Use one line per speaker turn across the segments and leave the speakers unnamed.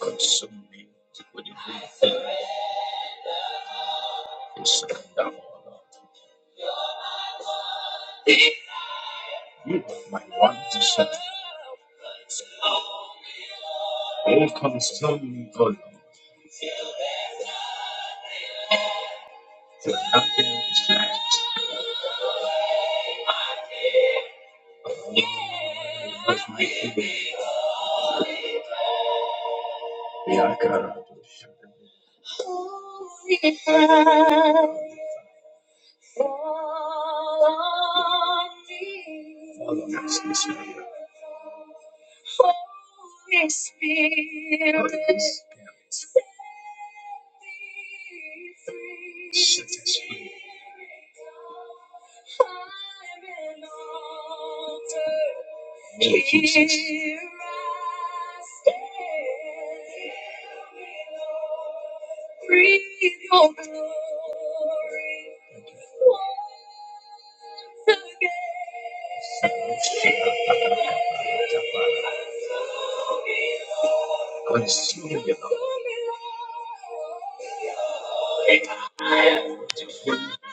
consume me with the great thing you surrender all of. You are my one. Oh, consume me, O Lord, for nothing is left. We are God. Consume me with the holy presence.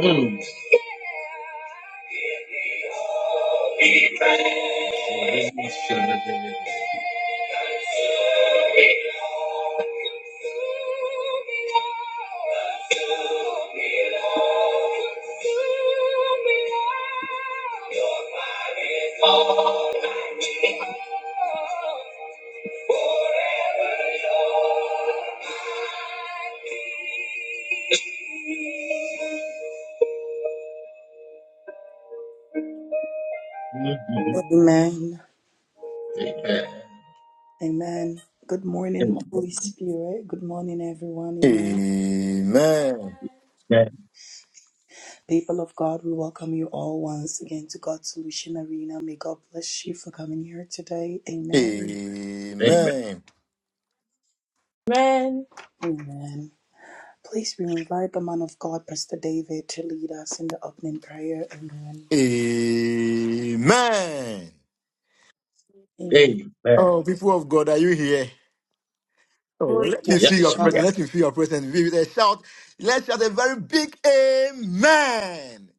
Mm.
Amen.
Amen. Amen.
Amen. Good morning, Holy Spirit. Good morning, everyone. Amen.
Amen.
Amen.
People of God, we welcome you all once again to God's Solution Arena. May God bless you for coming here today. Amen.
Amen.
Amen.
Amen. Please, we invite the man of God, Pastor David, to lead us in the opening prayer. Amen.
Amen.
Amen.
Amen.
Oh, people of God, are you here? Oh, let me
Yes,
feel
Yes,
we
your
we
are.
presence. Let me feel your presence. With a shout, let's shout a very big Amen.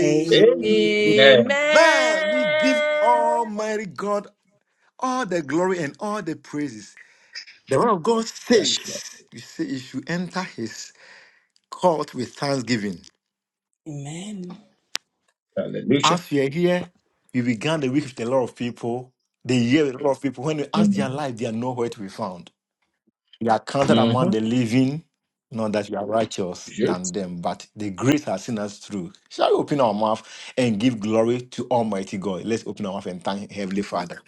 Amen.
Amen.
Amen.
We give Almighty God all the glory and all the praises. The word of God
Yes, Lord.
says, you say you should enter his court with thanksgiving
Hallelujah.
As we are here, we began the week with a lot of people, the year with a lot of people. When we ask
Mm-hmm.
their life, they are nowhere to be found. We are counted among
Mm-hmm.
the living, not that we are righteous
Yes.
than them, but the grace has seen us through. Shall we open our mouth and give glory to Almighty God? Let's open our mouth and thank Heavenly Father.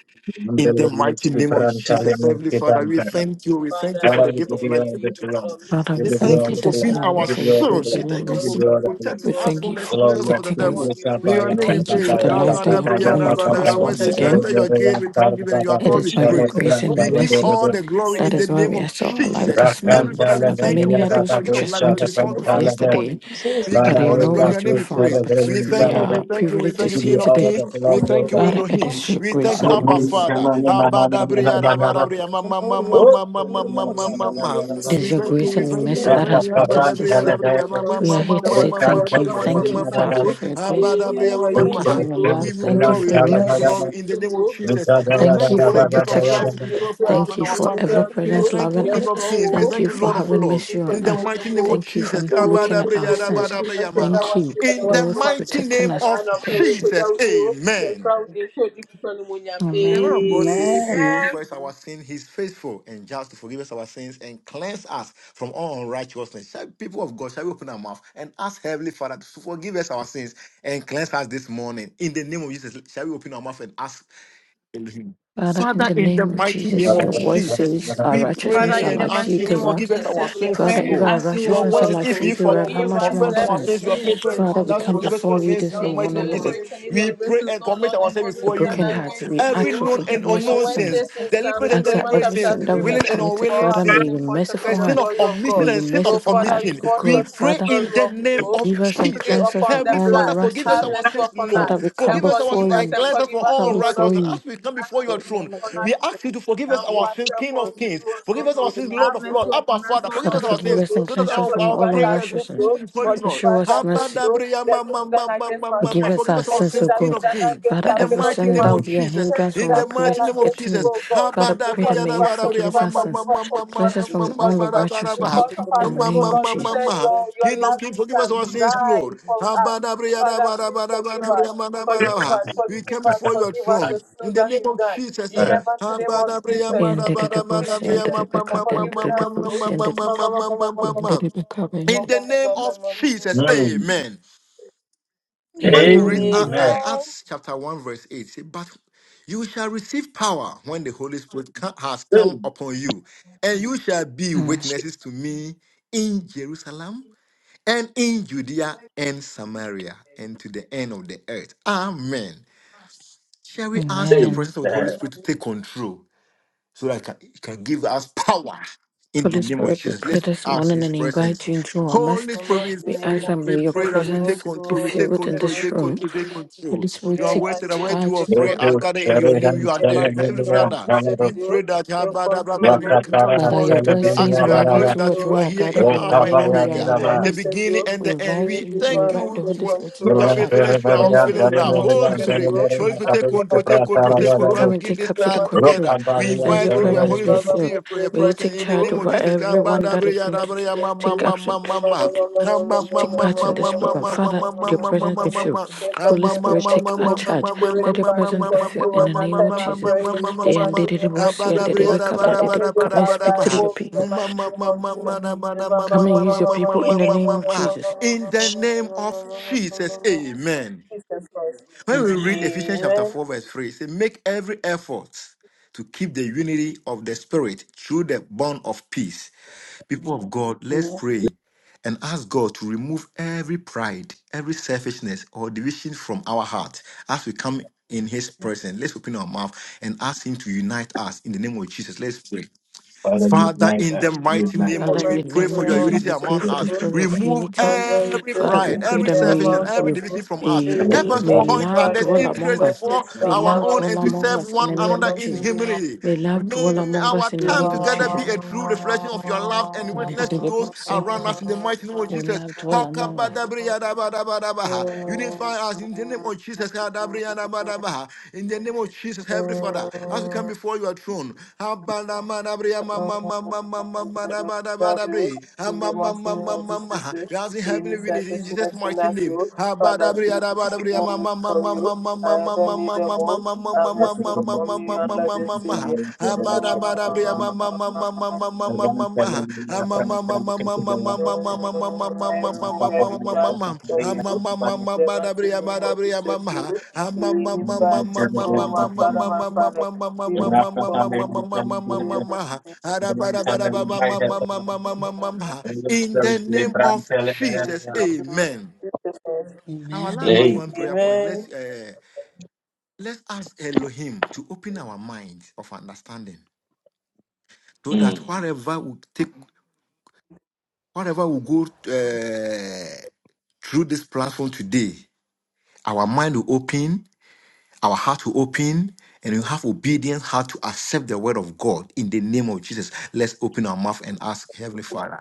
In the
Hallelujah.
mighty name of Jesus, Heavenly Father, we thank you. We
Father
thank you for
Father,
the
in
we
gift
give
of
you
life
heaven,
all
we
the
given
give
to us.
glory.
glory
Father,
to
We
we
We
give you
thank
thank
you.
all
you
you
the
for
this
being
glory. We
our
morning
Adonai,
give
for
you
your
all the
shield.
we
grace
give
We
glory.
and your
thank
you
you
We
all
give
for
mercy.
you all the
glory to
glory.
protecting
you,
We
all
us
thank
from
you
the
and
for
good.
snares
Glory to
of the
protecting
For
devil.
us.
you.
you
May your
reign,
Kabaya,
We
name
Lord,
be
thank
baba,
you for
praised.
baba,
the
for
baba,
Your
your
life
Yes,
that you have
baba,
given
faithfulness
baba,
unto
and
baba,
us
forevermore.
voice,
once
says, You
baba,
again.
enter your
baba,
gate with
baba,
thanksgiving and you are
baba,
It
baba,
called
is
with
by your
shara,
praise.
bra,
grace and your
We
baba,
give
baba,
mercy.
all
baba.
the glory
That
in the
is why
name
we are
of
so alive
Jesus.
this
Heavenly
morning.
Father, we
Rakantala
Father,
nene,
thank you.
many
We
are
thank
yada,
you
those
da,
for the
who
do,
gift of
just
life that
went
you
to
shara,
sleep
restored to
with
us
pantala,
this
baba.
yesterday,
morning.
Jesus.
We give
but
you
they
Father,
are
all the
we
glory.
nowhere
love
Your
to
name
be
you,
be
found.
praised.
shara, bra,
But
We
we
thank you.
pantala, baba.
We
are
thank you. We
privileged
We
to
thank you,
give
see
you
King of
all
today.
Kings.
the
We
glory, O
thank you,
God.
Father, it
Elohim.
is your
We
grace
thank you,
We
Father,
and
we
your
Abba
move you,
mercy.
thank
come
Father.
you.
on,
We
na, na,
Abba
na, na, na,
Dabriya
thank you.
na, na,
Abba
na.
Dabriya Ma Ma Ma
Lord, you're
Ma
my
Oh,
Ma Ma
tele,
Ma
de,
Lord,
Ma
de,
Mama
Ma
ya,
King,
da,
Ma
Lord,
da, da,
Ma.
you're
da,
my
da.
It
Amen.
is
We
sweet
your
Lord,
thank you.
grace
We
Mama
and your
thank
King,
you.
mercy
Ra,
We
Lord,
that
ta,
thank
has
you.
pa,
brought
Abba
us
ran,
this
Dabriya
tele,
far.
Jesus,
de,
Dabriya
de.
Ma Ma
We
Ma
are here
Ma
to
Ma
Re,
Jesus,
say
Ma Ma
kan,
thank
Ma
you,
tele, de,
Ma
Jesus.
Ma
de,
thank
Ma
you,
ya, da,
Oh,
da,
thank
Ma.
you
da.
you're
for your
my
grace
Abba
sweet Lord,
Dabriya
Mama
Ma
King,
Ma
Re,
Thank
Lord,
you
pro,
Ma.
for
you're
your
my
tele,
love.
Give you
pre,
sweet
Thank you
ran,
glory,
for
we
your
tele,
give you
da, da,
mercies.
da.
glory in the name of
Re,
Jesus.
ta, da,
We
ya,
Thank
da,
thank you
you
da,
for
for
the
da,
your
da,
gift
da,
of
ya, da,
life
protection.
da,
you
da.
serve for
Lord,
us
you're
Thank
and
you
my
our
for
sweet
ever
Lord,
family. We
Mama
presence
King,
thank you,
loving
Lord,
King
us.
you're my
of Kings.
sweet
We
Lord.
Thank
thank
you
you,
for
Lord of
having
Lords.
mercy
In
on
the
us.
mighty name of
Thank you
Jesus.
for looking at our sins.
Kabadabreyadabreyamala.
Thank you,
In the
Lord, for
mighty
protecting
name
us.
of
Thank you.
Jesus. Amen. The word of
Amen.
God says, if
Amen.
we
Amen.
confess our sin, he's faithful and just to forgive us our sins and cleanse us from all unrighteousness. Shall people of God, shall we open our mouth and ask Heavenly Father to forgive us our sins and cleanse us this morning? In the name of Jesus, shall we open our mouth and ask Amen.
Father, in
Father,
the
in the
name of
mighty
Ba,
name
Jesus,
Lord,
da,
of
your
ba,
you're
da,
word
ba, da, ba,
says
Jesus,
da,
our
ba.
we
righteousness
Father,
pray
are
in
and
my
the
like
ask
sweet
mighty
you
filthy
Lord,
to
name of
Mama
rag.
forgive
King,
us our
Lord,
Jesus, we
you're my
sins,
Father,
pray
sweet
and
if
Lord.
our
ask you, O
Your
righteousness are
words
Lord,
is
like
if
to
Lord,
you
filthy
forgive.
rag, how
forgive
much
us
more
Confess
Mama King, Lord, Mama King, Lord, Mama King, Lord, Mama
our
every
King,
sins?
sins, you are
sins
faithful
and
and
Father, we
just
come
forgive us our
before
unnecessary.
you
sins
this
in the
Any
mighty name of
morning
Jesus.
deliberate and
We
indeliberate
pray
sins,
and
O
commit
Lord, of
ourselves
course,
a
Lord.
before
we've
you,
done
broken
Lord.
heart.
against
We
Every
ask for
you.
known and
Lord,
For
forgiveness
your
of
unknown
word
sins.
says
sins,
in
deliberate
Psalm
and
Ask that
Romans
deliberate
every
sins,
chapter
sin that
3,
we
willing
verse
have
and
committed,
unwilling
24,
Father,
have
may
sinned
sin,
your
and fall short
a
of
merciful
the
sin
hand,
of
glory of
may
omission
God.
and
your
sin
So,
of
merciful
Father,
heart,
we
commission.
O
fall
We
short
God,
of the
pray
Father,
glory
in the
of
name
you.
of
forgive us and
We plead
Jesus.
cleanse us
upon
from
the
Heavenly
all
Father,
blood.
forgive us
Have
unrighteousness.
our
mercy
sins,
upon
Father,
Lord.
us
we come
and
Forgive us our
forgive
before
sins
us
and
you.
and
cleanse us from
forgive
We
us,
all
come
O Lord of
before
God.
unrighteousness.
you.
As we come before
Humble
your
ourselves
you're my King, Lord, Mama King, Lord,
throne,
Mama
unto
we
you,
ask you to forgive us our sins, King of Kings.
O
Forgive
Lord.
us our
Lord.
sins, Lord
King,
Have
of
mercy
Lords.
Lord,
Abba,
upon us,
Father,
O
forgive
Father,
us
Lord of
our
forgive
sins
hosts,
us
O,
and
so that
cleanse
and
us
our,
from
our
forgive
all
us
prayers
our
prayers. We're
sins,
unrighteousness.
O.
pleading for you,
Father,
Forgive
Lord.
show
us
us
our sins,
mercy.
O.
Abadabria, ma,
There's no
ma,
done
ma, ma,
against
ma, ma,
Give
ma.
mankind.
us
Forgive
our
us our
There's no
sins, O
sins,
that we
King
God.
of
done
Kings.
against
Father,
In
our
the
every
fellow
mighty
sin
name
human
that
Mm.
will
of
be
beings.
a
Jesus.
There's
hindrance
no
In
from
that
our
the
we
prayers
mighty
done
to
name of
against
getting
you,
Jesus.
you.
O God.
Father,
So
pray that
Abadabria,
may
forgive
na,
you
us,
ba, da,
forgive
bria,
forgive
us
ma,
us,
our
ma, ma,
forgive
sins.
us,
ma, ma,
forgive
ma, ma,
Cleanse
Mama
us
us
King,
ma,
Lord.
from
ma,
all
ma,
forgive
of
da,
us.
ba, da, ba.
Amen.
righteousness.
Because of
Amen.
our
In
sins,
the
Ma,
oh
name
ma,
of
Lord,
ma,
you
ma,
Jesus.
send
ma.
your, your
King of Kings,
lovely
forgive us
son
our
to
sins,
die
Lord.
for us.
Abadabria, na,
Father,
ba, da,
please
ba, da, ba,
forgive
da, bria,
us.
ma, da, ba, da,
Forgive
ba.
us,
We
forgive
come
us,
before your
forgive us
throne.
the
In
sins
the
that
name
we've
of
done.
Jesus.
Ra,
In
ah.
ra.
the mighty name of
Abadabria, ma,
And
Jesus.
da,
the
ba, da,
Thank
ba,
you,
devils,
da,
and
bria,
Jesus,
ma,
the
ma,
for
ma,
cup,
ma,
and
forgiving
ma,
the
ma,
us.
ma,
devils,
ma,
and
ma,
the
ma, ma, ma, ma,
and
ma.
the cup, and
In
the-
the name of Jesus,
Mm.
amen. When you read
Amen.
uh, uh,
Amen.
Amen.
Acts chapter 1, verse 8, say, But you shall receive power when the Holy Spirit co- has come
Hmm.
upon you, and you shall be
Mm,
witnesses to me in Jerusalem and in Judea and Samaria and to the end of the earth. Amen. Shall we ask the
Amen.
presence of the
Amen.
Holy Spirit to take control? so that can- it can give us power in the
Holy
name of
Spirit, we
Jesus.
pray
Let's
this
ask
morning
His
and
presence.
invite you into our
Holy
midst.
command
Spirit,
in
We
the name
ask
we,
of
that
we
may your
pray
Jesus,
that
you
you
all
take
presence be
control, we take
filled in
control, you
Holy
this
take
Spirit,
room.
control,
we
take control.
Holy Spirit,
You are
pray
take
wasted
as you
away two
charge
or
take
three are
Yetu
gathered in
control.
your name, you
Sheridan
are
The
there.
man in
Every
the name
Teleminia
of
brother,
Hanabu
we
Jesus,
pray
you
that ah,
take
blah, blah, blah, blah,
control.
we can come
Yakataran
Father,
before
your
you
Everything
word
today.
that
says
Ac-
Teleminia
you
We
wherever
Rara
acknowledge
will
two or
that you
three
do,
are
are
here
gathered
in
in
in
the
your
Alpha and
name,
that
Rokavaya
you are
the
Omega,
name
in our
of
Rara
the
midst.
Jesus,
beginning
you
and
We
the end.
invite
will
We
be
you, we
thank
one and
invite the
you
take
Holy
for
Spirit to take
your
control.
Gurum
charge.
faithfulness, you
In
are
the
Holy
Perimerian
Spirit,
unfailing
mighty name
come
love.
and
of
take
Holy
Perimerian
Jesus,
absolute
Spirit,
you
control.
Holy
Perimerian
Spirit,
and
take
all
Kabuki
control,
that
take
take
control,
Pratara
Holy
take
Spirit,
control.
control. As
come
we
and
Yadabuki
begin
take
this
In the
absolute
time
mighty name
control.
together,
of
we
Jesus,
Rokabarian
Let your
invite
you
you, uh,
presence
Holy
be
Spirit,
Perimerian
to
Baba
be
filled.
for
a
take
May you
present
take
in the
charge
control.
name of
over
Jesus. In
In the
everyone
mighty
that is
name
going
of
to
Jesus,
take
you
absolute to- to take part in this program. Father, let your
Amen.
presence be filled.
take
Holy
control,
Spirit,
take
take our
control.
charge.
Spirit
Let your
divine, take
presence be filled
control
in the
and
name of
attend our
Jesus.
prayers in the
They and they
mighty
did
name
it,
of
both see and
Jesus,
they did
oh,
it, come, they
Father,
did
may
it,
this
come and
house
speak
thy
to your
home in
people.
the mighty name of Jesus.
Come and use your people in the name of Jesus.
the name of Jesus, amen.
Jesus Christ.
When we read Ephesians chapter
Amen.
4, verse 3, it says, Make every effort to keep the unity of the Spirit through the bond of peace. People of God, let's pray and ask God to remove every pride, every selfishness, or division from our heart as we come in His presence. Let's open our mouth and ask Him to unite us in the name of Jesus. Let's pray.
Father,
Father,
unite
in the
us,
mighty
unite
In
name
the
Father,
of
us,
you,
in
we
the
mighty
pray
name
for
of
your
name
unite
of
Jesus,
us,
unity
we
Jesus.
pray
among
for the
us.
unite
oh,
spirit of
Remove
unity.
Father, we
every
pray
Father,
for
we
pride,
you,
pray
every
that
share
selfishness,
among
may
every
us,
you
division
oh.
from us.
We
may,
Help
remove
that
us to
may
us,
every
point
love
unite
fraud,
others'
dwell
every
among
interest
us.
before
suspect
us,
May
our
love
among
own
dwell
us,
and to
oh.
among
serve
us in
one
the
in the
name
another
of
in
mighty
Jesus.
name of
humility.
May love
May
dwell
Jesus.
among us
our
in the
time
name of
together be
Jesus.
a true reflection of your love and
And the
witness to those
deliverance of
around us in the mighty name of
may
Jesus.
love dwell among us.
oh. Bravo. In the mighty name of Jesus, in separation and Nassau, Father, please
unite
move
us,
me from you. I ever need them all. Have
Hey,
mercy upon me, your loving Savior.
In the
I remove every plot from you. The mighty name of Jesus, you. Really bad. Oh, my Father, my Father, remove me from you. In the mighty name of Jesus,
name of
and
Jesus,
flower of
amen.
Jesus.
Our
Amen.
last but
mm.
one
Amen.
prayer point.
Amen.
Let's uh, let's ask Elohim to open our minds of understanding so that wherever we take Whatever we go uh, through this platform today, our mind will open, our heart will open, and we have obedience how to accept the word of God in the name of Jesus. Let's open our mouth and ask Heavenly Father.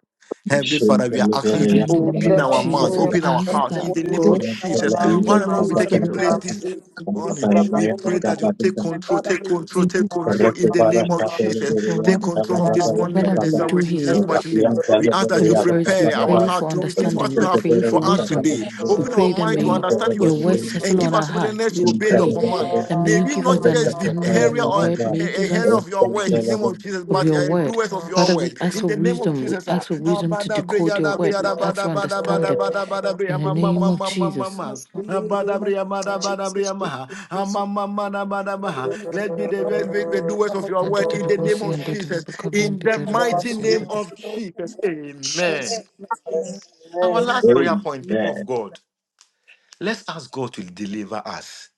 Heavenly Father, we are asking you
Father,
to
in the name
open
of
our mouth,
Lord,
Jesus,
we
Demonstrate
we
open our
come
ask
hearts
the
that
in
before
the
you
truth,
name
to
of
God
open
Orang
our
the
Jesus.
may
mouth
you
love
give
and
Whatever will
of
us
be
the
ears
our
and
taking
spirit
place
of
God,
heart
this
the
to come
morning.
before you,
We
demonstrate
O
pray
Lord
that
God.
you take
the
control,
truth,
Father,
take
may you
control,
be
faith.
take
and
control
Amen.
in the name of Jesus.
As your
Take
word is
control of
coming,
this
the
whatever
morning and
that
this
we
truth
hour
do
in
here.
Jesus'
praised.
every
mighty name.
growth.
We ask that
Holy
you
You,
Spirit, we
prepare our
pray
you,
heart
for
O
to
Lord God.
receive what
understanding.
you
We
have
We
pray
are not
for
for us
wisdom.
today.
We
Open
single,
our
pray
we
that
mind
are not single, we are
to
not
may
Lord, we
understand
are
your
your
not
word
single,
truth
we
and
are
settle
not
give
on our
us
hearts.
willingness
We
to obey your
Jesus,
pray
command.
Jesus,
that may
Jesus.
May
you
we
give us
not
we are
the
just be
understanding of your
hearer or
word. May you
a
give
not single, we are not
hearer
us
of your words in the
peace
name of Jesus,
single,
of
we are
but
not
your
uh,
word.
doers of your
Father,
Jesus.
we
words
ask
in
for
the name of
wisdom. We
Jesus. ah.
ask for
Ah,
wisdom to
bada
decode
breya,
your
da
word.
breya, da
We ask for
bada, bada, bada,
understanding.
bada, bada,
In
breya,
the
ma, ma,
name
ma,
of
ma, ma, ma.
Jesus.
ma.
Jesus, Jesus,
Abadabriyabadabriyamaha.
Jesus, Lord,
Amamamanabadabaha.
Gloriamo, che
Let be the, let be the doers of
dormiamo,
your
sunduriamo,
word
Father,
in the name of Jesus,
gloriamo,
in the
gloriamo,
mighty name
sunduriamo,
of
che
Jesus.
dormiamo.
Amen.
Jesus,
Amen. Mm, mm.
mighty name.
Our
Amen.
last
Amen.
prayer point, people of God, let's ask God over us.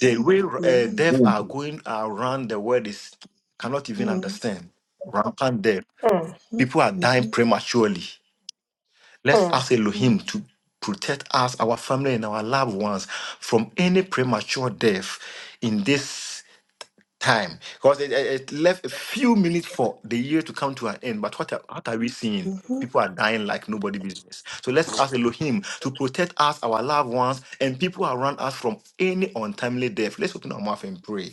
The way uh, deaf
Amen.
Mm.
are going around the world is cannot even
Mm,
understand. Rampant death.
Hmm,
mm,
People are dying
mhm,
prematurely. Let's ask
mm,
Elohim to protect us, our family, and our loved ones from any premature death in this time because it, it it left a few minutes for the year to come to an end. But what are, what are we seeing?
mhm.
People are dying like nobody business. So let's ask Elohim to protect us, our loved ones, and people around us from any untimely death. Let's open our mouth and pray.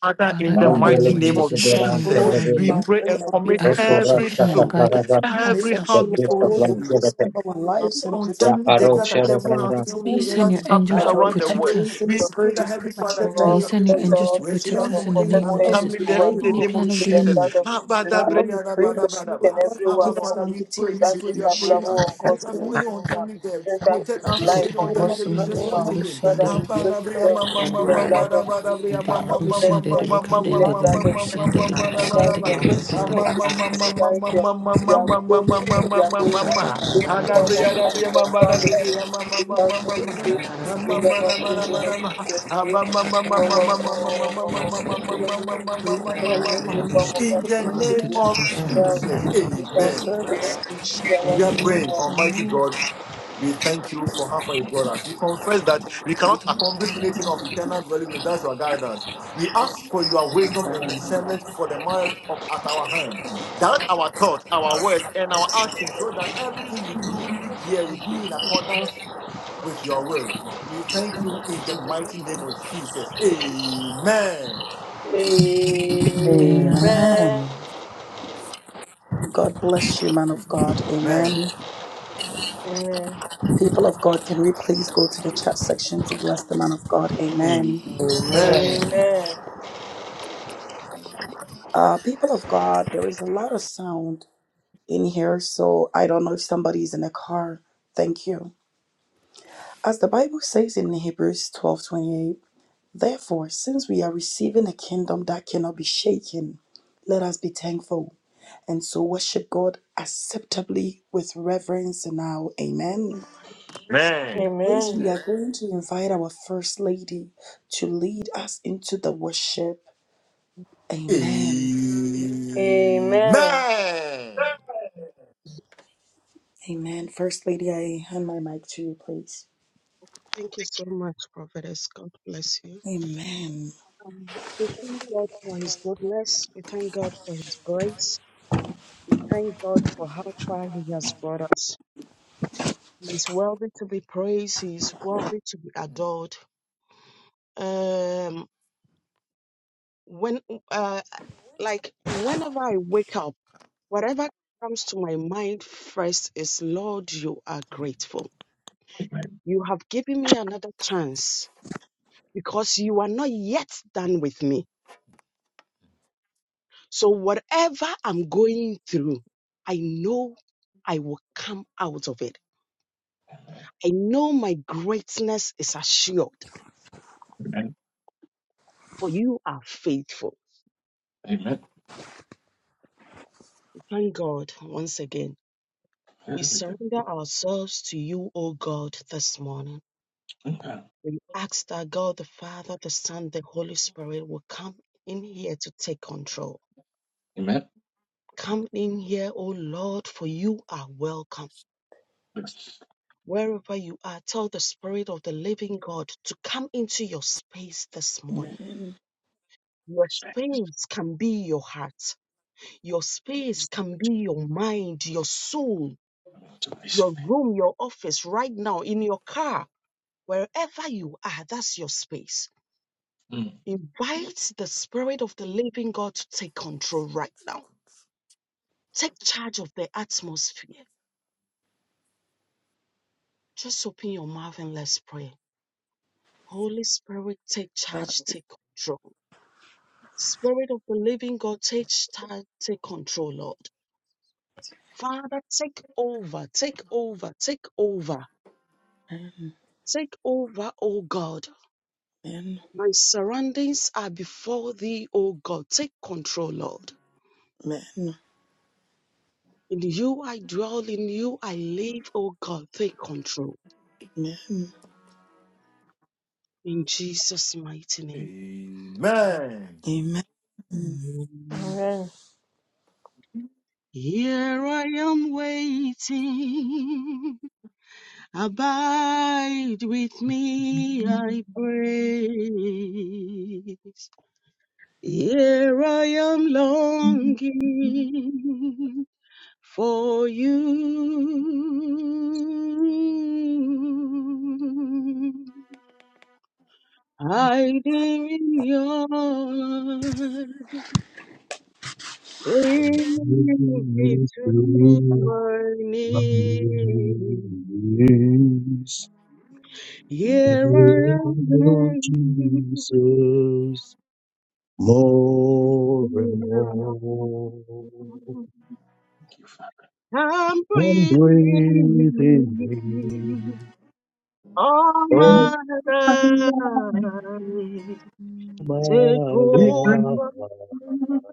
Father, in the
in the
Father,
name
mighty
of
name
we
of
Jesus,
come before
hmm.
we
In
you,
come
O
the
Jesus,
Lord,
before
we
name of
you.
pray
pray
and
for
Jesus,
We
the
commit
Lamb of
ask for
every
preservation.
protection and
soul,
guidance. We
Pray
every
ask that
that
The
you,
heart
Lord
gift
before
of
God, will
you,
life, give
Lord
it to
preserve
him.
our lives and protect
untimely
us
death
in
that are
Jesus'
devil and
mighty
untimely
May you
name.
send
that
your
is happening
angels
God,
to
Father,
the Lamb of
we
around the
come
protect
world.
us.
against any
We
God,
pray
spirit
that
of
Heavenly Father
premature
give
May
to
you
death
Lord,
your
in
send your
protect
people
Jesus'
angels to
all the
mighty
rescue
protect
us
name.
children,
us
from
in the
any
protect
name
Father,
of
we
Jesus.
untimely death
everyone
in
pray
the
Any
for
who
name of
plan of
is
the
the
preservation.
Jesus.
enemy.
blood of
Abba,
Jesus.
da,
Father,
bre,
Lord.
we
ya, da,
We
pray
ba, da,
thank
that
ba,
you,
da,
Lord
and
ba.
God, will
Abba,
everyone
give
who
us
Father, you pray, you
that
longevity
pray,
is
in
you pray
Jesus'
that
available on
mighty
take
God's
us from
name.
any
solution now.
untimely death,
Let us
protect us
And
from
life
that
any
on
it will
God's
untimely death
see,
in
and
Jesus'
solution
that
now.
it
mighty
will
name.
see, and
Father,
that
we
it
Abba, da,
soak
bre, ya,
them
ma, ma,
in
ma,
the
ma,
blood
ma, da,
of
ba, da,
Jesus.
bre, ya,
and
ma,
that
Father,
it
ma,
will
we
ma,
see,
ma,
Protect
and
ma,
that
them
pray
it will come
for
ma, ma,
in
down,
ma,
and
the
life
that
ma,
it
blood
ma,
of
will
ma,
see,
Jesus.
ma,
and
ma,
that it will
ma,
that
da, ba,
see, and
Guide
da,
comes
that
with
them
it
ba.
will
great
come down,
Ah,
and that
ma, ma,
health in
ma, ma,
Jesus'
ma,
guide
ma, ma,
them. They
ma,
are
name.
ma, ma, ma, ma,
going in and they
ma,
are
ma,
going
ma, ma,
out.
ma.
Any
In the
form of accident, wrong life, we cancel it you in the mighty name of Jesus. you. Any form
Prolong our life, prolong our life in
of
Jesus'
accident,
mighty
and
name
name.
you.
that
of
it will see, and
Yeah,
then-
Jesus,
we cancel
amen.
Preserve
you in
us in
the
Jesus'
We are
mighty name
name.
praying,
of
Almighty
Amen.
God,
Jesus.
we thank you for how far you brought us. We confess that we cannot accomplish anything of eternal value without your guidance. We ask for your wisdom and discernment for the matters of, at our hand. Direct our thoughts, our words, and our actions so that everything we do here will be in accordance with your will. We thank you in the mighty name of Jesus. Amen.
Amen.
Amen.
Amen. God bless you, man of God.
Amen.
Amen.
Amen.
People of God, can we please go to the chat section to bless the man of God?
Amen.
Amen.
Amen.
Amen.
Amen.
Uh, people of God, there is a lot of sound in here, so I don't know if somebody's in a car. Thank you. As the Bible says in Hebrews 12:28, therefore, since we are receiving a kingdom that cannot be shaken, let us be thankful and so worship God acceptably with reverence now. Amen.
Amen.
Please, we are going to invite our First Lady to lead us into the worship. Amen.
Amen.
Amen.
Amen. First Lady, I hand my mic to you, please.
Thank you so much, Prophetess. God bless you.
Amen.
Um, we thank God for His goodness. We thank God for His grace. We thank God for how far He has brought us. He is worthy to be praised. He is worthy to be adored. Um, when, uh, like, whenever I wake up, whatever comes to my mind first is, Lord, you are grateful. You have given me another chance because you are not yet done with me. So whatever I'm going through, I know I will come out of it. I know my greatness is assured,
Amen.
for you are faithful.
Amen.
We Thank God once again. We surrender ourselves to you, O God, this morning. We ask that God the Father, the Son, the Holy Spirit will come in here to take control.
Amen.
Come in here, O Lord, for you are welcome. Wherever you are, tell the Spirit of the living God to come into your space this morning.
Amen.
Your space can be your heart, your space can be your mind, your soul,
to this
your room, your office, right now, in your car, wherever you are, that's your space.
pen.
Invite the Spirit of the living God to take control right now. Take charge of the atmosphere. Just open your mouth and let's pray. Holy Spirit, take charge, take control. Spirit of the living God, take, charge, take control, Lord. Father, take over, take over, take over,
Amen.
take over, O God.
Amen.
My surroundings are before thee, O God. Take control, Lord.
Amen.
In you I dwell, in you I live, O God. Take control.
Amen.
In Jesus' mighty name.
Amen.
Amen. Amen. Amen.
Amen.
Amen.
Here I am waiting. Abide with me, I pray. Here I am longing for you. Hiding in your arms,
Bring
bring me
me
to
through
my
my
knees.
knees.
Here I
Oh,
am
Jesus, more and more.
I'm
One breath in
breathing
me,
in. all
all
my life.
my
Take over.
life,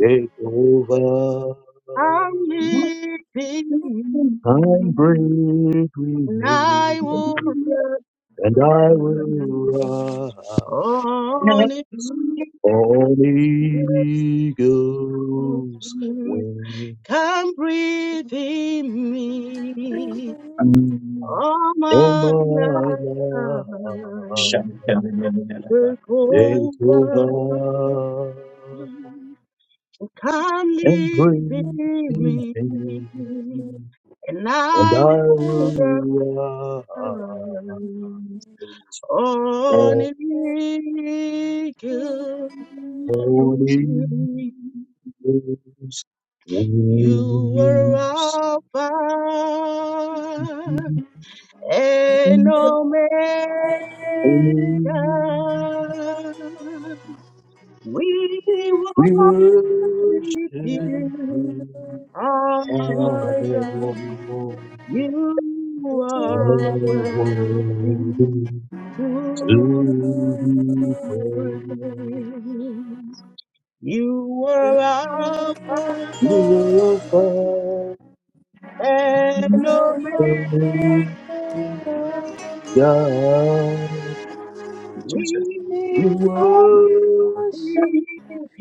take over.
I'm living,
I'm breath with
and
me,
I will
and
rise
I will rise.
on it.
Holy Ghost, when
Come breathe in me.
you
All
on
my
my
life,
life,
the
take
cover
over and
kindly bear
bring me,
me, and
and
I will
I
rise
will
on
rise. Holy
eagle's wing.
Ghost,
You are
wings
Alpha and Omega.
on
Amen.
me.
We
We
worship
worship
you,
you.
all.
God,
You are worthy to be praised. You are Alpha and Omega.
Jesus.
we
We
worship you.
give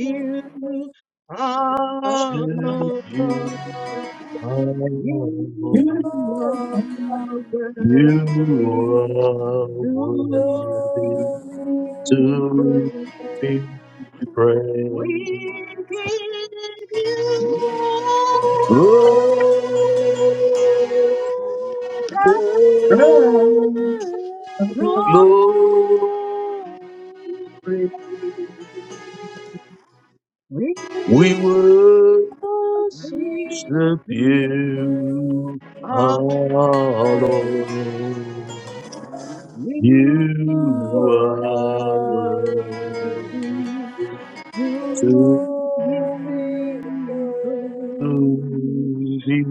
you honor.
Oh,
You are
You
worthy
are
to
worthy
Oh,
be
to
praised.
be
We
praised.
give you all
Oh,
the
yeah.
glory.
glory,
We
we
give
worship
you
you,
honor.
our
Thank
Lord.
You
You are
are worthy To
worthy to
Him be praised.
you.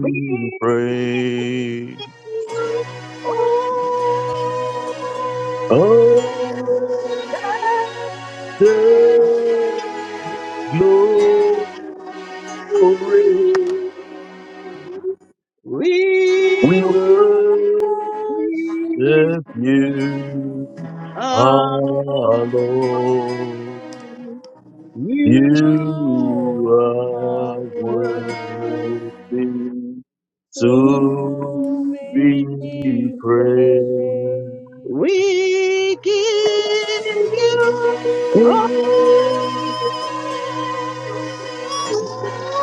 We give
praised.
you
We
all
Oh,
praise.
the glory
We
We
worship
worship
you.
worship
you,
You.
our
Amen.
Lord.
Oh, Lord, you
You
You
are
are
are
worthy
worthy
worthy to
to
be
be
to be
praised.
praised.
Praise.
We
Oh
give you all.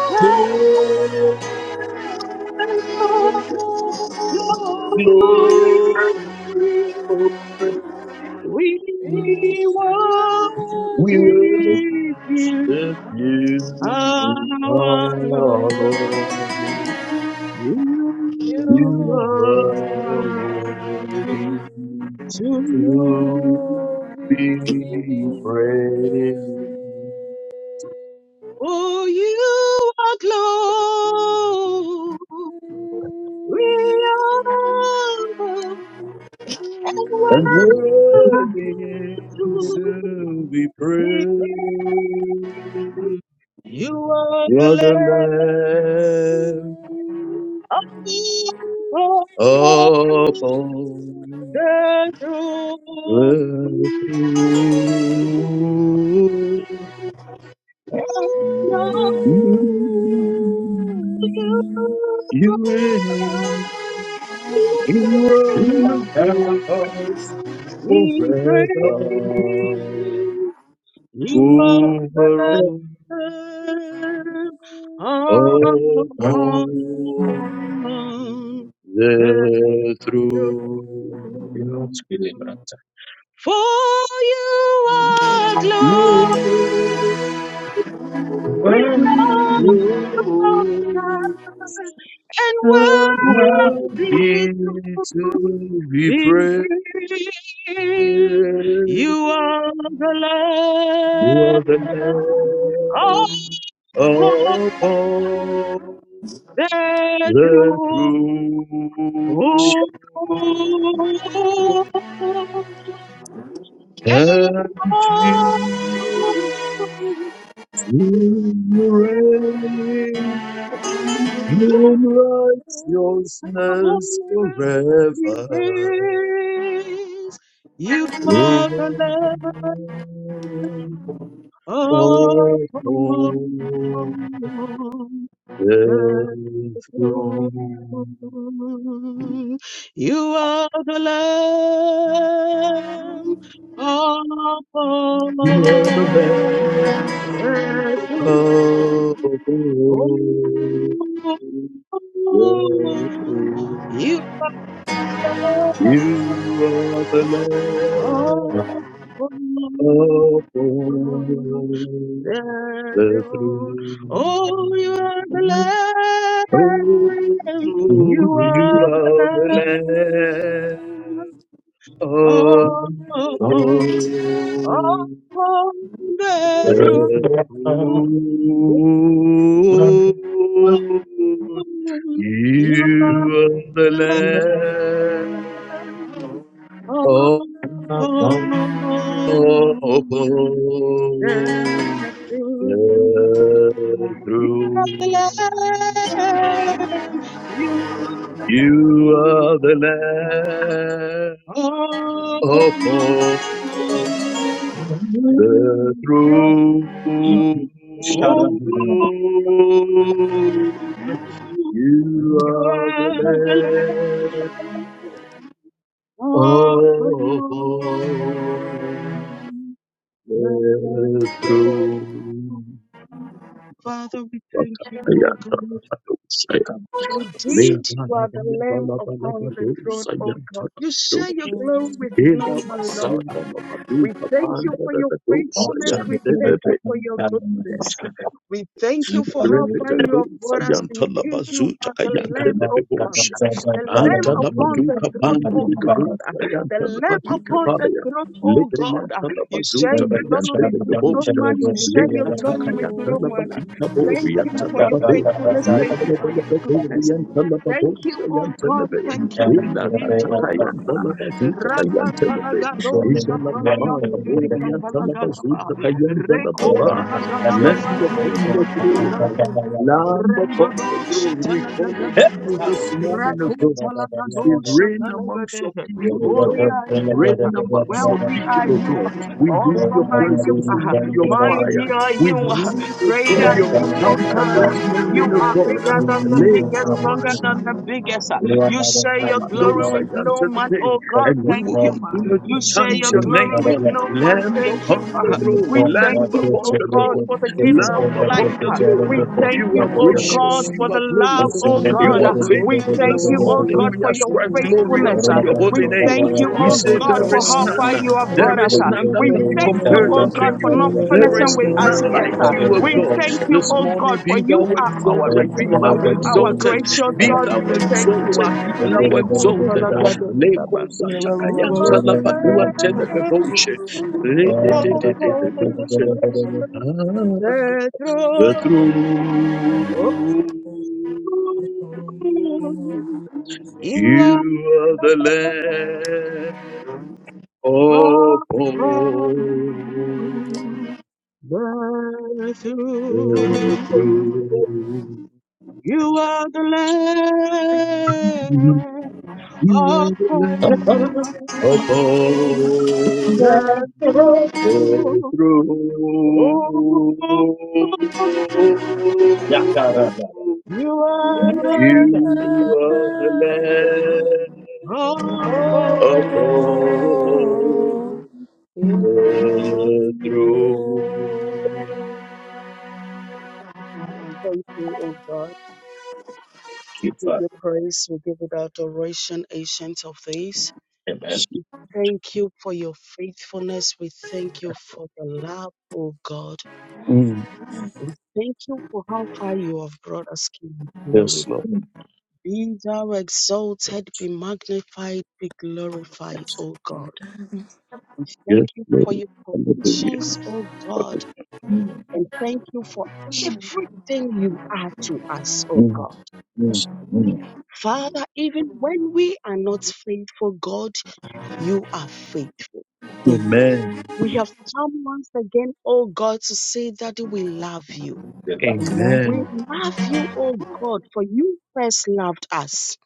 Let
Worthy
your glory.
Glory
We worship
We
you,
worship you,
our
our
my
Lord.
Lord.
God,
You
You
you
are
are
are
worthy
worthy
worthy.
to
to.
be praised
Oh, you are glorious
and worthy
and worthy
to be
We thank
praised.
You are the
You're the
land
Lamb
of the
upon
true.
The truth
And
You reign in
of you
righteousness
we
forever.
praise. You are
Over
the
To be praised.
Lamb of
all
Thank
upon the
the
throne.
throne. For you are glorious,
Glory,
O
glory.
God, and
and
worthy
worthy
to
to be
be
praised.
praised. You are the
You are the
Lamb of
Lamb upon
the
the
Jew.
throne,
And
and Jesus you reign
all
in
I will
righteousness
praise,
forever.
You
You
are the Lamb upon
are the Lamb of God.
the throne. You are the Lamb upon the throne. You Oh,
You are the
you
Lamb upon the
are the
throne. Oh,
Lamb. You
you
are the
are the Lamb
Lamb. Oh, upon, all
upon
upon the throne.
the throne. You
You
are the
are the Lamb.
Lamb upon
Oh, You are the
the throne.
Lamb.
You are the
You
Lamb.
are the
upon
Lamb
Thank
upon the
the
throne.
throne.
Oh,
You
you
are
are the Lamb
the
upon
Lamb
the throne. Father, we thank you, O God.
you.
Indeed, you are the Lamb
upon
upon the throne, O
the
God. You share your
throne.
glory with no
Ela
man, Lord.
basanga
We
mabaduka
thank
panda
you for
da
your
da
faithfulness. We
dosa
thank you for your goodness. We thank you for how far you
Rebedo
have brought us.
sayanta la
Indeed, you
bazuta
are the
kayanta
Lamb,
le
O God.
bebosha.
The Lamb
Anta la
upon the
baduka
throne,
pande
O
de de
God.
dosa
The
yanta la
Lamb
badika
upon the
baya.
throne, O
Lebre
God.
yanta la
You share
bazuta
your glory
kayanta le
with no
bebosha.
man. You share your
Leta
glory with
takayanta
no
la
man.
badika
Thank
bori
you
yanta
for
la
your
bade.
faithfulness.
Lebe
Thank you
lebe
for
lebe
your
bori
goodness.
yanta la
Thank
babosha
you, oh
yanta le
God.
be.
Thank you
Ela
indeed, oh God.
takayanta la bazuta kayanta le be.
Rakatalagado
Ela la
Shatalayan
bimaka bori
Diribika
yanta la
Talagadaba.
bazuta kayanta la
Thank
baba. Land
Rekotalagadabayan
upon
Diribika
the throne.
Talagade.
Lamb upon the
Rendodo
throne. We call
Shatalagadabe.
unto you this morning, O God. You
you.
Rakotalagado
say, reign amongst
Shatalagade.
your people, O
Holy
God.
are you,
Reign
ah.
amongst your
wealthy are
people, O
you,
God.
ah.
We need your
awesome are you,
presence. We
ah.
need your fire.
mighty are
We
you, ah.
need, O
great
God,
are
your
you, oh
encounter
God.
this morning,
You
O
are
God
bigger than the biggest, stronger than the biggest. uh. You share your glory
those I
with no man.
anticipate,
Oh God,
and we
thank
will
you. uh.
continue to
You share
chant
your
your
glory
name.
with no man.
Lamb
Thank you.
upon the
uh.
throne,
We thank
Lamb
you,
upon
oh
the
God,
throne,
for the gifts
you.
of
Lamb upon
life.
the
uh.
throne.
We thank
You are
you, oh God,
gracious,
for
you
the
are
love,
glorious,
Ọ̀ṣun tí
oh
mo ṣe
you
God.
are
uh.
jáde o,
We
faithful.
ẹ̀dá
thank
This
wá
you,
sí
oh
morning
o,
God,
we
for your
ascribe
ẹ̀sìn fún
glory
o,
faithfulness.
unto
uh.
your
ẹ̀ka
We
holy name.
fún
thank
o,
you,
We
oh
say,
God,
ẹ̀kọ́
There
for
is
o,
how far
none,
you have
ẹ̀mí
brought
there
us.
is
ṣèlú
uh.
none
tí
that
kọ́
We
can
ni
be
mo
thank
ní
you,
compared
oh
unto
God, for
you.
not
There
finishing
is
with us
none
yet.
like
uh.
you, O
We
God.
thank you,
This
oh
morning
God, for
be
you
thou
are our
exalted, be thou
Redeemer, our
exalted.
gracious
Be
God.
thou
We thank you. ah.
exalted, be thou exalted. Leko
Likotalagadagadaba.
ọmọ
You
satakayanta
are
o.
the
labaduan telegaboshe.
Lamb of
Re-de-de-de-de-de-de-de. Ah,
the
The
throne.
throne,
You
you
are
are the Lamb upon
the Lamb of the
the
throne.
throne.
You are the Lamb
You are
of
the
God.
Lamb upon
The Lamb.
Through
Oh,
Yakarada.
You are the Lamb
you are the land
of
Oh,
upon
Lord, belongs
the
to
God.
throne.
Thank you, O God. We
Keep
give
up.
you praise. We give you the adoration, ancient of days.
Amen.
thank you for your faithfulness. We thank you for the love, oh God.
Mm.
We thank you for how far you have brought us, King of
Yes,
glory.
Lord.
Be thou exalted, be magnified, be glorified, O
Amen.
God. We
Yes,
thank you
Lord.
for your
Hallelujah.
provisions, O God, and thank you for everything you are to us, O
Mm.
God.
Mm. Mm.
Father, even when we are not faithful, God, you are faithful.
Amen.
We have come once again, oh God, to say, that we love you.
Amen.
We
Amen.
love you, O God, for you first loved us.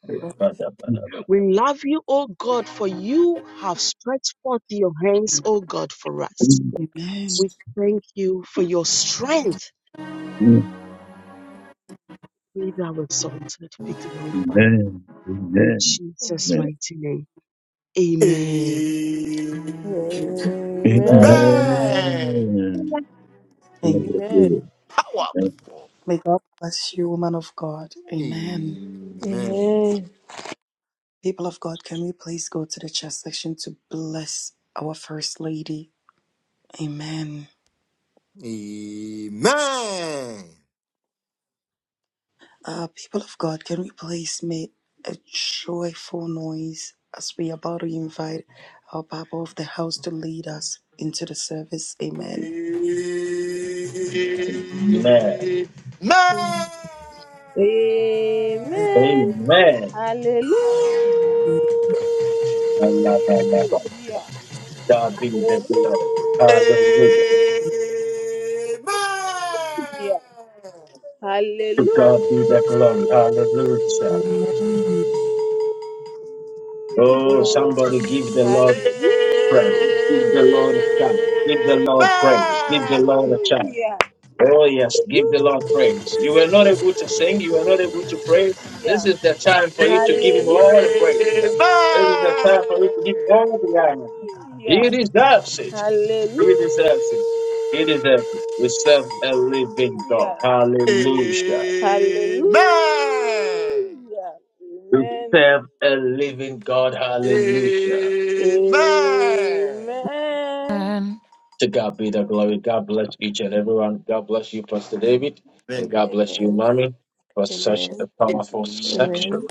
We love you, O God, for you have stretched forth your hands, O God, for us.
Mm.
Amen.
We thank you for your strength.
Mm.
Be thou exalted, be glorified.
Amen.
In
Amen.
Jesus'
you.
Amen.
mighty name, amen.
Amen.
Amen.
Amen.
Amen.
Hallelujah.
Amen.
Powerful.
May God bless you, woman of God. Amen.
Amen.
Amen. Amen.
People of God, can we please go to the chat section to bless our First Lady? Amen.
Amen. Amen.
Uh, people of God, can we please make a joyful noise as we are about to invite our Papa of the house to lead us into the service? Amen.
Amen.
Amen.
Amen.
Amen.
Allah, Allah, Allah.
Hallelujah.
God be the
Hallelujah.
glory.
Amen.
Hallelujah. To God
Hallelujah.
be the glory. Hallelujah.
Amen.
Oh, somebody give the Lord
Hallelujah.
praise. Give the Lord a shout. Give the Lord praise. Give the Lord a shout. Oh, yes. Give the Lord praise. You were
Hallelujah.
not able to sing. You were not able to pray. This is the time
Amen.
for you to
Amen.
give him all the praise. This is the time for you to give him all the honor. He
Hallelujah.
deserves it. It is is It is absent. We serve a living God.
Hallelujah.
Hallelujah.
Hallelujah.
We
Amen.
serve a living God. Hallelujah.
Amen.
Amen.
Amen.
To God be the glory. God bless each and everyone. God bless you, Pastor David. And
Amen.
God bless you,
Amen.
Mommy, for such a
Amen.
Amen.
powerful
Amen.
section.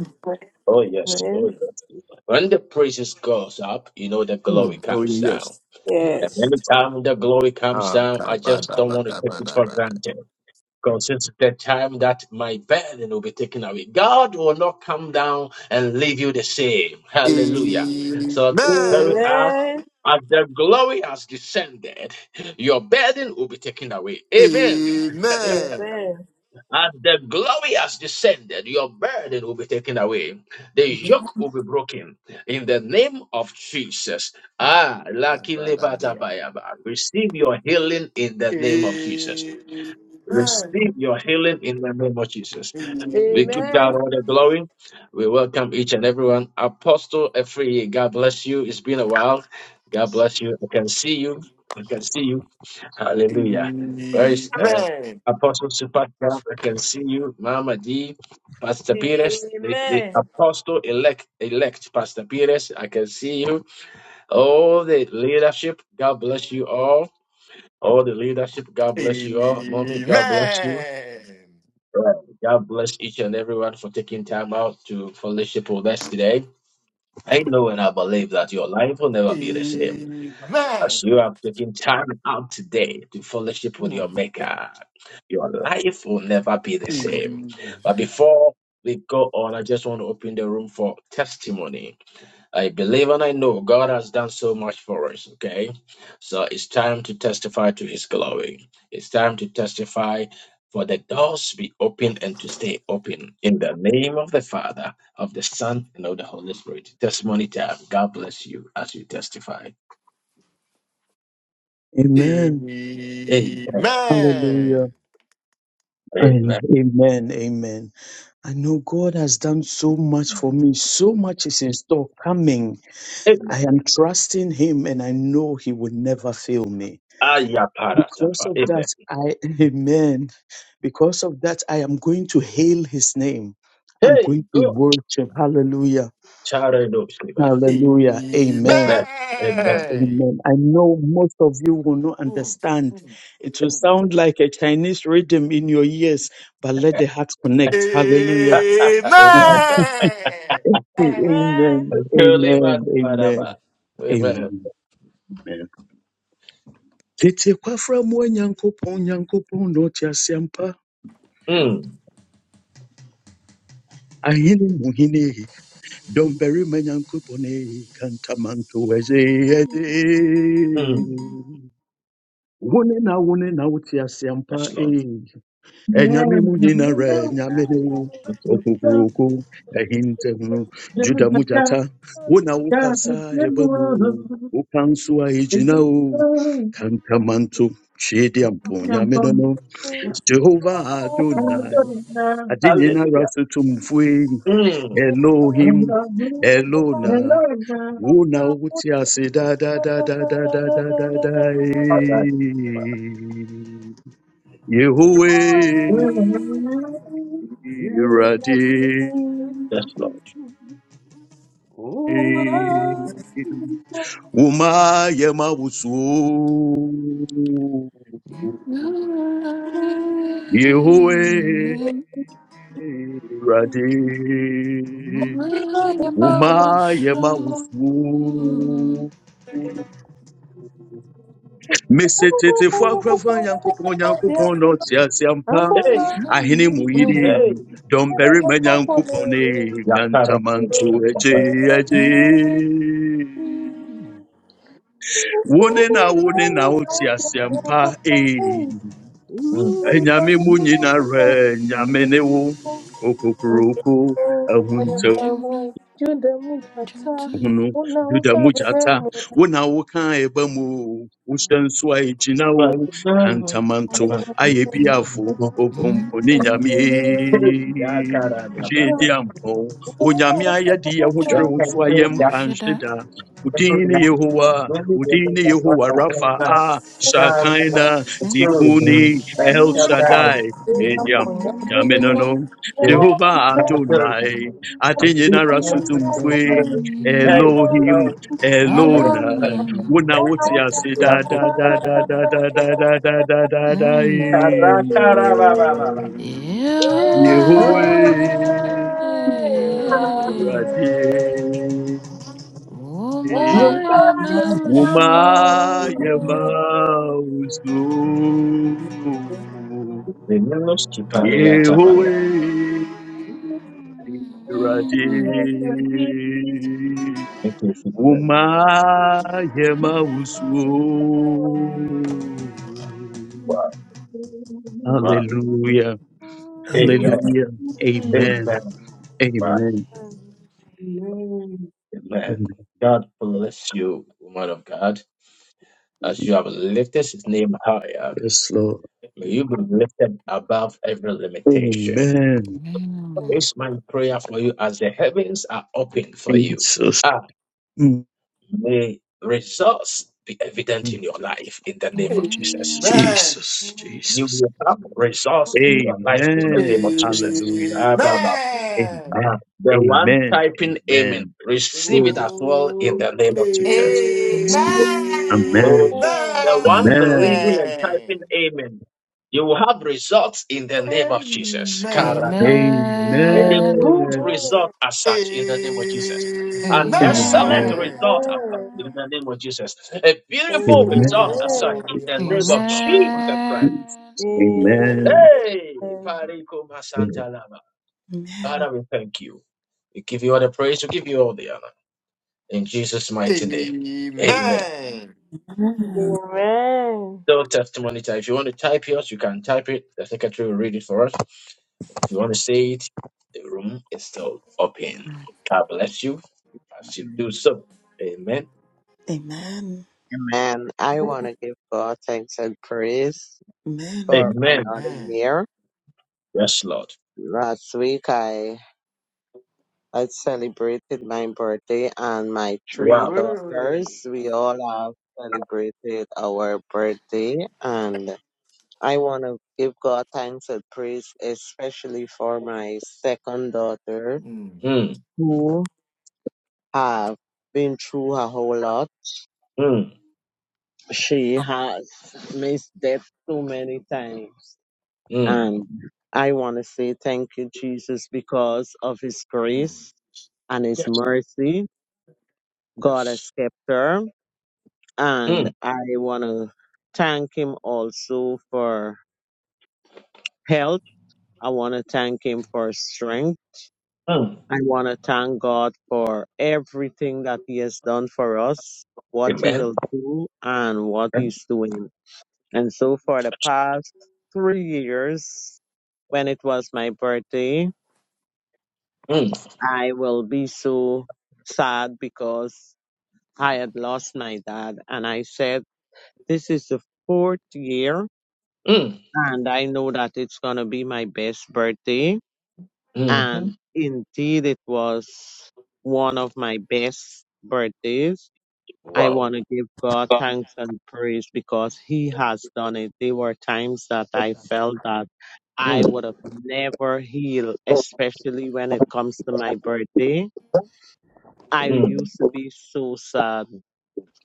Oh, yes. Oh,
Amen.
yes. When the praises goes up, you know the
Mm.
glory
Oh
comes down.
yes.
And
Yes.
anytime the glory comes
Ah,
down, I just
kabada,
don't want to
bada,
take it
bada,
for
bada.
granted. God says the time that my burden will be taken away. God will not come down and leave you the same. Hallelujah.
Amen.
So this very as,
Amen.
as the glory has descended, your burden will be taken away. Amen.
Amen.
As the glory has descended, your burden will be taken away. The yoke will be broken in the name of Jesus. Ah, Laki
Kabada,
Lebata
bria.
Bayaba. Receive your healing in the name of Jesus.
Amen.
Receive your healing in the name of Jesus.
Amen.
We give God all the glory. We welcome each and everyone. Apostle Efree, God bless you. It's been a while. God bless you. I can see you. I can see you. Hallelujah. Where
Amen.
is uh,
Amen.
Apostle Supaka? I can see you. Mama D. Pastor Pires, the, the
Amen.
apostle elect, elect Pastor Pires, I can see you. All the leadership, God bless you all. All the leadership, God bless you all. Mommy,
Amen.
God bless you. Right. God bless each and everyone for taking time out to fellowship with us today. I know and I believe that your life will never be the same
Amen.
as you have taken time out today to fellowship with your
Mm.
Maker. Your life will never be
Amen. Amen. Mm.
the
Mm.
same. But before we go on, I just want to open the room for testimony. I believe and I know God has done so much for us, okay? So it's time to testify to his glory. It's time to testify for the doors to be opened and to stay open. In the name of the Father, of the Son, and of the Holy Spirit. Testimony time. God bless you as you testify.
Mm.
Amen.
Amen.
Hallelujah.
Amen.
Amen.
And amen. Amen. I know God has done so much for me. So much is in store coming. I
Amen.
am trusting Him and I know He will never fail me. Because
Ayaparatafa.
of that,
Amen.
I, amen. Because of that, I am going to hail His name. I'm
Hey,
going to
go.
worship. Hallelujah.
Charedoskiba.
Hallelujah.
Amen.
Amen.
Amen.
Amen.
Amen. I know most of you will not understand. It will sound like a Chinese rhythm in your ears, but let the heart connect. Hallelujah. Amen.
Amen.
Amen. Amen. Amen.
Amen. Amen.
Amen. Tete kwafra mu onyankopɔn nyankopɔn na ɔte ase ampa.
Mm.
Ahene mu hene bury dɔmbarima nyankopɔn eyi, kantamanto ɛyɛ ɛde.
Mm.
Wo na wone na wote ase
Yes,
e.
Lord. Yes,
Enyame mu nyina re enyame ne wo. Okukuruku ehintehunu juda mujata wona wokasa ebe mu o. woka nso a egyina o kankamanto hwede ampo nyame no no
Lord.
jehova adonai
Amen.
ade nyinara
Hallelujah. Mm.
da da da da da da da daadadaadadaadadaadae Yehovah Irade.
Yes, Lord.
Happy
Uma yema wusu.
Mm-hmm.
Yehovah Irade. Uma yema wusu. mesetetefo akorɔfo nyankopɔn nyankopɔn na ɔte ase ampa
Hey,
ahini mu yiri
Amen.
hey.
dɔmbarima nyankopɔn ne
Yakara,
kantamanto agye
Shakara.
eje wo ne na wone na wote ase ampa ee
Mm.
anyame re nyame ne wo okokoroko ahunta
Juda Mujata,
hunu
una
juda mujata
ukaremu,
wona woka eba mu o, wohyɛ a ɛgyina wo
Right
kantamanto ayɛ biafo obompo ne nyame
Hey, Yakara,
gyedi ampɔn onyame ayɛde yɛ ho kyerɛ wo so ayɛ
Yakara.
mpa nhye da
Thank
wodin yehowa
you, Jesus.
wodin ne yehowa rafa
Yeah.
a shakaina tikuni el shaddai gyedi ampɔn nyame no no jehova adonai ade nyinara so Elohim,
I love
Elona,
you.
Wona Woti Ase, da da da da da da da da da da da da
Mm.
eh.
Yeah.
Yehoweh, Radie,
Oh,
Oh
my
my, oh
Woma
my,
emotion.
Yema
oh.
Usu, Yehoweh,
Mm.
Radie. Umayema usu.
Wow, wow.
Hallelujah.
Amen.
Amen.
Amen.
Hallelujah. Amen.
Amen.
Amen.
Amen.
Amen.
God bless you, woman of God. As you have lifted his name higher,
Yes, Lord.
may you be lifted above every limitation.
Amen.
Amen.
It's my prayer for you as the heavens are open for you.
Jesus.
Ah,
Mm,
may results be evident
mm.
in your life in the name of Jesus.
Amen.
Jesus.
You
Jesus.
will have results in your life in the name
Amen.
of Jesus.
Hallelujah.
Ah, bah, bah,
Amen.
Amen.
bah. The one
Amen.
typing amen,
Amen.
receive it
Glory
as
to
well in
God.
the
Oh,
name of Jesus.
Amen.
Amen.
Yes, Lord.
Oh,
Amen.
Amen.
the one
Amen.
believing and
Amen.
typing amen, you will have results in the name of Jesus. Kara.
Amen.
And a
Amen.
good
Amen.
result as such in the name of Jesus. An excellent
Amen.
Amen.
result
Amen.
as such in the name of Jesus. A
Amen.
Amen.
beautiful
Amen.
result
Amen. Amen.
as such in
Akabadabria
the name
mama
of
Jesus.
Jesus Christ.
Amen.
Amen.
Hey, Parikuma Santa Lama. Father, we thank you. We give you all the praise. We give you all the honor. In Jesus' mighty name. Amen.
Amen.
No testimony time. If you want to type yours, you can type it. The secretary will read it for us. If you want to say it, the room is still open. God bless you as you do so. Amen.
Amen.
Amen. I want to give God thanks and praise
Amen.
for
Amen.
another
Amen.
year.
Yes, Lord.
Last week I I celebrated my birthday and my three
Wow.
Glory.
daughters. We all have celebrated our birthday and I want to give God thanks and praise especially for my second daughter
Mm,
Mm,
who have been through a whole lot.
mm,
She has missed death too many times
mm,
And I want to say thank you, Jesus, because of his
mm.
grace and his mercy. God has kept her. And
mm,
I want to thank him also for health. I want to thank him for strength.
mm.
I want to thank God for everything that he has done for us, what he
Amen.
will do, and what
Mm,
he's doing. And so for the past three years, when it was my birthday,
mm,
I will be so sad because I had lost my dad. And I said, this is the fourth year
mm,
and I know that it's going to be my best birthday.
mm-hmm.
And indeed, it was one of my best birthdays. I
Wow.
want to give God thanks and praise because He has done it. There were times that I felt that I
Mm,
would have never healed, especially when it comes to my birthday I
mm,
used to be so sad.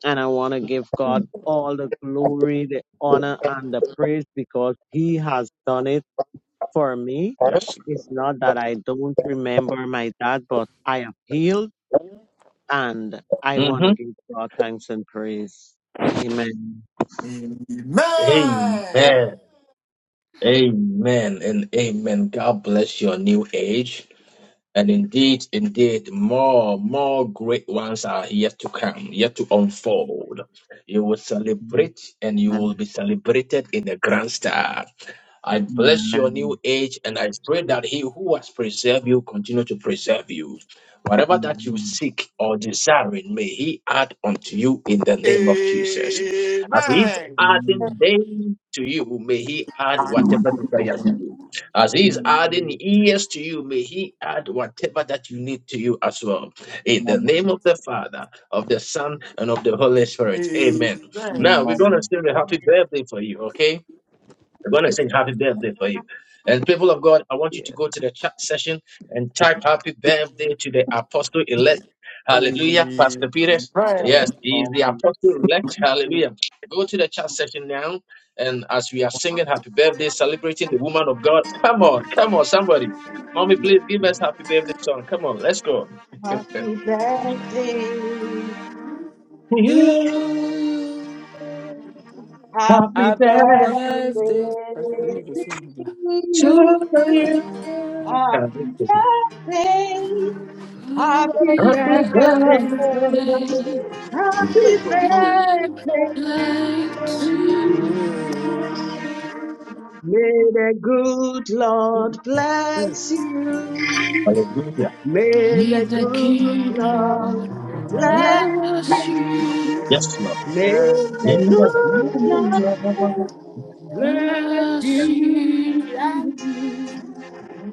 And I want to give God
mm.
all the glory, the honor, and the praise because He has done it for me.
Yes.
It's not that I don't remember my dad, but I am healed and I want to
Mm-hmm.
give God thanks and praise. Amen.
Amen.
Amen.
Amen and amen. God bless your new age. And indeed, indeed, more, more great ones are yet to come, yet to unfold. You will celebrate and you will
Amen.
be celebrated in a grand style. I bless your new
Amen.
age and I pray that he who has preserved you continue to preserve you. Whatever that
Amen.
you seek or desiring, may he add unto you in the name of Jesus. As he's
Amen.
adding
Amen.
them to you, may he add whatever desire to you. As he is adding
Amen.
years to you, may he add whatever that you need to you as well. In the name
Amen.
of the Father, of the Son, and of the Holy Spirit. Amen.
Amen.
Now we're gonna
Amen.
sing a happy birthday for you, okay? We're going to sing happy birthday for you. And people of God, I want you to
Yeah.
go to the chat session and type happy birthday to the apostle elect. Hallelujah,
Amen.
Pastor Peter. Yes, he is
Oh,
the apostle elect. Hallelujah. Go to the chat session now. And as we are singing happy birthday, celebrating the woman of God, come on, come on, somebody. Mommy, please give
Amen.
us happy birthday song. Come on, let's go.
birthday,
To you,
Happy
happy
happy
birthday
birthday
to
birthday. That's the new song. yeah.
to
you.
you.
To
Happy
Happy
birthday, happy
Happy
birthday.
birthday.
Happy
like
birthday.
birthday to you.
to
you,
May the good Lord
to
bless
you.
you.
Hallelujah.
May
me
the
the
good
King
Lord
Lord
bless
bless
you.
you,
Yes, Lord.
May
Yeah.
the good Lord bless you.
mercy,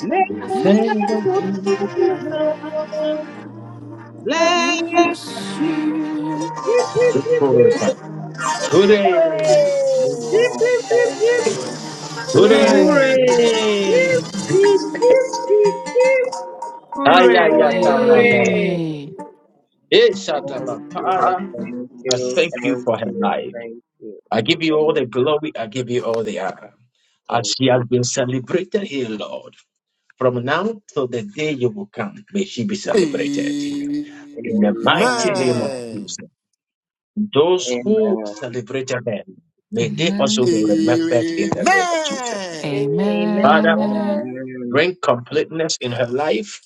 May the
Mm.
lady
good
Uh-huh.
Lord bless you. Yip,
mercy,
yip, yip,
Today,
Amen.
yip, yip, yip,
Thank
yip,
you.
today.
Hooray.
hooray,
Hooray!
Ay,
Hooray!
ay, ay, kara, kara.
Hooray!
hooray.
Eh,
Thank
Shadaba.
you,
Father,
thank
I
you,
thank you
thank
for her
you,
life.
thank you.
I give you all
Hallelujah.
the glory. I give you all the honor. As
Thank
she has
you.
been celebrated here, Lord, from now till the day you will come, may she be celebrated. In the mighty name
Amen.
of Jesus. Those who
Amen.
celebrated them, may they also
Amen,
be remembered in the
Amen.
name of Jesus.
Amen.
Father,
Amen.
amen,
Amen.
bring completeness in her life,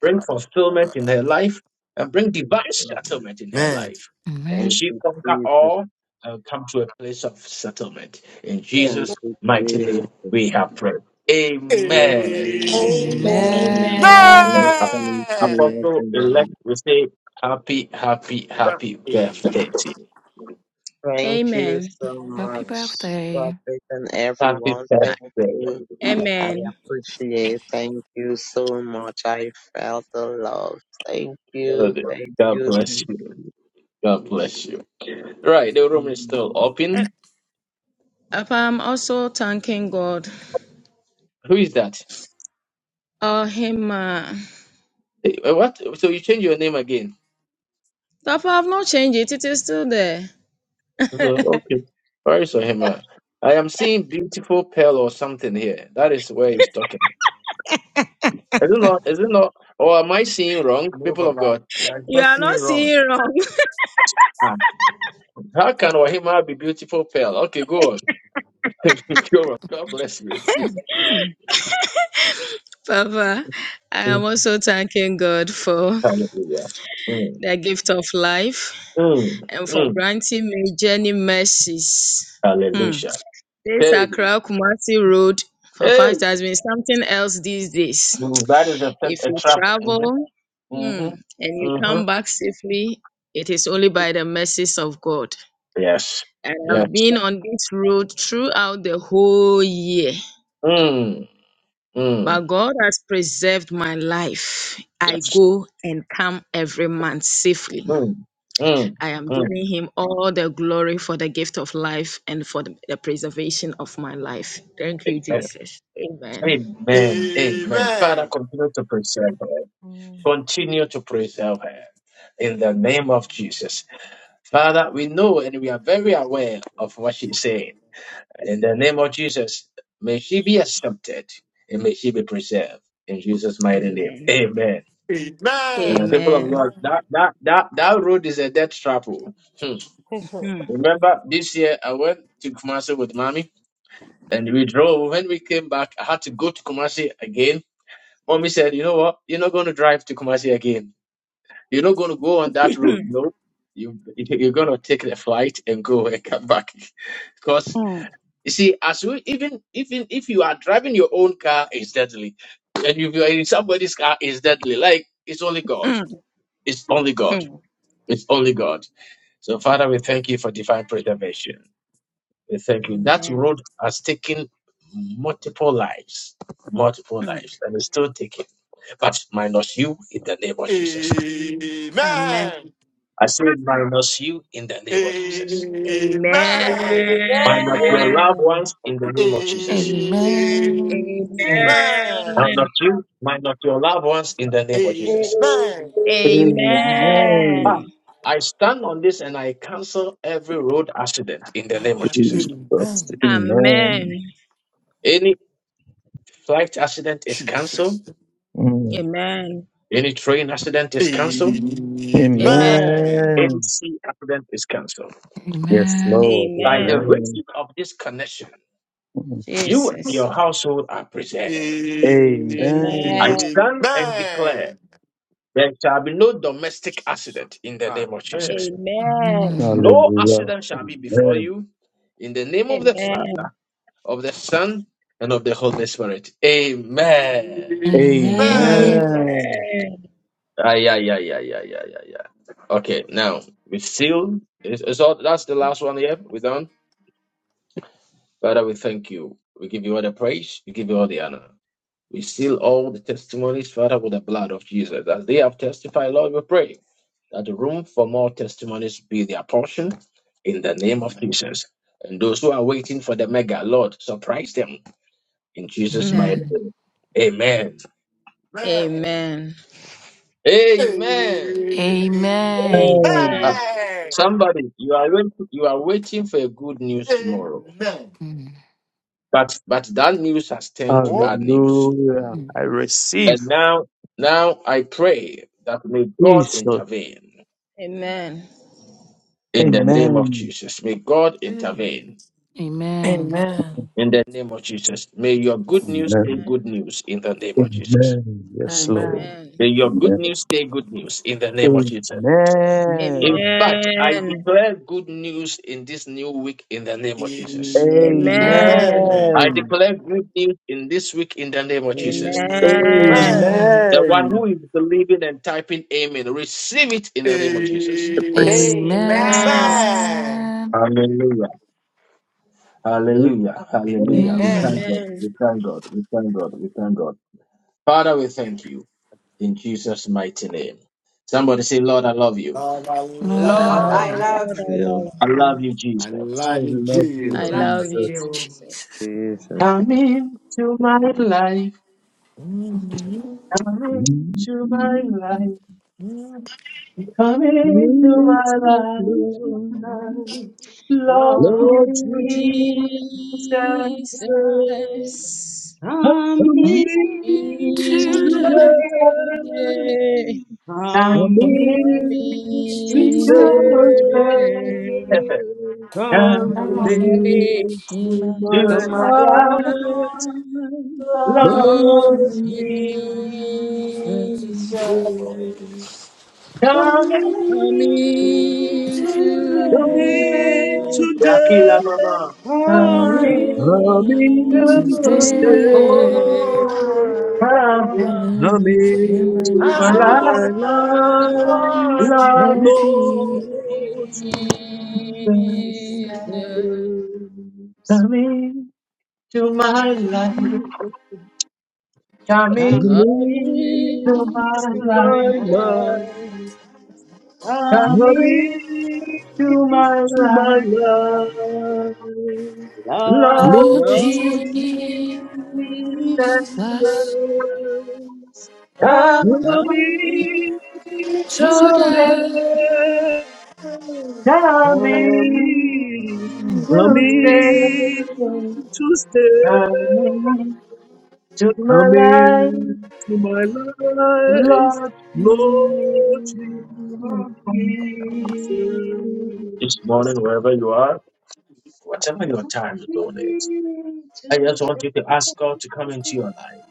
bring
Amen.
fulfillment in her life, and bring divine settlement in her
Amen.
life. May
Thank
amen,
she
you,
conquer
Jesus.
all and come to a place of settlement. In
Thank
Jesus'
you,
mighty name,
Jesus.
we have prayed. Amen.
Amen.
Amen.
Amen.
Amen.
amen.
And
Okay, Thank you,
Apostle elect,
everyone.
we say happy, happy, happy
Hey,
birthday to you.
Thank you
Amen.
so
Happy
much,
birthday.
Prophet and
Happy
everyone.
Uh,
Thank you.
birthday.
I
amen.
appreciate. Thank you so much. I felt the love. Thank you.
Lord,
Thank
God
you.
bless
Thank
you. God bless you. Right, the room is still
you.
Uh,
open.
Papa, I'm also thanking God.
Who is that?
Oh, him. uh,
Eh, eh, What? So you change your name again?
Papa, I've not changed it. It is still there.
So, okay. Where is Ohima? I am seeing beautiful pearl or something here. That is where he's talking. Is it not? Is it not? Or am I seeing wrong,
no,
people of
Papa,
God?
I are
you
not
are not
seeing wrong.
seeing wrong.
Ah, How can Ohima be beautiful pearl? Okay, go on. go on. God bless you.
Papa, I am
Mm,
also thanking God for
Hallelujah. Mm,
the gift of life
mm,
and for
mm.
granting me journey mercies. Hmm.
Hallelujah.
This
Hey,
Accra Kumasi Road for
hey.
fast has been something else these days.
Mm, That is
If
a, a
you
trap.
travel hmm, and
Mm-hmm.
you come
Mm-hmm.
back safely, it is only by the mercies of God.
Yes.
And
Yes.
I've been on this road throughout the whole year.
Mm.
But
Mm.
God has preserved my life. I
Yes.
go and come every month safely.
Mm. Mm.
I am
Mm.
giving Him all the glory for the gift of life and for the the preservation of my life. Thank you,
Yes.
Jesus. Amen.
Amen. Amen. Father,
Amen.
continue to preserve her. Continue to preserve her in the name of Jesus. Father, we know and we are very aware of what she's saying. In the name of Jesus, may she be accepted and may she be preserved in Jesus' mighty name.
Amen.
Amen. And
Amen.
the people of
Amen.
God, that, that, that, that road is a death trap. oh. Hmm.
Hmm.
Remember, this year I went to Kumasi with mommy and we drove. When we came back, I had to go to Kumasi again. Mommy said, You know what? You're not going to drive to Kumasi again. You're not going to go on that road. No, you, you're going to take the flight and go and come back. because,
Mm.
you see, as we, even, even if you are driving your own car, it's deadly. And if you are in somebody's car, it's deadly. Like, it's only God. It's only
Hmm.
God. It's only God. So, Father, we thank you for divine preservation. We Thank you. That
Amen.
road has taken multiple lives, multiple
Hmm.
lives, and is still taking. But minus you in the name of Jesus.
Amen.
Amen.
I say minus you in the name of Jesus.
Amen.
Minus your loved
Amen.
ones in the name of Jesus.
Amen.
Amen. Amen.
Minus
Amen.
you, minus your loved ones in the name of Jesus.
Amen.
Ah, I stand on this and I cancel every road accident in the name of Jesus.
Amen.
Amen.
Any flight accident is cancelled.
Jesus.
Mm.
Amen.
Any train accident is cancelled.
Amen.
Amen.
Any
Amen.
sea accident is cancelled.
Yes,
Amen.
Lord.
By the
Amen.
Amen.
reason of this connection,
Mm.
you and
Jesus.
your household are preserved.
Amen.
I
Amen.
Amen.
stand and declare there shall be no domestic
Jesus.
accident in the
Amen.
name of Jesus.
Amen.
Amen.
No
Hallelujah.
accident shall be before
Amen.
you in the name of the
Amen.
Father, of the Son, and of the Holy Spirit. Amen.
Amen.
Amen.
Amen.
Ah, yeah, yeah, yeah, yeah, yeah, yeah, yeah. Okay, now we seal. Is, is all, that's the last one here. We're done. Father, we thank you. We give you all the praise. We give you all the honor. We seal all the testimonies, Father, with the blood of Jesus. As they have testified, Lord, we pray that the room for more testimonies be their portion in the name of Jesus. And those who are waiting for the mega, Lord, surprise them in Jesus' mighty
Amen.
Amen.
name. Amen.
Amen.
Amen. Amen.
Amen.
Amen.
Amen.
Ah,
Amen.
Amen.
somebody, you are wait- you are waiting for a good news tomorrow,
Amen.
Mm.
but but that news has turned to bad
Oh,
news.
Hallelujah.
Mm.
I
And
receive
now, now I pray that may God
Jesus.
intervene.
Amen. Amen.
In the name of
Amen.
Jesus, may God
amen.
intervene.
Amen.
Amen.
In the name of Jesus, may your good news stay
Amen.
good news in the name of Jesus.
Amen. Yes, Lord.
Amen.
Amen.
May your good
Amen.
news stay good news in the name of Jesus.
Amen.
Amen.
In fact, I
Amen.
declare good news in this new week in the name of Jesus.
Amen.
Amen.
Amen.
I
Amen.
declare good news in this week in the name of Jesus.
Amen.
Amen.
Amen.
Amen.
The one who
Amen.
is believing and typing amen, receive it in the name of Jesus.
Praise
Amen.
Amen.
Amen.
Amen.
Hallelujah.
you.
Hallelujah. Hallelujah. We
Amen.
thank
Amen.
Amen.
God.
Amen.
We thank God. We thank God. We thank God. Father, we thank you. in Jesus' mighty name. Somebody say, Lord, I love you.
Lord, I
Lord, I
Lord,
will
love
I
watch
you.
love
Lord, I
you.
Feel
love
I
you.
love you, Jesus.
I
I
love you,
love you,
I
And I
Jesus.
thank
love
you.
you,
Jesus.
Jehovah.
Jesus.
Jesus
Come into my life. Come
Lift
into my
me,
life. Come into my life.
Lord,
Lord Jesus.
Lord
Lord
Lord
Jesus,
Jesus,
Jesus.
Come
come
come
into
in
me.
into
into
the
Me
my spirit.
today,
today.
Come
come
into
in to
she's
Coming
me.
there.
today.
stay.
Come
I'm
Come on.
Come
Coming
She
into
might not
my
To
into
to
to
my
my
my life.
life.
life.
heart,
Thank
Lord
Lord
know
Lord
Lord
Jesus.
Jesus.
Jesus,
Jesus.
Jesus.
Come in.
Coming
Come
today.
in
today,
today,
Yakila mama.
Come
come
Good
coming
Jesus,
in to
times
stay,
there.
today,
I
come
mean, to
you.
my
to my
mind.
into my
life,
A
life,
Lord
Lord
person
Jesus.
Jesus,
Lord
Jesus,
Jesus.
Coming to my life,
Come
coming to
into
coming
my
to
my
life,
my life,
life. Come
coming to my
into my
life,
life.
Lord
Lord
Lord
Lord
Jesus.
Jesus,
Jesus,
Jesus. Come in
Coming
coming today.
Thank
so that
today.
today.
coming
stay,
Mm.
help
to stay,
me to stay.
coming to
Come
my life.
into my life,
Lord
Lord
Jesus.
Jesus.
This morning, wherever you are, whatever your time zone is, I just want you to ask God to come into your life,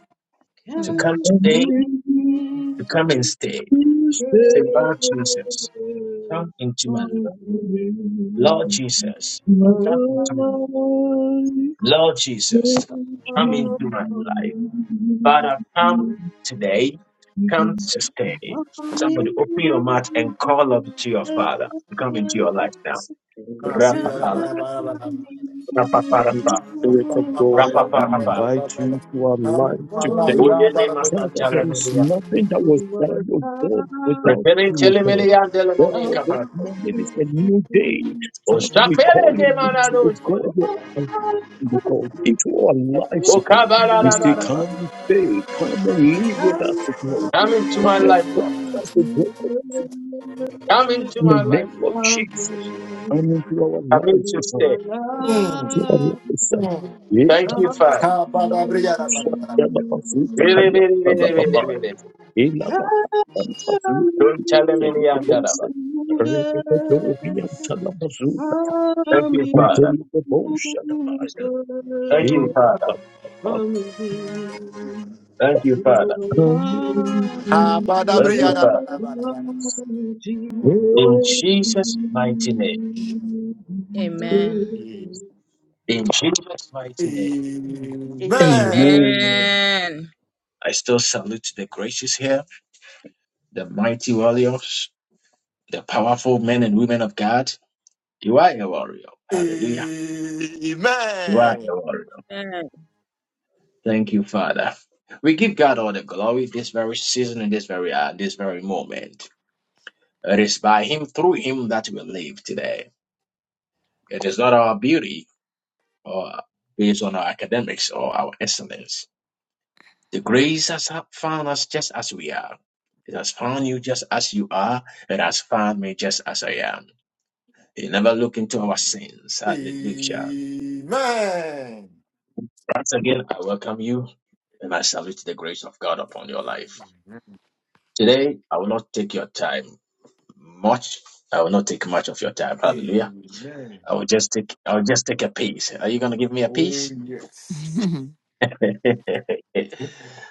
to
Hmm.
come today,
Come in
to come and stay.
to
Say,
stay.
Lord Jesus, come into my life.
Come
you.
Lord
into
Jesus,
my
come into my life.
life,
Lord Jesus,
Lord
come into my life. Father, come today, come
Jesus.
to stay. Somebody open your mouth and call up to your Father to come into your life now.
I
This
Love, me,
morning, I pray that Father,
Rapaparapa,
Spirit of God, we
rapaparapa.
invite you into our life today.
Oye ni
Father,
masantala
there is
melia.
nothing that was done, of God, without you, O
Referentele
God.
melia dele
Therefore,
monica
this
parapa.
morning is a new day.
O
Father, we
sapele
call
que
him into
manado
the
chele
God, your
melia.
presence, O God, into our lives, O
O
God. We say, come
kabarararaba.
and stay, come and live with us, O God.
Come into my
Come and
life,
talk
Lord.
to us, O God,
Come into
in the
my life,
name
Lord.
of Jesus. Come into our
Come into
lives, O God,
stay.
to our
love
lives. sir. Yeah,
Thank you,
come.
Father.
Yamabazuta
Really,
me.
kaya
really,
kama
really, really,
babae
really.
ila mapanda mazuta
Don't tell me any
kwenye
andaraba.
bose rekete dobi ya mchana mazuta
Thank you, Father.
bosha na maya
Thank you,
ila
Father.
mapanda
Thank you, Father.
Come to
Thank you,
Allah,
Father. In
Lord
Jesus' mighty name.
Amen.
Jesus.
In Jesus' mighty name.
Amen.
Amen.
Amen.
I still salute the graces here. the mighty warriors, the powerful men and women of God. You are a warrior. Hallelujah. You are a warrior.
Amen.
Thank you, Father. We give God all the glory this very season and this very hour, this very moment. It is by Him, through Him, that we live today. It is not our beauty or based on our academics or our excellence. The grace has found us just as we are. It has found you just as you are. It has found me just as I am. It never look into our sins.
Amen.
Hallelujah.
Amen.
Once again, I welcome you and I salute the grace of God upon your life.
Amen.
Today, I will not take your time much. I will not take much of your time. Hallelujah. I
Amen.
will just take I will just take a piece. Are you gonna give me a
Oh,
piece?
yes.
the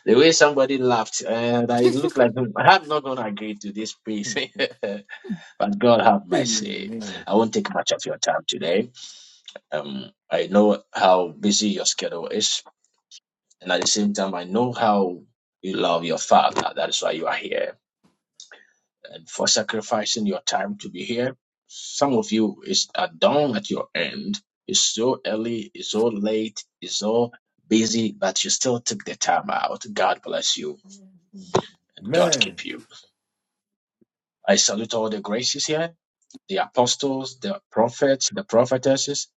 way somebody laughed, and I looked like them, I'm not gonna agree to this
Hmm.
piece. but God have
Amen.
mercy. I won't take much of your time today. Um I know how busy your schedule is And at the same time, I know how you love your father. That is why you are here. And for sacrificing your time to be here, some of you is at dawn at your end. It's so early, it's so late, it's so busy, but you still took the time out. God bless you and God
Amen.
keep you. I salute all the graces here, the apostles, the prophets, the prophetesses,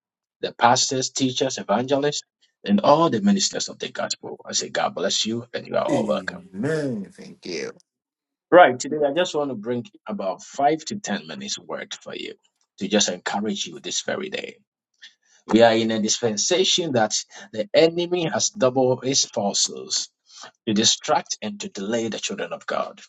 the pastors, teachers, evangelists, and all the ministers of the gospel. I say God bless you and you are all welcome.
Amen. Thank you.
Right. Today, I just want to bring about five to 10 minutes word for you to just encourage you this very day. We are in a dispensation that the enemy has doubled his forces to distract and to delay the children of God.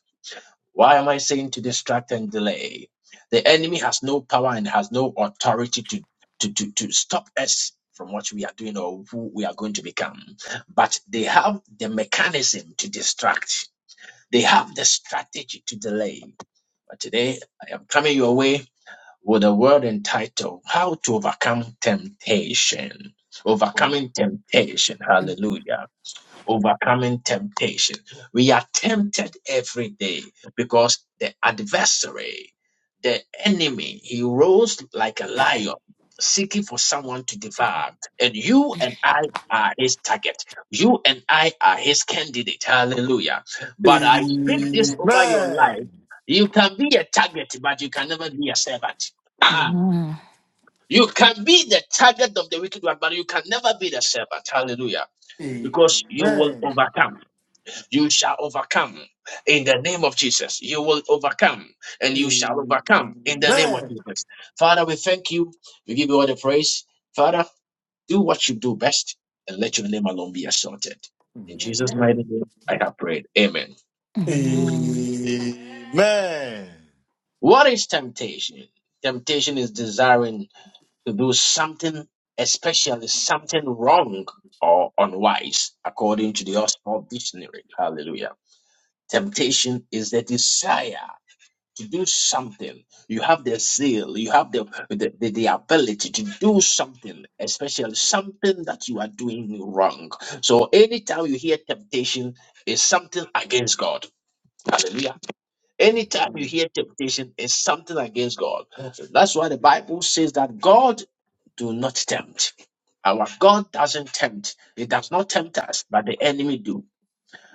Why am I saying to distract and delay? The enemy has no power and has no authority to, to, to, to stop us from what we are doing or who we are going to become. But they have the mechanism to distract. They have the strategy to delay. But today, I am coming your way with a word entitled How to Overcome Temptation. Overcoming Temptation. Hallelujah overcoming temptation. We are tempted every day because the adversary, the enemy, he roars like a lion. Seeking for someone to devour, and you and I are his target. You and I are his candidate. Hallelujah. But I speak this over your life.
Amen.
You can be a target, but you can never be a servant. Ah,
Mm.
Mm.
you can be the target of the wicked one, but you can never be the servant. Hallelujah. Because you will
Amen.
overcome. You shall overcome in the name of Jesus. You will overcome
Amen.
and
Mm.
you shall overcome in the name of Jesus. Father, we thank you. We give you all the praise. Father, do what you do best and let your name alone be assaulted. In Jesus' mighty name, I have prayed. Amen.
Mm.
Amen. Mm,
What is temptation? Temptation is desiring to do something, especially something wrong or unwise, according to the Oxford Dictionary. Hallelujah. Temptation is the desire. to do something. You have the zeal, you have the, the, the, the ability to do something, especially something that you are doing wrong. So anytime you hear temptation, is something against God. Hallelujah.
mm, mm,
Anytime you
Amen.
hear temptation, is something against God. So That's why the Bible says that God do not tempt. Our God doesn't tempt. He does not tempt us, but the enemy do.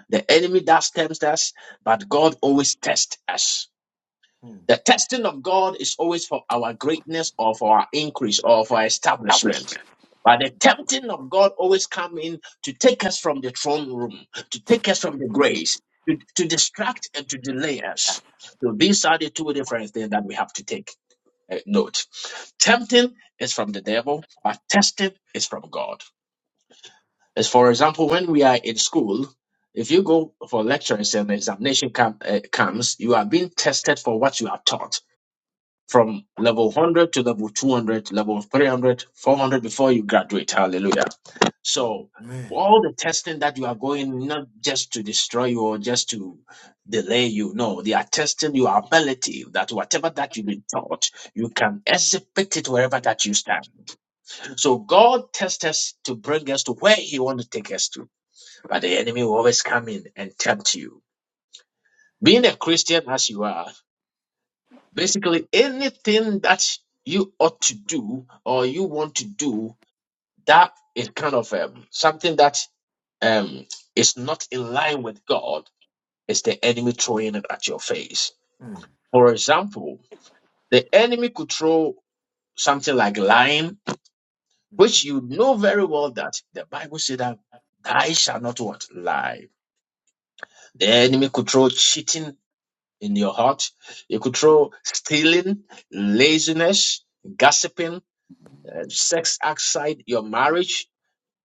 The enemy does tempt us, but God always tests us. The testing of God is always for our greatness or for our increase or for our establishment. But the tempting of God always come in to take us from the throne room, to take us from the grace, to, to distract and to delay us. So these are the two different things that we have to take uh, note. Tempting is from the devil, but testing is from God. As for example, when we are in school, if you go for lectures and the examination come, uh, comes, you are being tested for what you are taught from level 100 to level 200, level 300, 400 before you graduate. Hallelujah. So, all the testing that you are going, not just to destroy you or just to delay you, no, they are testing your ability that whatever that you've been taught, you can exhibit it wherever that you stand. So, God tests us to bring us to where He wants to take us to, but the enemy will always come in and tempt you. Being a Christian as you are, Basically, anything that you ought to do or you want to do that is kind of um, something that um, is not in line with God is the enemy throwing it at your face. For example, the enemy could throw something like lying, which you know very well that the Bible said that I shall not what lie. The enemy could throw cheating in your heart. It could throw stealing, laziness, gossiping uh, sex outside your marriage,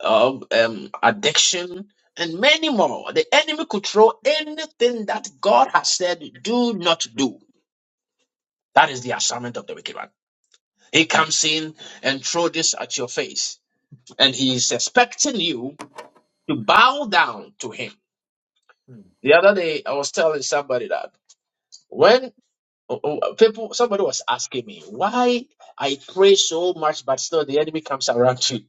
um, um, addiction, and many more. The enemy could throw anything that God has said, do not do. That is the assignment of the wicked one. He comes in and throw this at your face, and he is expecting you to bow down to him.
Mm, mm,
The other day, I was telling somebody that when oh, oh, people, somebody was asking me why I pray so much, but still the enemy comes around to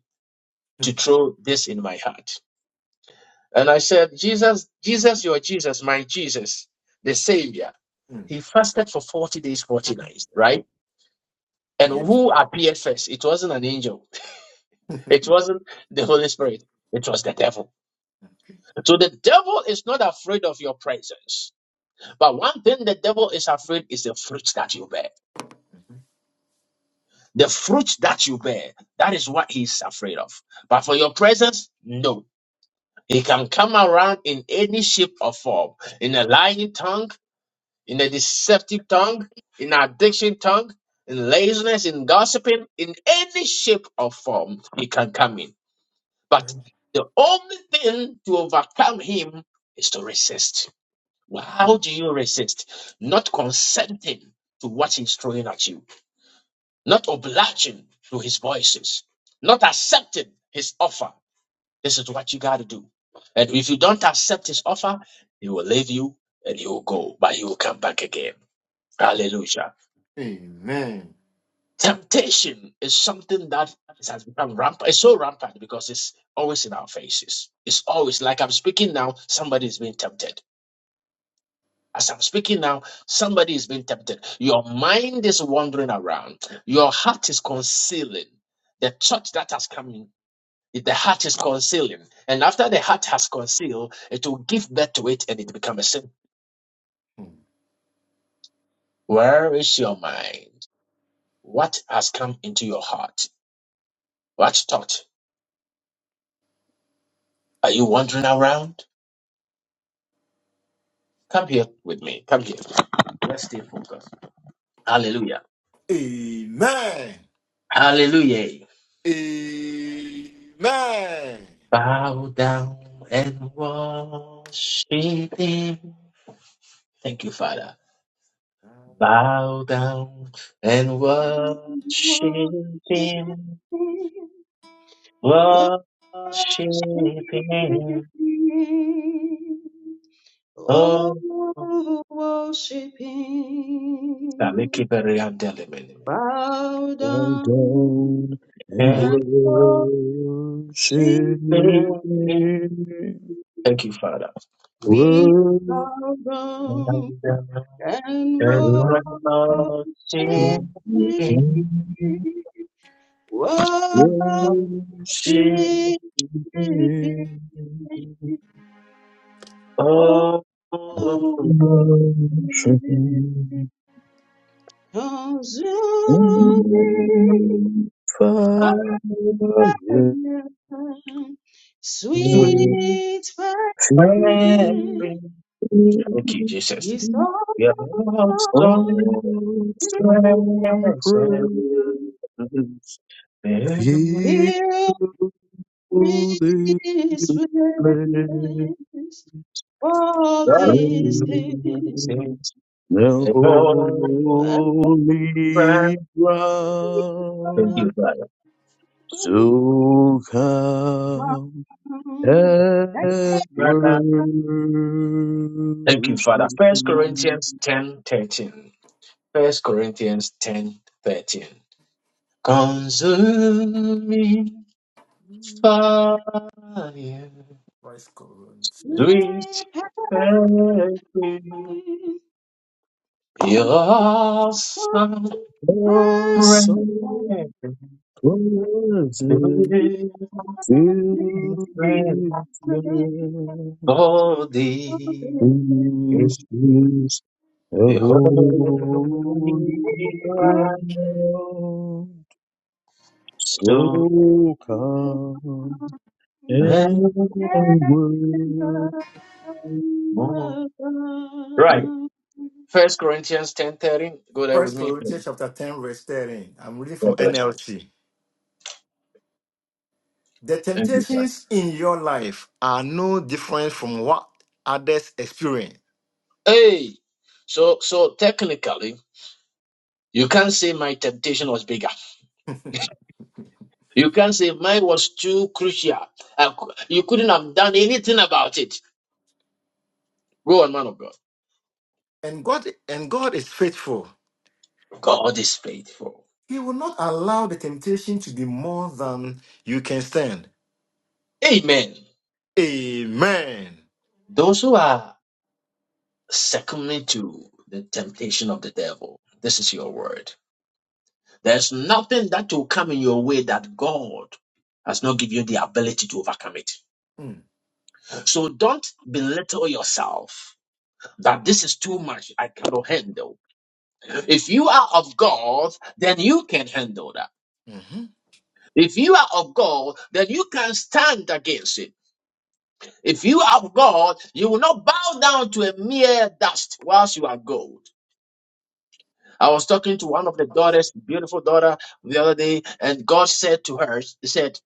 to
mm,
throw this in my heart. And I said, Jesus, Jesus, your Jesus, my Jesus, the Savior.
mm.
He fasted for 40 days, 40 nights, right? And
Yes.
who appeared first? It wasn't an angel. It wasn't the Holy Spirit. It was the devil. So the devil is not afraid of your presence. But one thing the devil is afraid is the fruit that you bear. The fruit that you bear, that is what he's afraid of. But for your presence, no. He can come around in any shape or form, in a lying tongue, in a deceptive tongue, in addiction tongue, in laziness, in gossiping, in any shape or form he can come in. But
Lord.
the only thing to overcome him is to resist. Well, How
Mm.
do you resist? Not consenting to what he's throwing at you, not obliging to his voices, not accepting his offer. This is what you got to do. And if you don't accept his offer, he will leave you and he will go, but he will come back again. Hallelujah.
Amen.
Temptation is something that is- has become rampant. It's so rampant because it's always in our faces. It's always like I'm speaking now, somebody is being tempted. As I'm speaking now, somebody is being tempted. Your mind is wandering around. Your heart is concealing the thought that has come in. The heart is concealing. And after the heart has concealed, it will give birth to it and it becomes a sin.
Mm.
Where is your mind? What has come into your heart? What thought? Are you wandering around? Come here with me. Come here. Hallelujah.
Amen.
Hallelujah.
Amen.
Bow down and worship him. Thank you, Father. Bow down and worship him. Worship him.
Amen.
Oh,
Oh, worship Him,
Salikiberiandelimini.
bow
Bow
down
down and
And
and worship.
worship
worship him.
Him.
Thank you, Father.
We bow
Bow
down
down
and
and
Awesome
worship
worship
Him, worship
him.
Him. Oh,
Oh,
worship, him. consuming.
sweet
Sweet
friend.
perfume
Thank you, Jesus.
is all
We are awesome, present.
praise,
in
feel
Fill me with
the
all these
the
things
graces
The
and
holy
Thank you,
ground
Father.
so
my
come
home.
and worship
Thank you, Father. First Corinthians ten thirteen. First Corinthians ten thirteen. Consuming fire,
Christ God.
sweet,
Repent
your awesome.
the
for
Son present to the land.
Holy,
This is the holy ground. So
so
come. and
evermore.
worship
Right. First Corinthians ten thirty. Go there with
First
me, please.
Corinthians chapter 10, verse 13. I'm reading from
God bless you.
NLT. The
Thank you, sir.
temptations in your life are no different from what others experience.
Hey. So so technically, you can't say my temptation was bigger. You can't say mine was too crucial. I cou- you couldn't have done anything about it. Go on, man of God.
And God and God is faithful.
God is faithful.
He will not allow the temptation to be more than you can stand.
Amen.
Amen.
Those who are succumbing to the temptation of the devil, this is your word. There's nothing that will come in your way that God has not given you the ability to overcome it.
Mm,
So don't belittle yourself that this is too much, I cannot handle. If you are of God, then you can handle that.
mhm.
If you are of God, then you can stand against it. If you are of God, you will not bow down to a mere dust whilst you are gold. I was talking to one of the daughters, beautiful daughter, the other day, and God said to her, He said,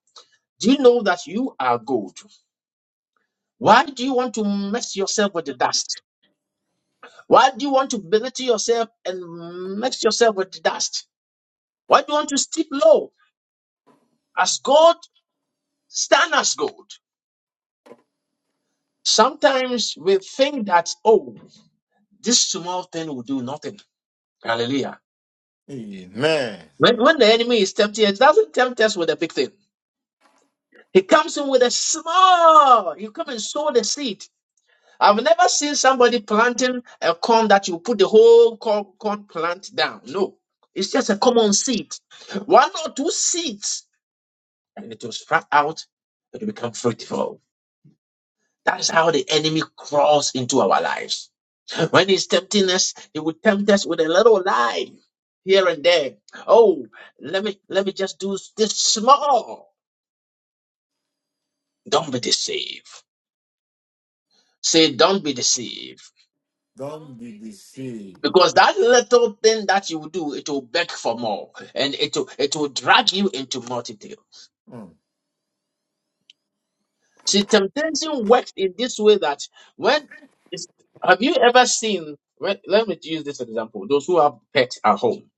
Do you know that you are gold? Why do you want to mess yourself with the dust? Why do you want to belittle yourself and mix yourself with the dust? Why do you want to stoop low? As God, stand as gold. Sometimes we think that, oh, this small thing will do nothing. Hallelujah.
Amen.
When, when the enemy is tempted, he doesn't tempt us with a big thing. He comes in with a small, you come and sow the seed. I've never seen somebody planting a corn that you put the whole corn, corn plant down. No, it's just a common seed. One or two seeds, and it will sprout out, it will become fruitful. That's how the enemy crawls into our lives. When he's tempting us, he will tempt us with a little lie here and there. Oh, let me let me just do this small. Don't be deceived. Say, don't be deceived.
Don't be deceived.
Because that little thing that you do, it will beg for more and it will, it will drag you into multitude.
Mm.
See, temptation works in this way that when it's- have you ever seen, when, let me use this example, those who have pets at home.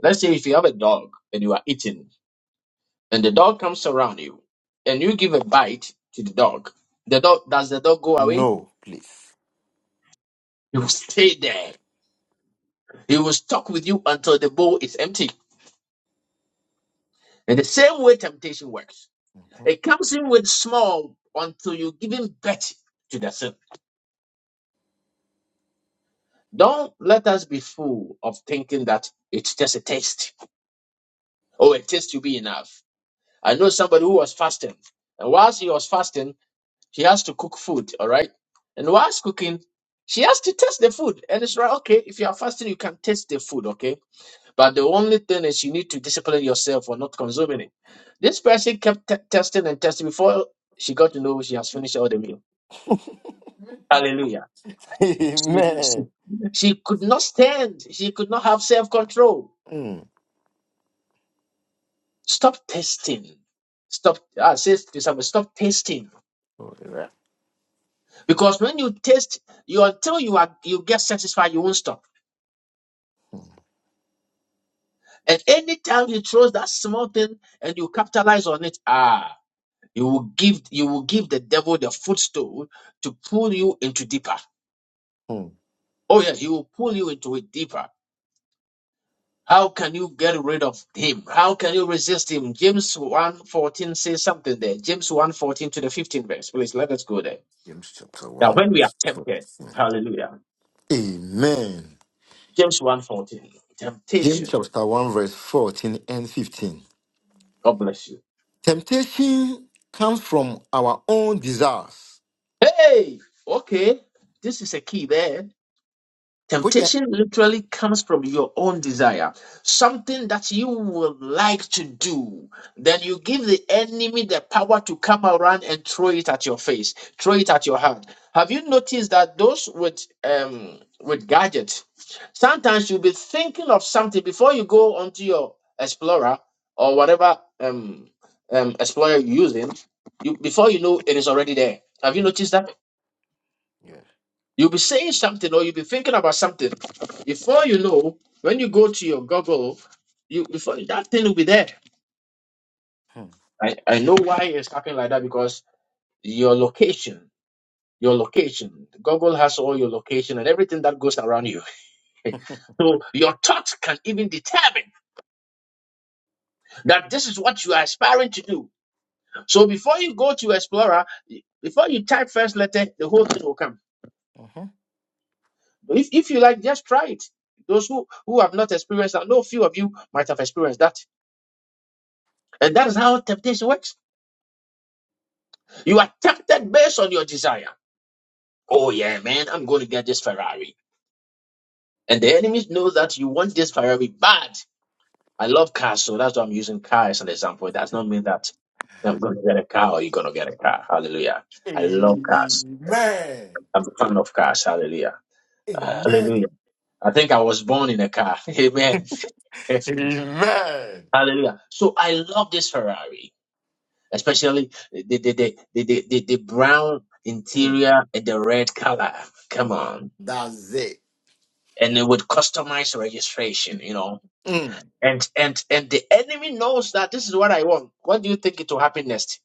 Let's say if you have a dog and you are eating and the dog comes around you and you give a bite to the dog, the dog, does the dog go away?
No, please.
He will stay there. He will stuck with you until the bowl is empty. In the same way temptation works. He comes in with small until you give him plenty to the sin. Don't let us be fool of thinking that it's just a taste. Oh, a taste will be enough. I know somebody who was fasting, and whilst he was fasting, she has to cook food, all right? And whilst cooking, she has to taste the food. And it's right, okay, if you are fasting, you can taste the food, okay? But the only thing is you need to discipline yourself for not consuming it. This person kept t- testing and testing before she got to know she has finished all the meal. Hallelujah. She, she,
Amen.
she could not stand. She could not have self control.
Mm.
Stop testing. Stop. I says to someone, stop testing.
All right.
Because when you taste, you until you are you get satisfied, you won't stop. And anytime you throw that small thing and you capitalize on it, ah, you will give you will give the devil the footstool to pull you into deeper.
Mm.
Oh yeah, he will pull you into it deeper. How can you get rid of him? How can you resist him? James one fourteen says something there. James one fourteen to the 15th verse. Please let us go there.
James chapter
Now, when we are tempted,
1.
hallelujah.
Amen.
James one fourteen,
James
temptation.
chapter 1, verse 14 and 15.
God bless you.
Temptation comes from our own desires,
Hey, okay. This is a key there.
which.
Temptation
Yeah.
literally comes from your own desire, something that you would like to do. Then you give the enemy the power to come around and throw it at your face, throw it at your hand. Have you noticed that those with um with gadgets, sometimes you'll be thinking of something before you go onto your explorer or whatever um um explorer you're using, you before you know it is already there. Have you noticed that? You'll be saying something or you'll be thinking about something. Before you know, when you go to your Google, you before that thing will be there.
Hmm.
I, I know why it's happening like that because your location, your location, Google has all your location and everything that goes around you. so your thoughts can even determine that this is what you are aspiring to do. So before you go to Explorer, before you type first letter, the whole thing will come.
Mhm.
If, if you like, just try it. Those who, who have not experienced that, no few of you might have experienced that And that is how temptation works. You are tempted based on your desire. Oh, yeah, man, I'm going to get this Ferrari. And the enemies know that you want this Ferrari bad. I love cars, so that's why I'm using car as an example. It does not mean that I'm going to get a car or you're going to get a car. Hallelujah. I love cars.
Amen.
I'm a fan of cars. Hallelujah.
Amen.
Hallelujah. I think I was born in a car. Amen.
Amen.
Hallelujah. So I love this Ferrari. especially the the the the, the, the, the brown
Mm.
interior and the red color. Come on,
That's it.
and it would customize registration, you know.
Mm.
And and and the enemy knows that this is what I want. What do you think it will happen next?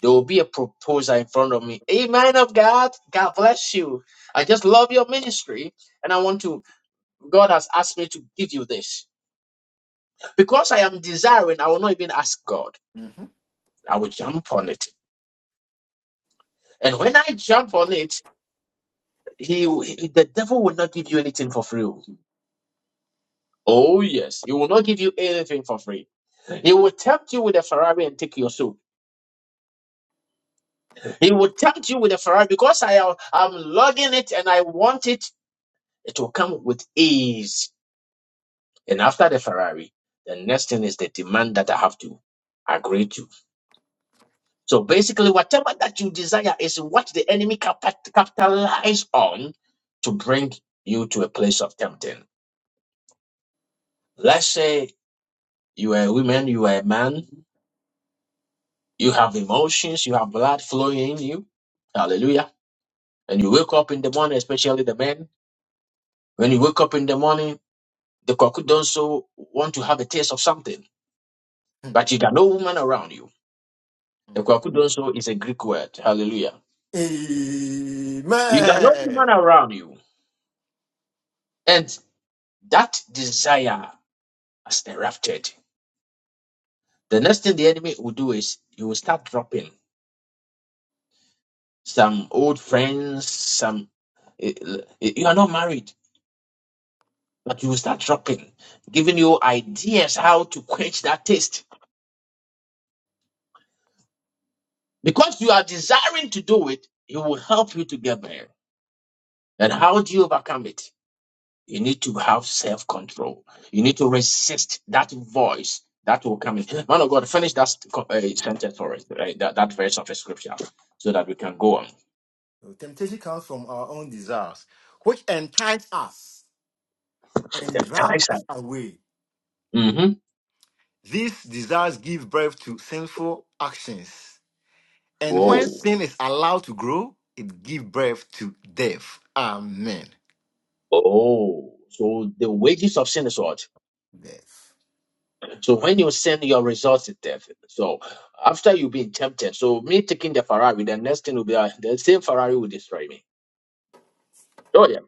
There will be a proposal in front of me. Hey, man of God, God bless you. I just love your ministry, and I want to. God has asked me to give you this because I am desiring. I will not even ask God.
Mhm.
I will jump on it, and when I jump on it, He, he- the devil will not give you anything for free. oh. Oh yes, he will not give you anything for free. He will tempt you with a Ferrari and take your soul. He will tempt you with a Ferrari because I am I'm logging it and I want it. It will come with ease. And after the Ferrari, the next thing is the demand that I have to agree to. So basically, whatever that you desire is what the enemy capi- capitalize on to bring you to a place of tempting. Let's say you are a woman, you are a man, You have emotions, you have blood flowing in you. Hallelujah. And you wake up in the morning, especially the men. When you wake up in the morning, the kwakudonso want to have a taste of something,
Mm.
but you got no woman around you. The kwakudonso is a Greek word. Hallelujah. You got no woman
Amen.
around you. And that desire has erupted. The next thing the enemy will do is you will start dropping some old friends, some. eh, eh, You are not married But you will start dropping, giving you ideas how to quench that taste. Because you are desiring to do it, it will help you to get there. And how do you overcome it? You need to have self control. You need to resist that voice that will come in. Man of God, finish that uh, sentence for us, right? that, that verse of the scripture, so that we can go on.
So Temptation comes from our own desires, which entice us
The
and drag
ties are.
us away
Mm-hmm.
These desires give birth to sinful actions. And
Whoa.
when sin is allowed to grow, it gives birth to death. Amen.
Oh. So the wages of sin is what?
Death.
So when you send your resources there, so after you've been tempted, so me taking the Ferrari, the next thing will be uh, the same Ferrari will destroy me. Oh yeah.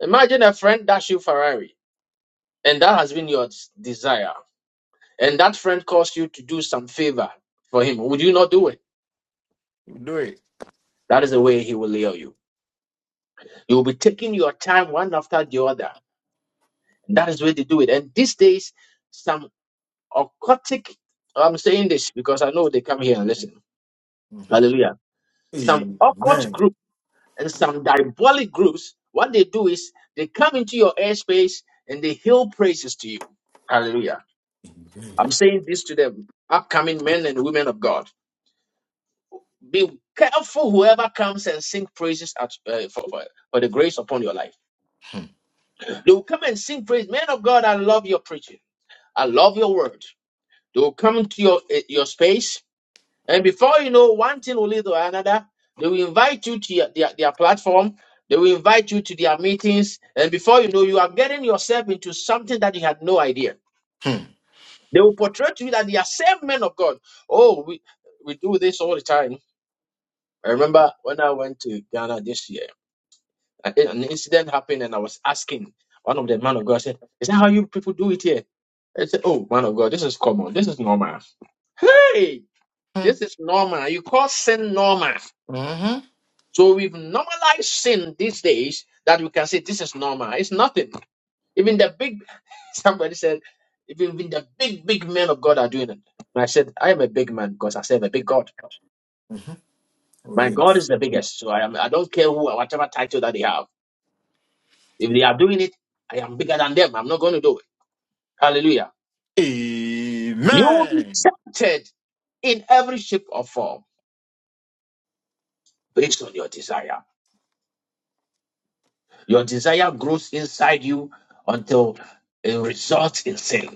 Imagine a friend dash you Ferrari, and that has been your s- desire, and that friend calls you to do some favor for him. Would you not do it?
You Do it.
That is the way he will lure you. You will be taking your time one after the other. That is the way they do it. And these days, some occultic. I'm saying this because I know they come here and listen.
Mhm.
Hallelujah. Some occult
Amen.
group and some diabolic groups, what they do is they come into your airspace and they hail praises to you. Hallelujah. I'm saying this to the upcoming men and women of God. Be careful whoever comes and sing praises at, uh, for, for, for the grace upon your life. They will come and sing praise. Men of God, I love your preaching. I love your word. They will come to your, eh, your space And before you know, one thing will lead to another. They will invite you to their, their platform. They will invite you to their meetings. And before you know, you are getting yourself into something that you had no idea. They will portray to you that they are same men of God. Oh, we, we do this all the time. I remember when I went to Ghana this year, a- an incident happened and I was asking one of the man of God, I said, is that how you people do it here? I said, oh, man of God, this is common. This is normal. Hey, this is normal. You call sin normal.
Amen. hmm
So we've normalized sin these days that we can say this is normal. It's nothing. Even the big somebody said, even, even the big, big men of God are doing it. And I said, I am a big man because I serve a big God.
hmm Oh,
My God is
yes.
the biggest. So I am I don't care who whatever title that they have. If they are doing it, I am bigger than them. I'm not going to do it. Hallelujah. You will be
Amen.
tempted in every shape or form based on your desire. Your desire grows inside you until it results in sin.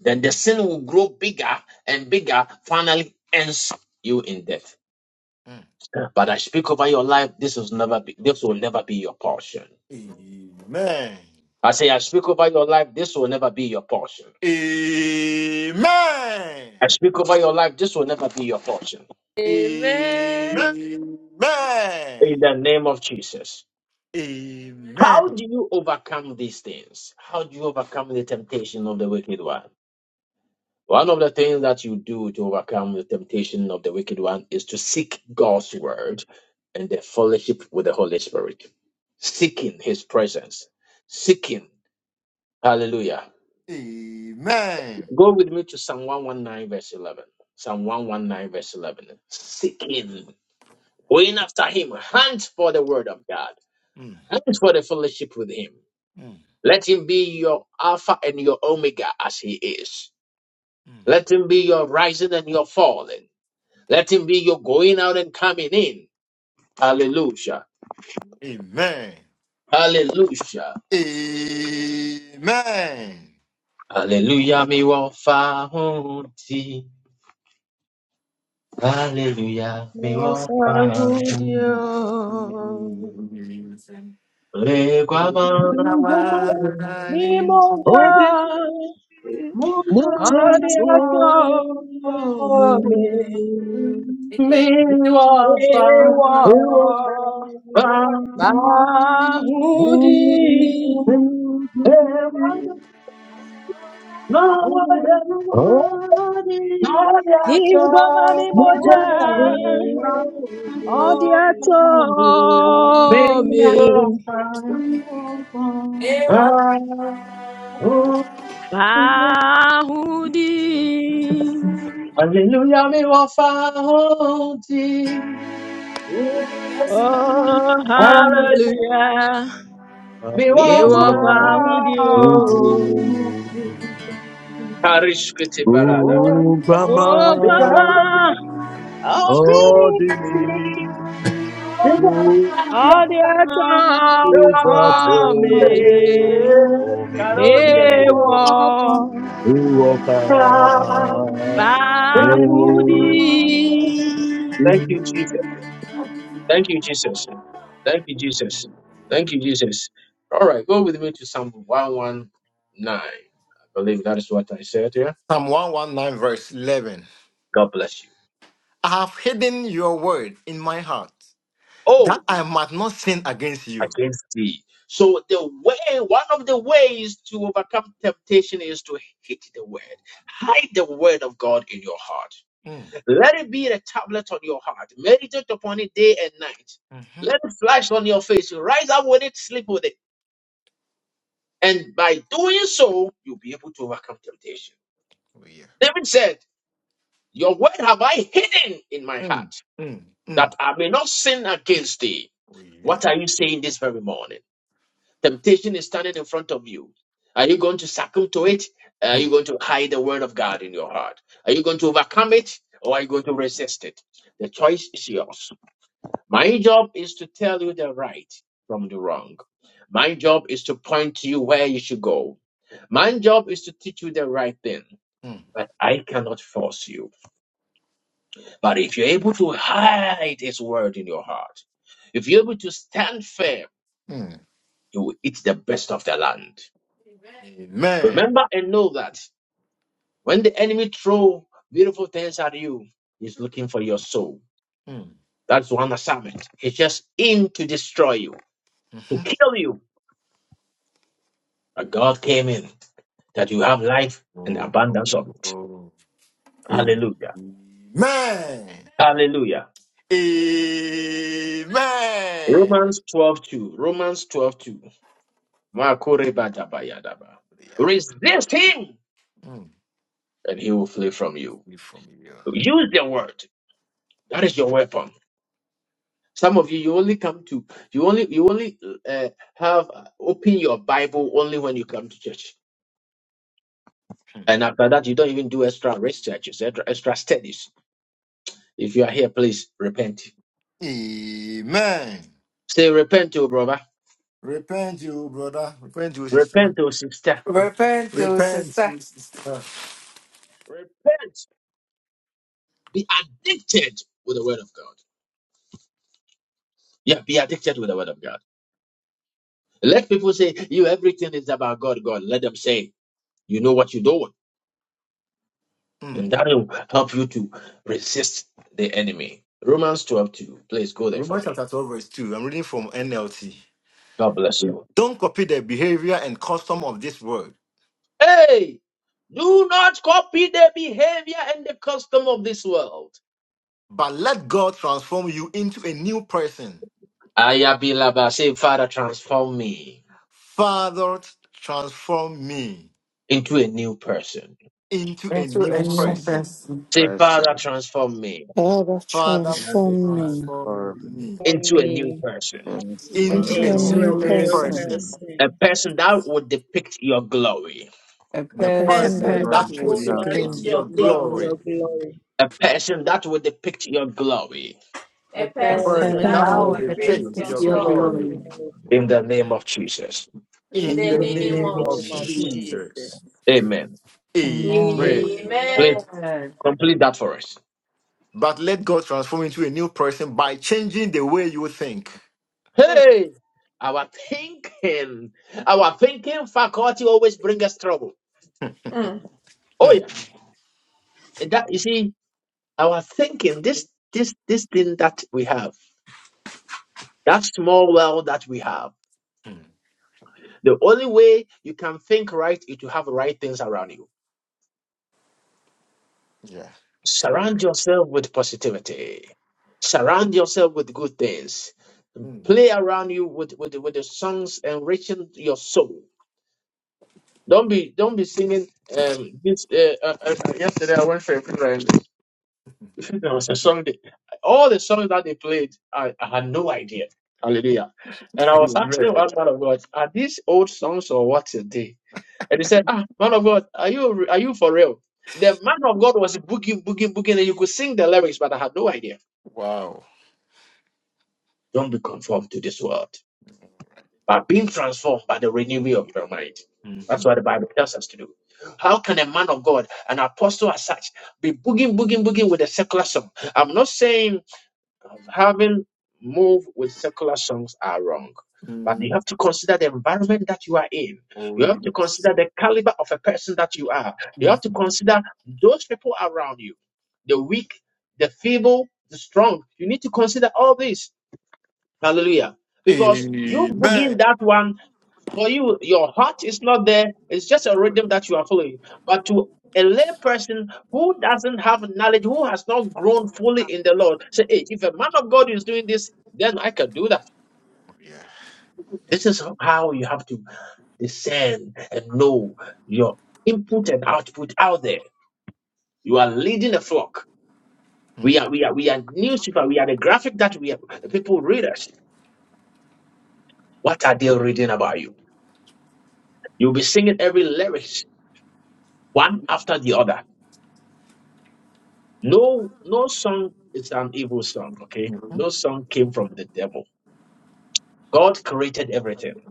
Then the sin will grow bigger and bigger, finally ends you in death.
Mm.
But I speak over your life, this will never be this will never be your portion.
Amen.
I say I speak over your life, this will never be your portion.
Amen.
I speak over your life, this will never be your portion.
Amen.
In the name of Jesus. How
Amen.
do you overcome these things? How do you overcome the temptation of the wicked one? One of the things that you do to overcome the temptation of the wicked one is to seek God's word and the fellowship with the Holy Spirit, seeking his presence, seeking. Hallelujah.
Amen.
Go with me to Psalm 119, verse 11. Psalm 119, verse 11. Seeking, going after him, hunt for the word of God,
Amen.
hunt for the fellowship with him.
Mm.
Let him be your Alpha and your Omega as he is.
Mm.
Let him be your rising and your falling. Let him be your going out and coming in. Hallelujah.
Amen.
Hallelujah.
Amen.
Hallelujah. Mi wa fa hun ti.
Psalm 119,
Mi wa fa fa hun. Ewa no wa
Oh,
Oh,
no ya cha.
Oh,
Ọdịatọ
Mi
me
wa fa fa hun ti.
ahụ dị
Hallelujah. Mi wa fa hun ti.
Oh,
Hallelujah.
hallelujah.
Me
Me wa
wafa
fa hudi
Karishkiti baradaba.
Oh,
Thank
mama.
Bama. 어디니 무자소
Adia ta me.
오미
Me wa
우어파
fa hudi
오 He
Thank
you, Jesus. Thank you, Jesus. Thank you, Jesus. Thank you, Jesus. All right, go with me to Psalm 119. I believe that is what I said here.
verse 11.
God bless you.
I have hidden your word in my heart
Oh.
that I might not sin against you.
against thee. So the way, one of the ways to overcome temptation is to hate the word. Hide the word of God in your heart.
Mm,
Let it be a tablet on your heart. Meditate upon it day and night.
mhm.
Let it flash on your face. Rise up with it, sleep with it. And by doing so, you'll be able to overcome temptation.
Oh, yeah.
David said, Your word have I hidden in my
Mm,
heart,
mm, mm.
that I may not sin against thee.
Oh, yeah.
What are you saying this very morning? Temptation is standing in front of you. Are you going to succumb to it? Are you
Mm,
going to hide the word of God in your heart? Are you going to overcome it or are you going to resist it? The choice is yours. My job is to tell you the right from the wrong. My job is to point to you where you should go. My job is to teach you the right thing.
mm,
But I cannot force you. But if you're able to hide his word in your heart, if you're able to stand firm,
mm.
you will eat the best of the land.
Amen.
Remember and know that. When the enemy throw beautiful things at you, he's looking for your soul.
Mm.
That's one assignment. He's just in to destroy you, to kill you. But God came in that you have life and
Oh, oh,
abundance of it.
oh.
Hallelujah.
Amen.
Hallelujah.
Amen.
Romans twelve two. 2. Romans 12 2. Resist him
Mm,
and he will flee from you.
we from here.
Use the word. That is your weapon. Some of you, you only come to, you only, you only uh, have uh, open your Bible only when you come to church,
Hmm.
and after that, you don't even do extra researches, extra, extra studies. If you are here, please repent.
Amen.
Say repent, to brother.
Repent, you brother. Repent, you sister.
repent to
Repent,
sister
you sister.
Be addicted with the Word of God. Yeah, be addicted with the Word of God. Let people say you everything is about God. God, let them say you know what you do,
Mm.
and that will help you to resist the enemy. Romans twelve two. Please go there for
Romans
me.
chapter 12, verse 2. I'm reading from NLT.
God bless you.
Don't copy the behavior and custom of this world,
Hey, do not copy the behavior and the custom of this world.
but let God transform you into a new person.
Ayabilaba, say, Father, transform me
Father, transform me
into a new person.
into a
into
new
a new
Person,
person.
person.
Say,
person.
Father, transform me
God has
Father,
Every
transformed
transform
transforming.
me
into a new
me
person.
me
A
into
into
a
a
Transforming
into
new
new
a
new
new
person,
person.
person.
person.
person.
A person that will depict your glory.
A
a
The
A
person that
person
would
person
person.
that
that
Because
will
will
depict
you
your
are
that
depict
depict
glory,
from
will
the
your
your
depict
glory.
different.
your
glory.
glory.
A person that will depict your glory.
A
A
The
a
Because
person
you are
person
person
person
that
that
Person
that
will
now
will
would
at the
that
depict
pit
will
depict
your
the
your
depict your
still
depict
the
glory.
your
glory
only.
glory.
glory.
different.
In the name of Jesus.
In
In
In
the
the
in
the
In
the
name
the
name
name
of
of
name
of
of
Jesus.
name
Jesus.
of Jesus.
Jesus.
Amen.
Jesus.
Amen.
Amen.
Please
Amen.
Amen.
complete that for us.
But let God transform you into a new person by changing the way you think.
Hey, our thinking, our thinking faculty always brings us trouble. Oh
Hmm.
yeah, And that you see, Our thinking, this this this thing that we have, that small world that we have,
Hmm.
the only way you can think right is to have right things around you.
Yeah. So,
Surround yourself with positivity. Surround yourself with good things.
hmm.
Play around you with, with, with the songs enriching your soul. Don't be don't be singing um this uh, uh, uh, yesterday I went for a funeral There was a song. They, all the songs that they played, I, I had no idea. Hallelujah. And I was asking
Amen.
one man of God, are these old songs or what is they? And he said, Ah, man of God, are you are you for real? The man of God was booging, booging, booging, and you could sing the lyrics, but I had no idea.
Wow.
Don't be conformed to this world, but being transformed by the renewing of your mind. That's
Mhm.
what the Bible tells us to do. How can a man of God, an apostle as such, be booging, booging, booging with a secular song? I'm not saying songs. having move with secular songs are wrong. But
Hmm.
you have to consider the environment that you are in.
Oh,
You have to
yes.
consider the caliber of a person that you are. You
Yeah.
have to consider those people around you, the weak, the feeble, the strong. You need to consider all this Hallelujah. Because you begin
Amen.
that one for you, your heart is not there. It's just a rhythm that you are following. But to a lay person who doesn't have knowledge, who has not grown fully in the Lord, say, hey, if a man of God is doing this, then I can do that.
Oh, Yeah.
This is how you have to discern and know your input and output out there. You are leading a flock. We are, we are, we are newspaper. We are the graphic that we are, people read us. What are they reading about you? You'll be singing every lyrics one after the other. No, no song is an evil song, okay?
Mhm.
No song came from the devil. God created everything,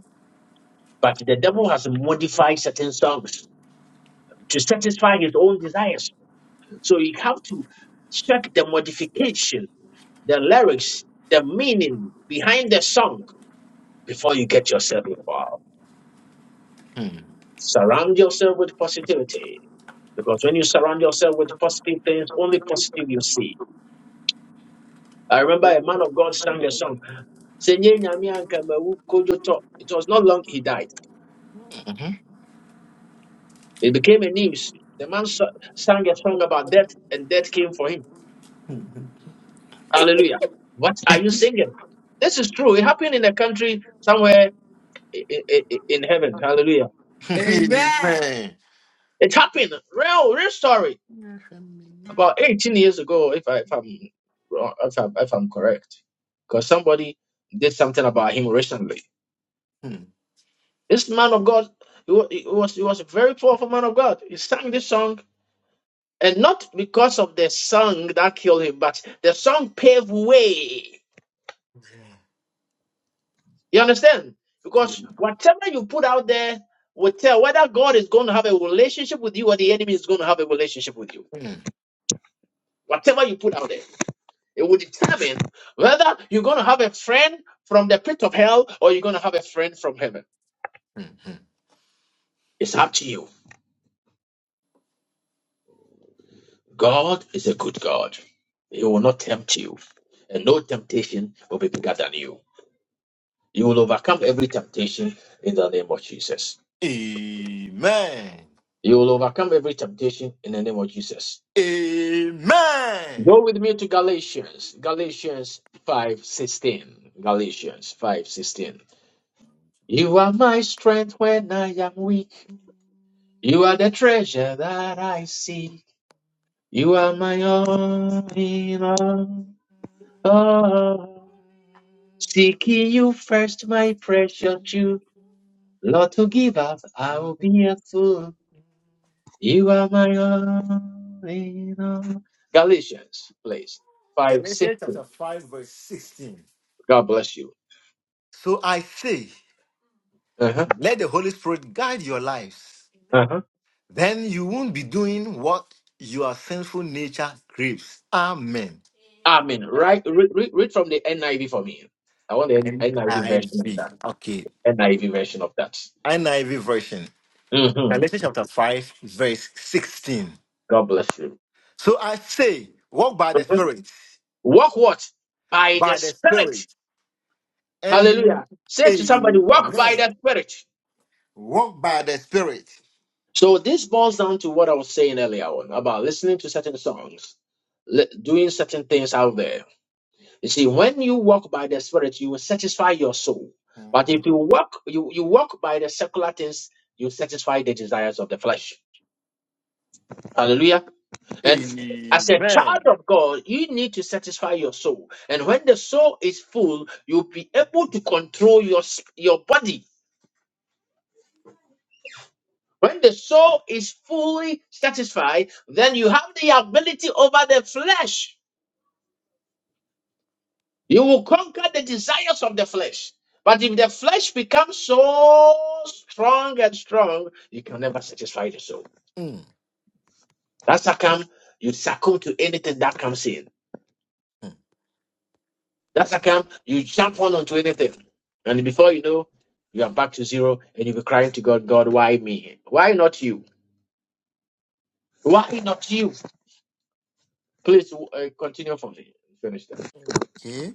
but the devil has modified certain songs to satisfy his own desires. So you have to check the modification, the lyrics, the meaning behind the song before you get yourself involved.
Mhm.
Surround yourself with positivity because when you surround yourself with positive things, only positive you see I remember a man of God sang a song. "Sɛ nyɛ Nyame anka mawu kodwo tɔ." It was not long he died. It became a news. The man sa- sang a song about death, and death came for him. Hallelujah. What are you singing? This is true. It happened in a country somewhere i- i- i- in heaven. Hallelujah.
Amen.
Amen.
It happened. Real, real story.
Mm.
About 18 years ago, if, I, if I'm wrong, if I'm, if I'm correct, because somebody did something about him recently.
Mm.
This man of God, he wa- he was he was a very powerful man of God. He sang this song, and not because of the song that killed him, but the song paved way. You understand? Because whatever you put out there will tell whether God is going to have a relationship with you or the enemy is going to have a relationship with you. Whatever you put out there, it will determine whether you're going to have a friend from the pit of hell or you're going to have a friend from heaven. It's up to you. God is a good God. He will not tempt you, and no temptation will be bigger than you. You will overcome every temptation in the name of Jesus.
Amen.
You will overcome every temptation in the name of Jesus.
Amen.
Go with me to Galatians, Galatians 5:16. Galatians 5:16. You are my strength when I am weak. You are the treasure that I seek. You are my all in all. Seeking you first, my precious Jew. Lord, to give up, I will be a fool. You are my all in all. Galatians, please. 5, six.
Galatians chapter 5, verse 16.
God bless you.
So I say,
Uh-huh.
let the Holy Spirit guide your lives.
Uh-huh.
Then you won't be doing what your sinful nature craves. Amen.
Amen. Right, read, read, read from the NIV for me. I want the NIV version of that.
NIV. Okay.
NIV version of that.
NIV version.
hmm
Galatians chapter 5, verse 16.
God bless you.
So I say, walk by the
Mhm.
Spirit,
Walk what? By the
by the Spirit,
Spirit.
and you will
Hallelujah. Say to somebody, walk by
amen.
the Spirit.
Walk by the Spirit.
So this boils down to what I was saying earlier on about listening to certain songs, li- doing certain things out there. You see, when you walk by the Spirit, you will satisfy your soul. But
Mhm.
if you walk, you, you walk by the secular things, you satisfy the desires of the flesh. Hallelujah. And as a child
Amen.
of God, you need to satisfy your soul. And when the soul is full, you'll be able to control your sp- your body When the soul is fully satisfied, then you have the ability over the flesh. You will conquer the desires of the flesh. But if the flesh becomes so strong and strong, you can never satisfy the soul.
Mm,
That's how come you succumb to anything that comes in.
mm.
That's how come you jump on onto anything. And before you know, you are back to zero and you'll be crying to God, God, why me? Why not you? Why not you? Please uh, continue from here. Finish that.
Okay.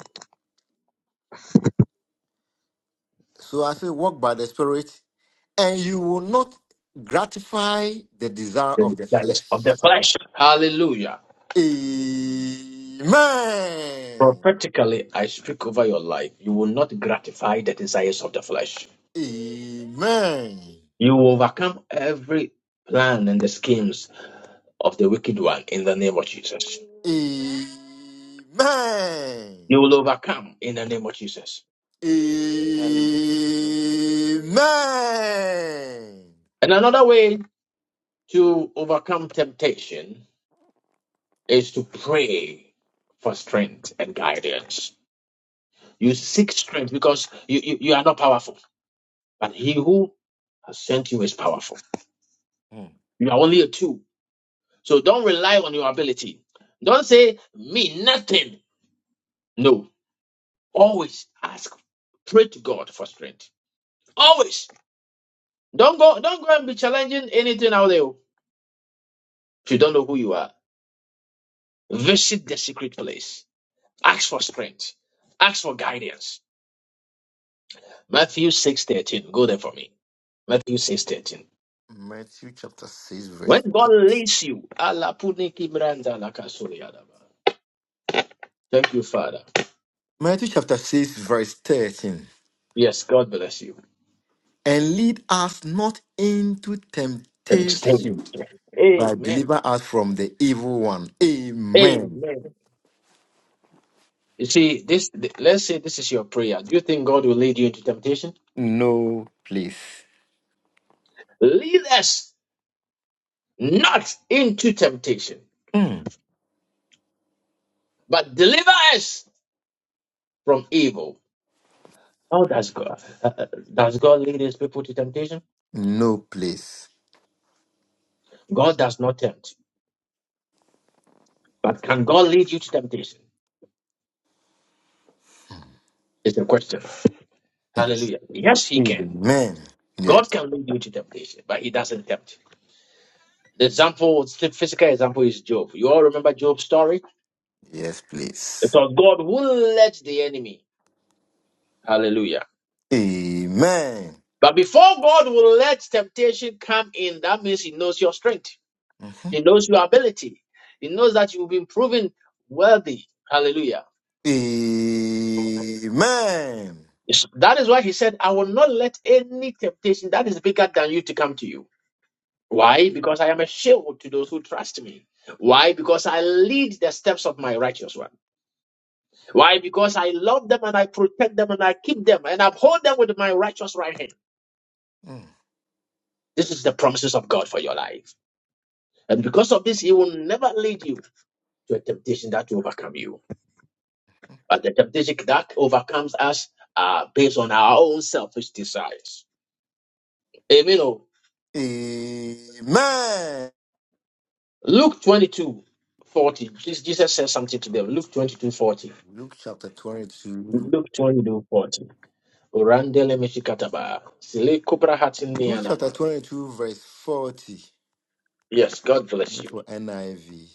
So I say, walk by the Spirit, and you will not gratify the desire of
the
the
desires of the
flesh.
flesh. Hallelujah.
Amen.
Prophetically, I speak over your life. You will not gratify the desires of the flesh.
Amen.
You will overcome every plan and the schemes of the wicked one in the name of Jesus.
Amen.
You will overcome in the name of Jesus.
Amen.
Amen.
And another way to overcome temptation is to pray for strength and guidance. You seek strength because you, you, you are not powerful, but he who has sent you is powerful.
Hmm.
You are only a two. So don't rely on your ability. Don't say, me, nothing. No. Always ask, pray to God for strength. Always. Don't go, don't go and be challenging anything out there. If you don't know who you are, visit the secret place. Ask for strength. Ask for guidance. Matthew 6.13. Go there for me. Matthew 6.13.
Matthew chapter 6,
When
verse
God leads you, Allah puni kibranda la kasuri adaba. Thank you, Father.
Matthew chapter 6, verse 13.
Yes, God bless you.
And lead us not into
And stay.
temptation, but
Amen.
deliver us from the evil one. Amen.
Amen. You see, this let's say this is your prayer. Do you think God will lead you into temptation?
No place.
Lead us not into temptation,
Hmm.
but deliver us from evil. How does God does God lead his people to temptation?
No place.
God does not tempt. But can God lead you to temptation? Is the question. Hallelujah. Yes, he can.
Amen. Yeah.
God can lead you to temptation, but he doesn't tempt. The example, the physical example is Job. You all remember Job's story?
Yes,
It
please.
was God who led the enemy. Hallelujah
Amen.
But before God will let temptation come in, that means He knows your strength,
Mm-hmm.
He knows your ability, He knows that you've been proven worthy. Hallelujah.
Amen.
Yes. That is why He said, I will not let any temptation that is bigger than you to come to you. Why? Because I am a shield to those who trust me. Why? Because I lead the steps of my righteous one. Why? Because I love them and I protect them and I keep them and uphold them with my righteous right hand.
Mm.
This is the promises of God for your life. And because of this, He will never lead you. to a temptation that will overcome you. But the temptation that overcomes us are based on our own selfish desires. Amen. oh.
Amen.
Luke 22:40. Jesus Jesus said something to them. Luke 22:40.
Luke chapter 22.
Luke 22:40. Orandele meshikataba. Sile kubra hatini
Luke chapter
anama.
22, verse 40.
Yes, God bless
Wait
you.
for NIV.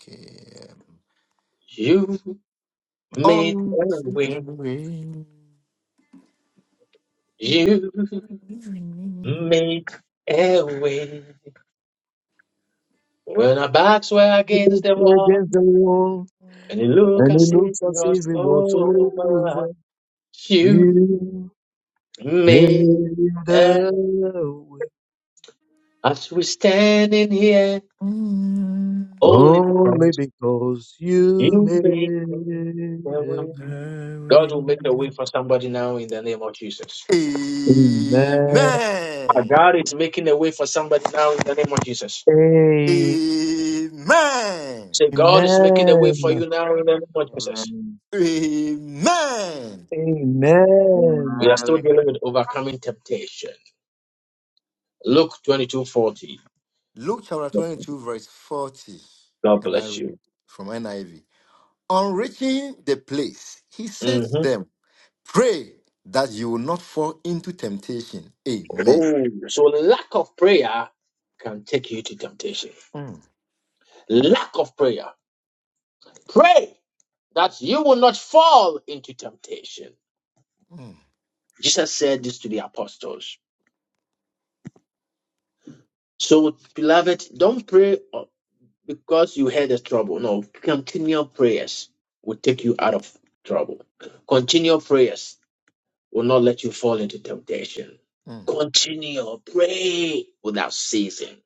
Okay.
You made
um,
a
On the
way.
way.
You made a way when
looks against the wall, and it looks as if it was over.
you
You
made
made a way
us we standing here only
only
because
because you
you made a
made a
way.
way.
God will make a way for somebody now in the name of Jesus.
Amen.
Ah,
Amen.
God is making a way for somebody now in the name of Jesus.
Amen.
Say, God is making a way for
Amen.
you now in the name of Jesus.
Amen. Amen.
Amen.
We
Amen.
are still dealing with overcoming temptation. Luke twenty two forty.
Luke chapter 22, verse 40,
God
and I
bless you.
read from NIV. On reaching the place, he said to
Mhm.
them, Pray that you will not fall into temptation. Amen.
Oh, so lack of prayer can take you to temptation.
Mm,
Lack of prayer. Pray that you will not fall into temptation.
mm,
Jesus said this to the apostles. So, beloved, don't pray. because you had the trouble. No, continual prayers will take you out of trouble. Continual prayers will not let you fall into temptation.
mm,
Continue pray without ceasing.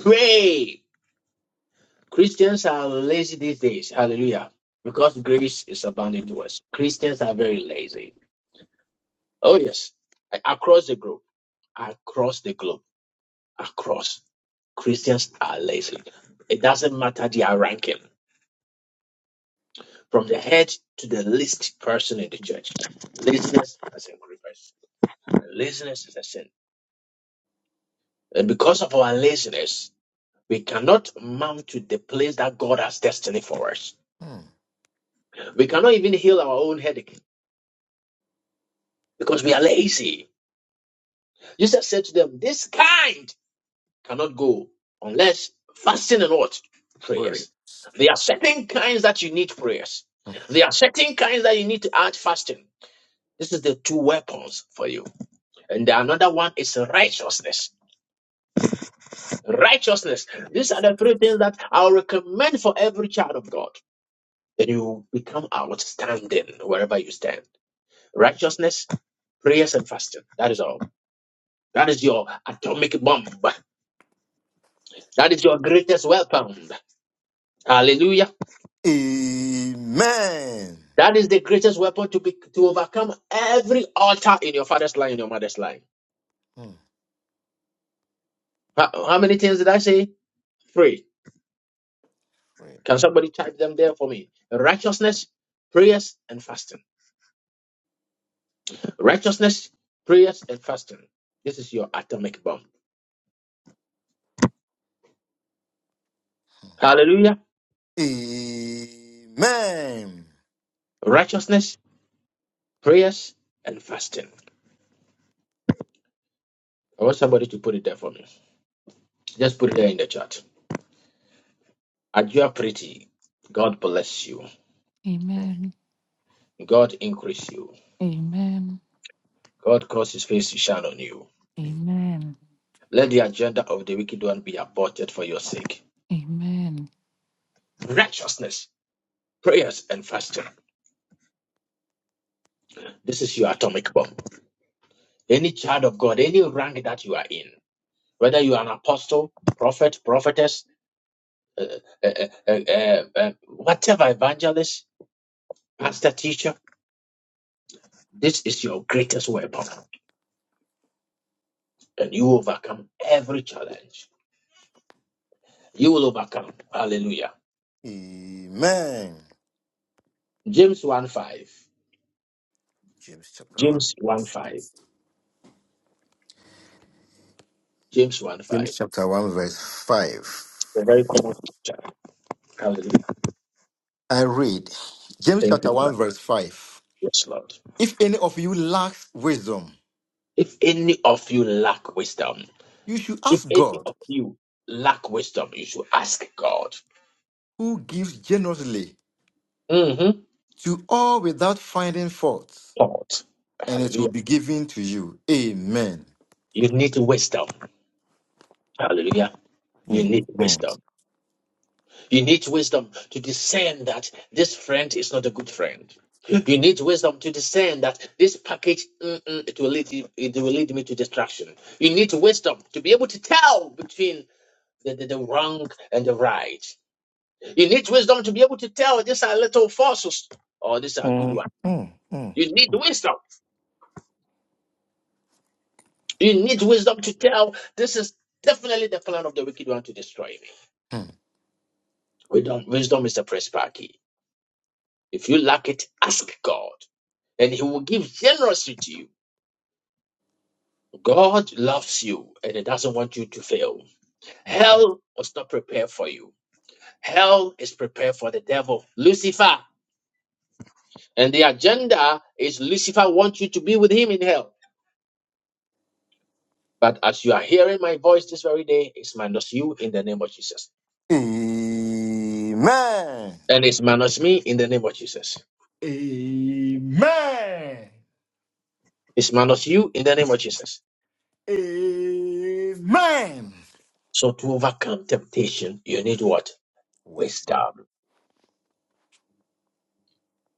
Pray. Christians are lazy these days. Hallelujah. Because grace is abounding to us. Christians are very lazy. Oh, yes. Across the globe. Across the globe. Across. Christians are lazy. It doesn't matter their ranking. from the head to the least person in the church. Laziness has increased. Laziness is a sin. And because of our laziness, we cannot mount to the place that God has destiny for us.
mm.
We cannot even heal our own headache because we are lazy. Jesus said to them, This kind cannot go unless fasting and what?
Pray.
Prayers. There are certain kinds that you need prayers. There are certain kinds that you need to add fasting. This is the two weapons for you. And the another one is righteousness. Righteousness. These are the three things that I'll recommend for every child of God. Then you will become outstanding wherever you stand. Righteousness, prayers, and fasting. That is all. That is your atomic bomb. That is your greatest weapon. Hallelujah.
Amen.
That is the greatest weapon to be to overcome every altar in your father's line, in your mother's line.
Mm,
How, how many things did I say? Three.
Pray.
Can somebody type them there for me? Righteousness, prayers, and fasting. Righteousness, prayers, and fasting. This is your atomic bomb. Hallelujah.
Amen. Mm.
Righteousness, prayers, and fasting. I want somebody to put it there for me. Just put it there in the chat. As you are pretty, God bless you.
a-
Amen.
God increase you.
Amen.
God cause his face to shine on you.
Amen.
Let the agenda of the wicked one be aborted for your sake.
Amen.
Righteousness, prayers, and fasting. This is your atomic bomb. Any child of God, any rank that you are in, whether you are an apostle, prophet, prophetess, uh, uh, uh, uh, uh, whatever evangelist, pastor, teacher, this is your greatest weapon, and you overcome every challenge. You will overcome. Hallelujah.
Amen.
James 1 5.
James chapter 1.
James 1 5. James 1 5.
James chapter 1, verse 5.
A very common scripture. Hallelujah.
I read James
Thank
chapter
you,
1,
Father.
verse 5.
Yes, Lord.
If any of you lacks wisdom,
If any of you lack wisdom,
you should
if
ask
any
God,
of you lack wisdom, you should ask God.
who gives generously
Mm-hmm.
to all without finding fault,
God.
and it
Hallelujah.
will be given to you. Amen.
You need wisdom. Hallelujah. You need
Amen.
wisdom. You need wisdom to discern that this friend is not a good friend. You need wisdom to discern that this package mm-mm, it will lead you- it will lead me to destruction. You need wisdom to be able to tell between the, the, the wrong and the right. You need wisdom to be able to tell these are little fossils or these are good
Mm,
ones.
mm, mm,
You need wisdom. You need wisdom to tell this is definitely the plan of the wicked one to destroy me.
mm.
Wisdom, wisdom is the principal key. If you lack it, ask God, and He will give generously to you. God loves you and He doesn't want you to fail. Hell was not prepared for you. Hell is prepared for the devil, Lucifer. And the agenda is Lucifer wants you to be with him in hell. But as you are hearing my voice this very day, it's minus you in the name of Jesus.
Amen.
And it's minus me in the name of Jesus.
Amen.
It's minus you in the name of Jesus.
Amen.
So to overcome temptation, you need what?
Wisdom.
Wisdom.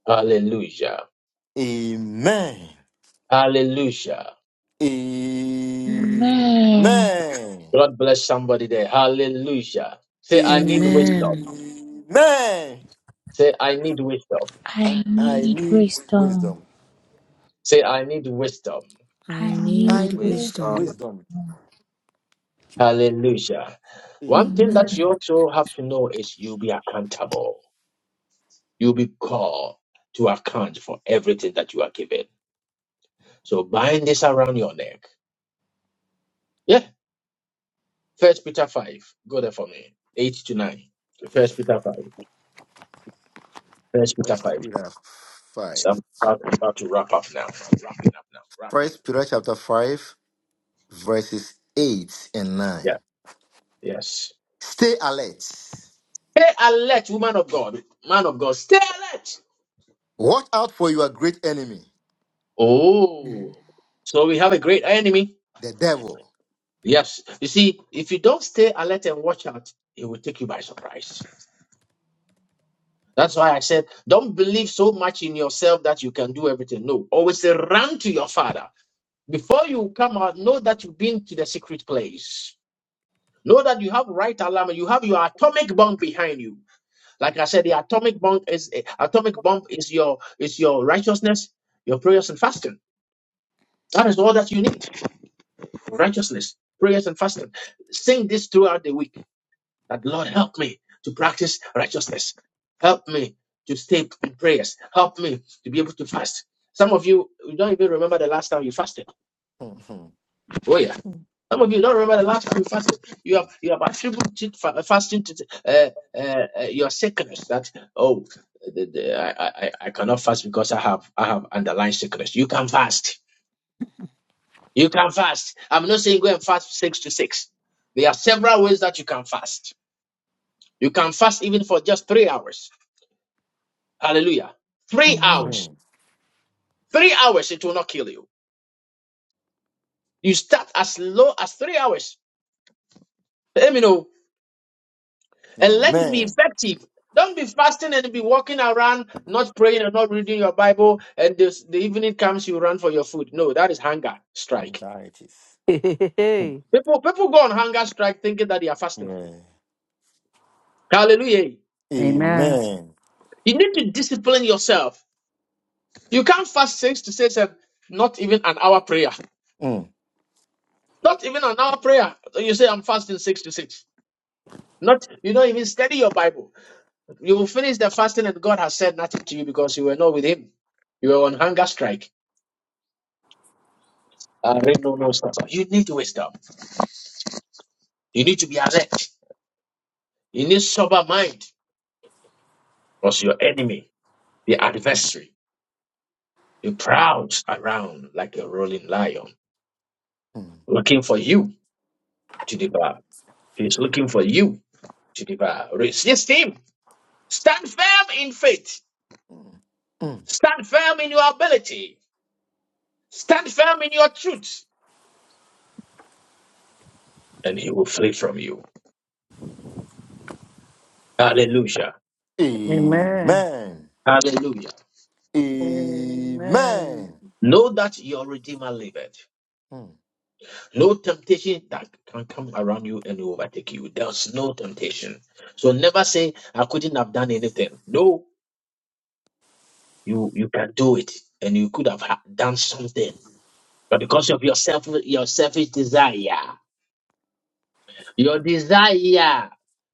Hallelujah.
Amen.
Hallelujah.
Man,
Amen.
God bless somebody there. Hallelujah. Say, I need wisdom.
Amen.
Amen.
Say, I need wisdom.
I
I
need
need
wisdom.
wisdom.
Say, I need wisdom.
I
I need
I
need
need
Wisdom.
wisdom.
wisdom.
Hallelujah. One thing
wisdom.
that you
Amen.
also have to know is you'll be accountable. You'll be called to account for everything that you are given. So bind this around your neck. Yeah. First Peter 5. Go there for me. 8 to 9. First Peter 5. First Peter
First
5.
Peter
So
5.
I'm about about to wrap up now. I'm wrapping up now. Wrapping.
First Peter chapter 5, verses 8 and 9.
Yeah. Yes.
Stay alert.
Stay alert, woman of God, man of God. Stay alert.
Watch out for your great enemy,
Oh, so we have a great enemy.
the devil.
Yes. You see, if you don't stay alert and watch out, it will take you by surprise. That's why I said, don't believe so much in yourself that you can do everything. No, always say, run to your father. Before you come out, know that you've been to the secret place. Know that you have right alarm. You have your atomic bomb behind you. Like I said, the atomic bomb is eh, atomic bomb is your is your righteousness, your prayers and fasting. That is all that you need righteousness, prayers, and fasting. Sing this throughout the week that, Lord, help me to practice righteousness. Help me to stay in prayers. Help me to be able to fast. Some of you you don't even remember the last time you fasted. Oh, yeah. Some of you don't remember the last time you fasted. You have, you have attributed fa- fasting to uh, uh, uh, your sickness that, oh, the, the, I, I, I I cannot fast because I have I have underlying sickness. You can fast You can fast. I'm not saying go and fast six to six. There are several ways that you can fast. You can fast even for just three hours. Hallelujah. Three
Amen.
hours.
Amen.
Three hours, it will not kill you. You start as low as three hours. Let me know. And let it be
Amen.
effective. Don't be fasting and be walking around, not praying and not reading your Bible, and this, the evening comes, you run for your food. No, that is hunger
And
strike.
Hey, hey, hey.
People, people go on hunger strike thinking that they are fasting.
Yeah.
Hallelujah.
Amen.
Amen.
You need to discipline yourself. You can't fast six to six and not even an hour prayer.
Mm,
Not even an hour prayer. You say I'm fasting six to six. Not you don't even study your Bible. You will finish the fasting and God has said nothing to you because you were not with him. You were on hunger strike. Uh, rain, no, no, stop. You need wisdom. You need to be alert. You need sober mind. Because your enemy, the adversary, he prowls around like a rolling lion,
mm,
looking for you to devour. He's looking for you to devour. Resist him Stand firm in faith.
mm, mm.
Stand firm in your ability. Stand firm in your truth, and he will flee from you. Hallelujah.
Amen.
Amen.
Hallelujah.
Amen.
Amen.
Know that your Redeemer liveth.
Mm,
No temptation that can come around you and overtake you. There's no temptation. So never say, I couldn't have done anything. No, you, you can do it. And you could have ha- done something. But because of your, self, your selfish desire, your desire.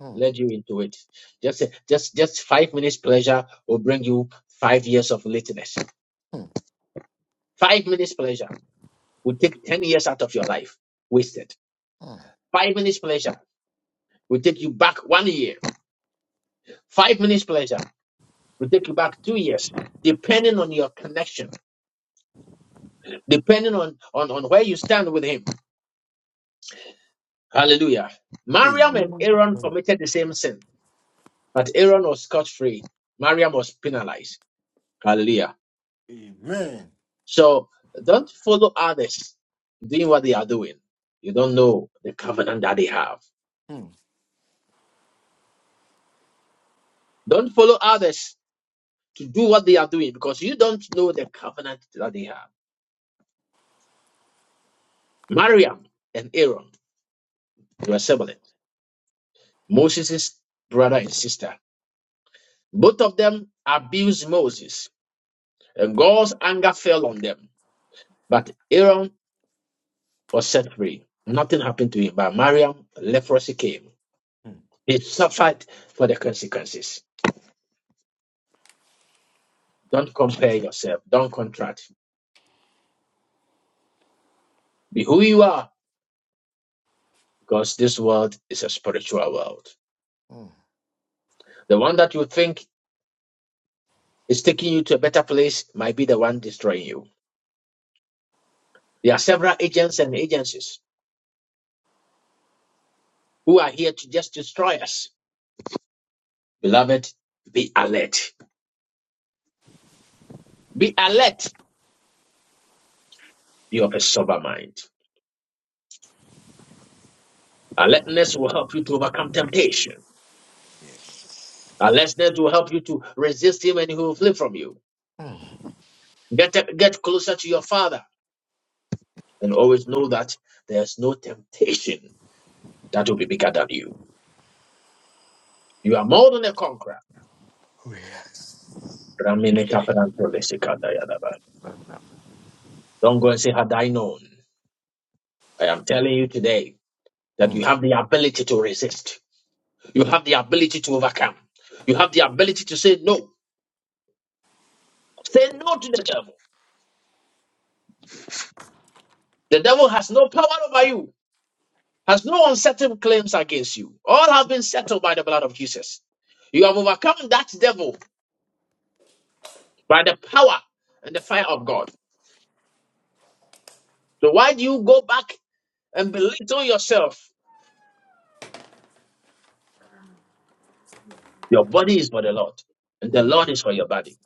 mm,
led you into it. Just just just five minutes pleasure will bring you five years of lateness.
mm.
Five minutes pleasure will take ten years out of your life wasted.
Mm.
Five minutes pleasure will take you back one year. Five minutes pleasure will take you back two years, depending on your connection, depending on on, on where you stand with him. Hallelujah. Mariam
Amen.
and
Amen.
Aaron committed the same sin, but Aaron was scot free. Mariam was penalized. Hallelujah.
Amen.
So don't follow others doing what they are doing. You don't know the covenant that they have.
Mm.
Don't follow others to do what they are doing because you don't know the covenant that they have. Mariam and Aaron, they were siblings, Moses' brother and sister. Both of them abused Moses, and God's anger fell on them. But Aaron was set free. Nothing happened to him. But Mariam, leprosy came.
Mm.
He suffered for the consequences. Don't compare yourself. Don't contract. Be who you are because this world is a spiritual world.
Mm.
The one that you think is taking you to a better place might be the one destroying you. There are several agents and agencies who are here to just destroy us. Beloved, be alert. Be alert. Be of a sober mind. Alertness will help you to overcome temptation.
Yes.
Alertness will help you to resist him and he will flee from you.
Mm.
Get, get closer to your father and always know that there's no temptation that will be bigger than you. You are more than a conqueror.
Oh, yes.
Ramine Kaparanto Lesikata Yadaba.
Mm.
Don't go and say, Had I known. I am telling you today that you have the ability to resist. You have the ability to overcome. You have the ability to say no. Say no to the devil. The devil has no power over you, has no unsettled claims against you. All have been settled by the blood of Jesus. You have overcome that devil by the power and the fire of God. So why do you go back and belittle yourself? Your body is for the Lord, and the Lord
Mm.
is for your body.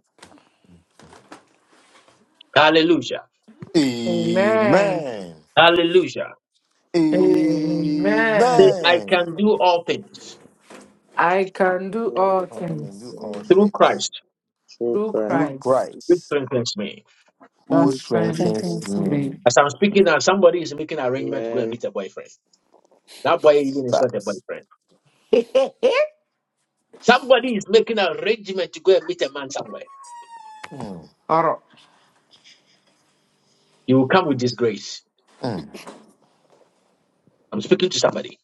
Hallelujah.
Amen.
Amen.
Hallelujah. Say,
Amen.
I
Amen.
can do all things
I can do all
Oh, I
Wisdom.
can do
things
all
through
things
Christ,
through
True
through
Christ
which
Christ
strengthens me.
who
that
We pray
strengthens
strengthens
this
me.
me.
Pregnancy.
in
As I'm speaking now, somebody is making an arrangement to go and
Amen.
meet a boyfriend. That boy even is not a
That's.
boyfriend.
Hold
Somebody is making an arrangement to go and meet a man somewhere.
Mm.
You will come with this grace.
Mm.
I'm speaking to somebody.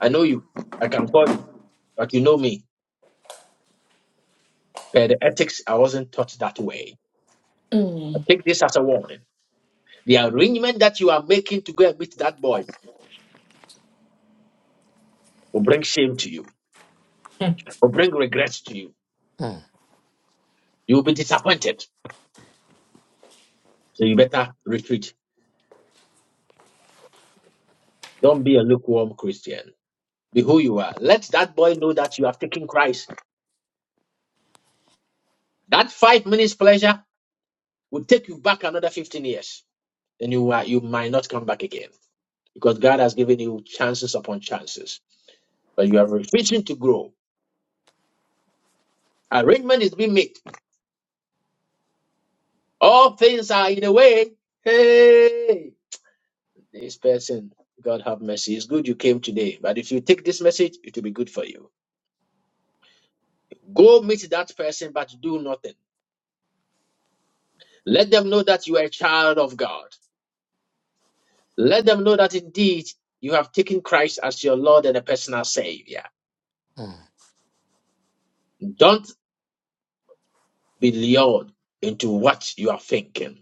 I know you. I can call you, but you know me. Per the ethics, I wasn't taught that way.
Mm.
I take this as a warning. The arrangement that you are making to go and meet that boy will bring shame to you, will bring regrets to you.
Mm.
You will be disappointed. So you better retreat. Don't be a lukewarm Christian. Be who you are. Let that boy know that you have taken Christ. That five minutes pleasure will take you back another 15 years. And you are, you might not come back again because God has given you chances upon chances, but you are refusing to grow. Arrangement is being made. All things are in a way. Hey, this person, God have mercy. It's good you came today, but if you take this message, it will be good for you. Go meet that person, but do nothing. Let them know that you are a child of God. Let them know that indeed you have taken Christ as your Lord and a personal Savior.
Mm.
Don't be lured into what you are thinking.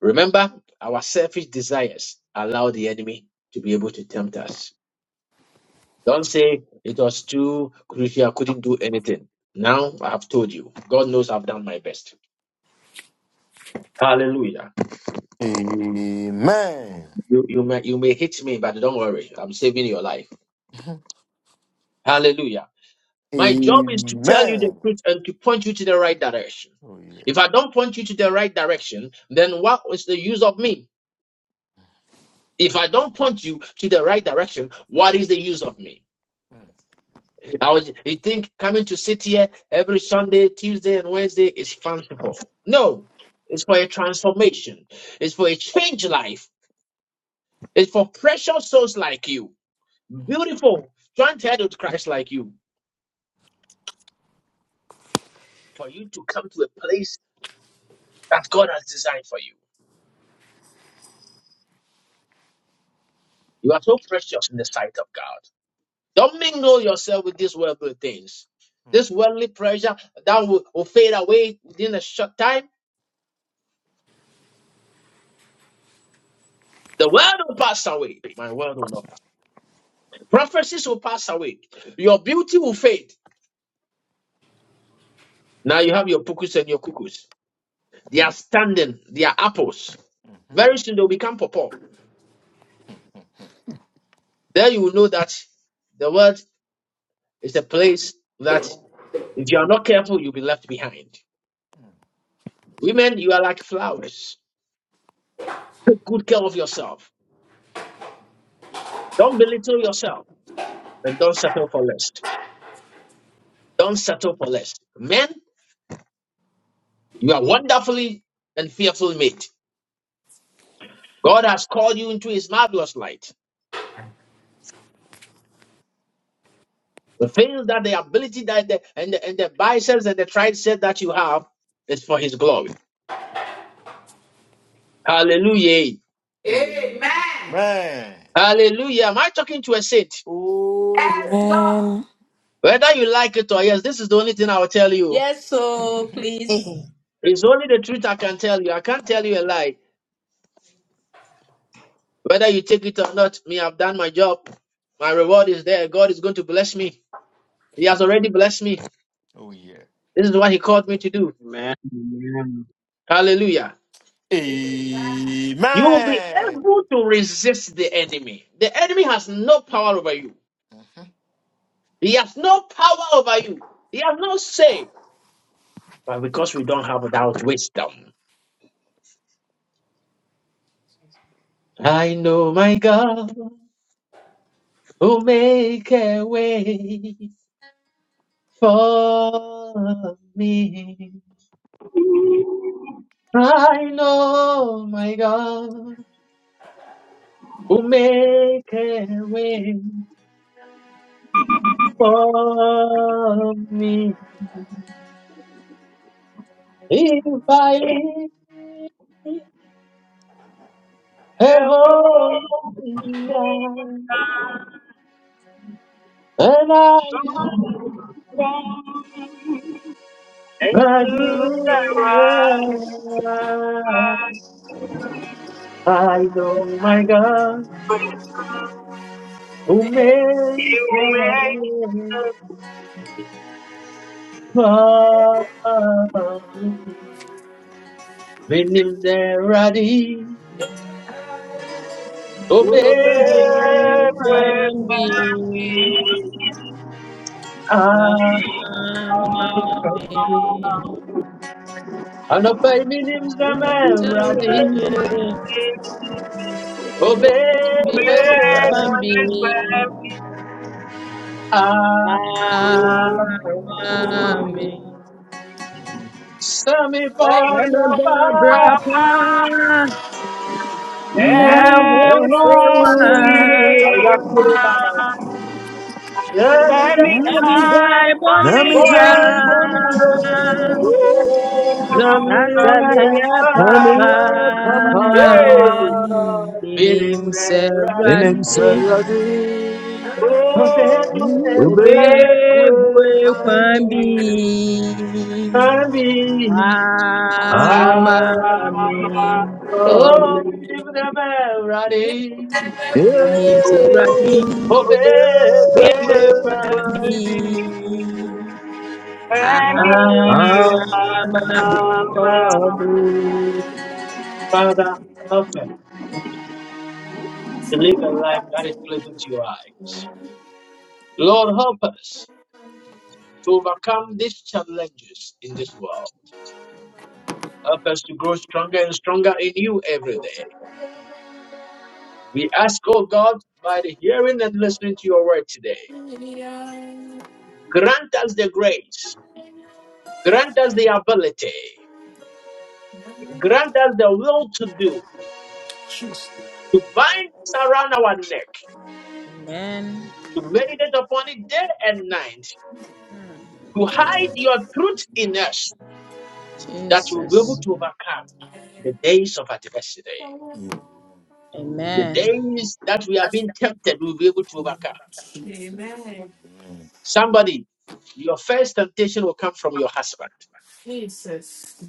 Remember, our selfish desires allow the enemy to be able to tempt us. Don't say it was too crucial, I couldn't do anything. Now I have told you. God knows I've done my best. Hallelujah.
Amen.
You, you, may, you may hit me, but don't worry. I'm saving your life.
Mhm.
Hallelujah. My job is to tell you the
Amen.
truth and to point you to the right direction.
Oh, yeah.
If I don't point you to the right direction, then what is the use of me? If I don't point you to the right direction, what is the use of me? I was you think coming to sit here every Sunday, Tuesday, and Wednesday is fanciful. No, it's for a transformation, it's for a change life, it's for precious souls like you, beautiful, joint-headed Christ like you, for you to come to a place that God has designed for you. You are so precious in the sight of God. Don't mingle yourself with these worldly things.
Mm.
This worldly pressure that will, will fade away within a short time. The world will pass away. My world will not. pass. Prophecies will pass away. Your beauty will fade. Now you have your pukus and your cuckoos. They are
Mm.
standing. They are apples. Very soon they'll become purple. There you will know that the world is a place that if you are not careful, you'll be left behind.
Mhm.
Women, you are like flowers. Take good care of yourself Don't belittle yourself and don't settle for less. Don't settle for less. Men, you are wonderfully and fearfully made. God has called you into his marvelous light. The things that the ability that the, and, the, and the biceps and the triceps that you have is for his glory. Hallelujah.
Amen.
Amen.
Hallelujah. Am I talking to a saint?
Oh,
Yes,
yes.
Lord.
Amen.
Whether you like it or yes, this is the only thing I will tell you.
Yes, so please.
It's only the truth I can tell you. I can't tell you a lie. Whether you take it or not, me, I've done my job. My reward is there. God is going to bless me. He has already blessed me.
Oh, yeah.
This is what he called me to do.
Amen. Amen.
Hallelujah.
Amen.
You will be able
Amen.
to resist the enemy. The enemy has no power over you. He has no power over you. He has no say. But because we don't have that wisdom. I know my God will make a way for me. I know my God will make a way for me. If I live a holy life, and I do my duty, I know my
Hallelujah.
God who make a way for me. When him there ready, obey
Good you can
me.
be. I
Ah,
am
and obey me, him's the
Good
melody. Obed
you
with
can
my
be.
me.
I
Ah,
you.
Sammy
Let
am
Barbara Bye.
Brapa. I
Amen.
And
hold
Amen.
won't
one.
you
me
run?
Tell me,
try
die,
on
Nami
Bonnie.
jai
again.
boniye,
Ooh, ooh,
Nasamiya
nami
ah,
ya papa.
Papa.
ah,
Amen.
Minim sɛ
Nenem saradi,
Awurade
ubebwe
kwambi. kwan
kwaidi.
bi ama
Abami,
me.
ah,
Oh, Bidim,
Mhm.
Rari.
Minim sɛ Awurade
yeah,
Father,
obebue
ubebwe
help
kwan
kwaidi.
let me,
Amen.
ah, ah,
us to live a life that is pleasing to your eyes. Lord, help us to overcome these challenges in this world. Help us to grow stronger and stronger in you every day. We ask, oh God, by the hearing and listening to your word today, grant us the grace, grant us the ability, grant us the will to do, to bind us around our neck
Amen.
to meditate upon it day and night,
Hmm.
to hide your truth in us, that we'll be able
Jesus.
to overcome the days of adversity. The
Amen.
days that we are being tempted, we'll be able to overcome.
Amen.
Somebody, your first temptation will come from your husband.
Jesus.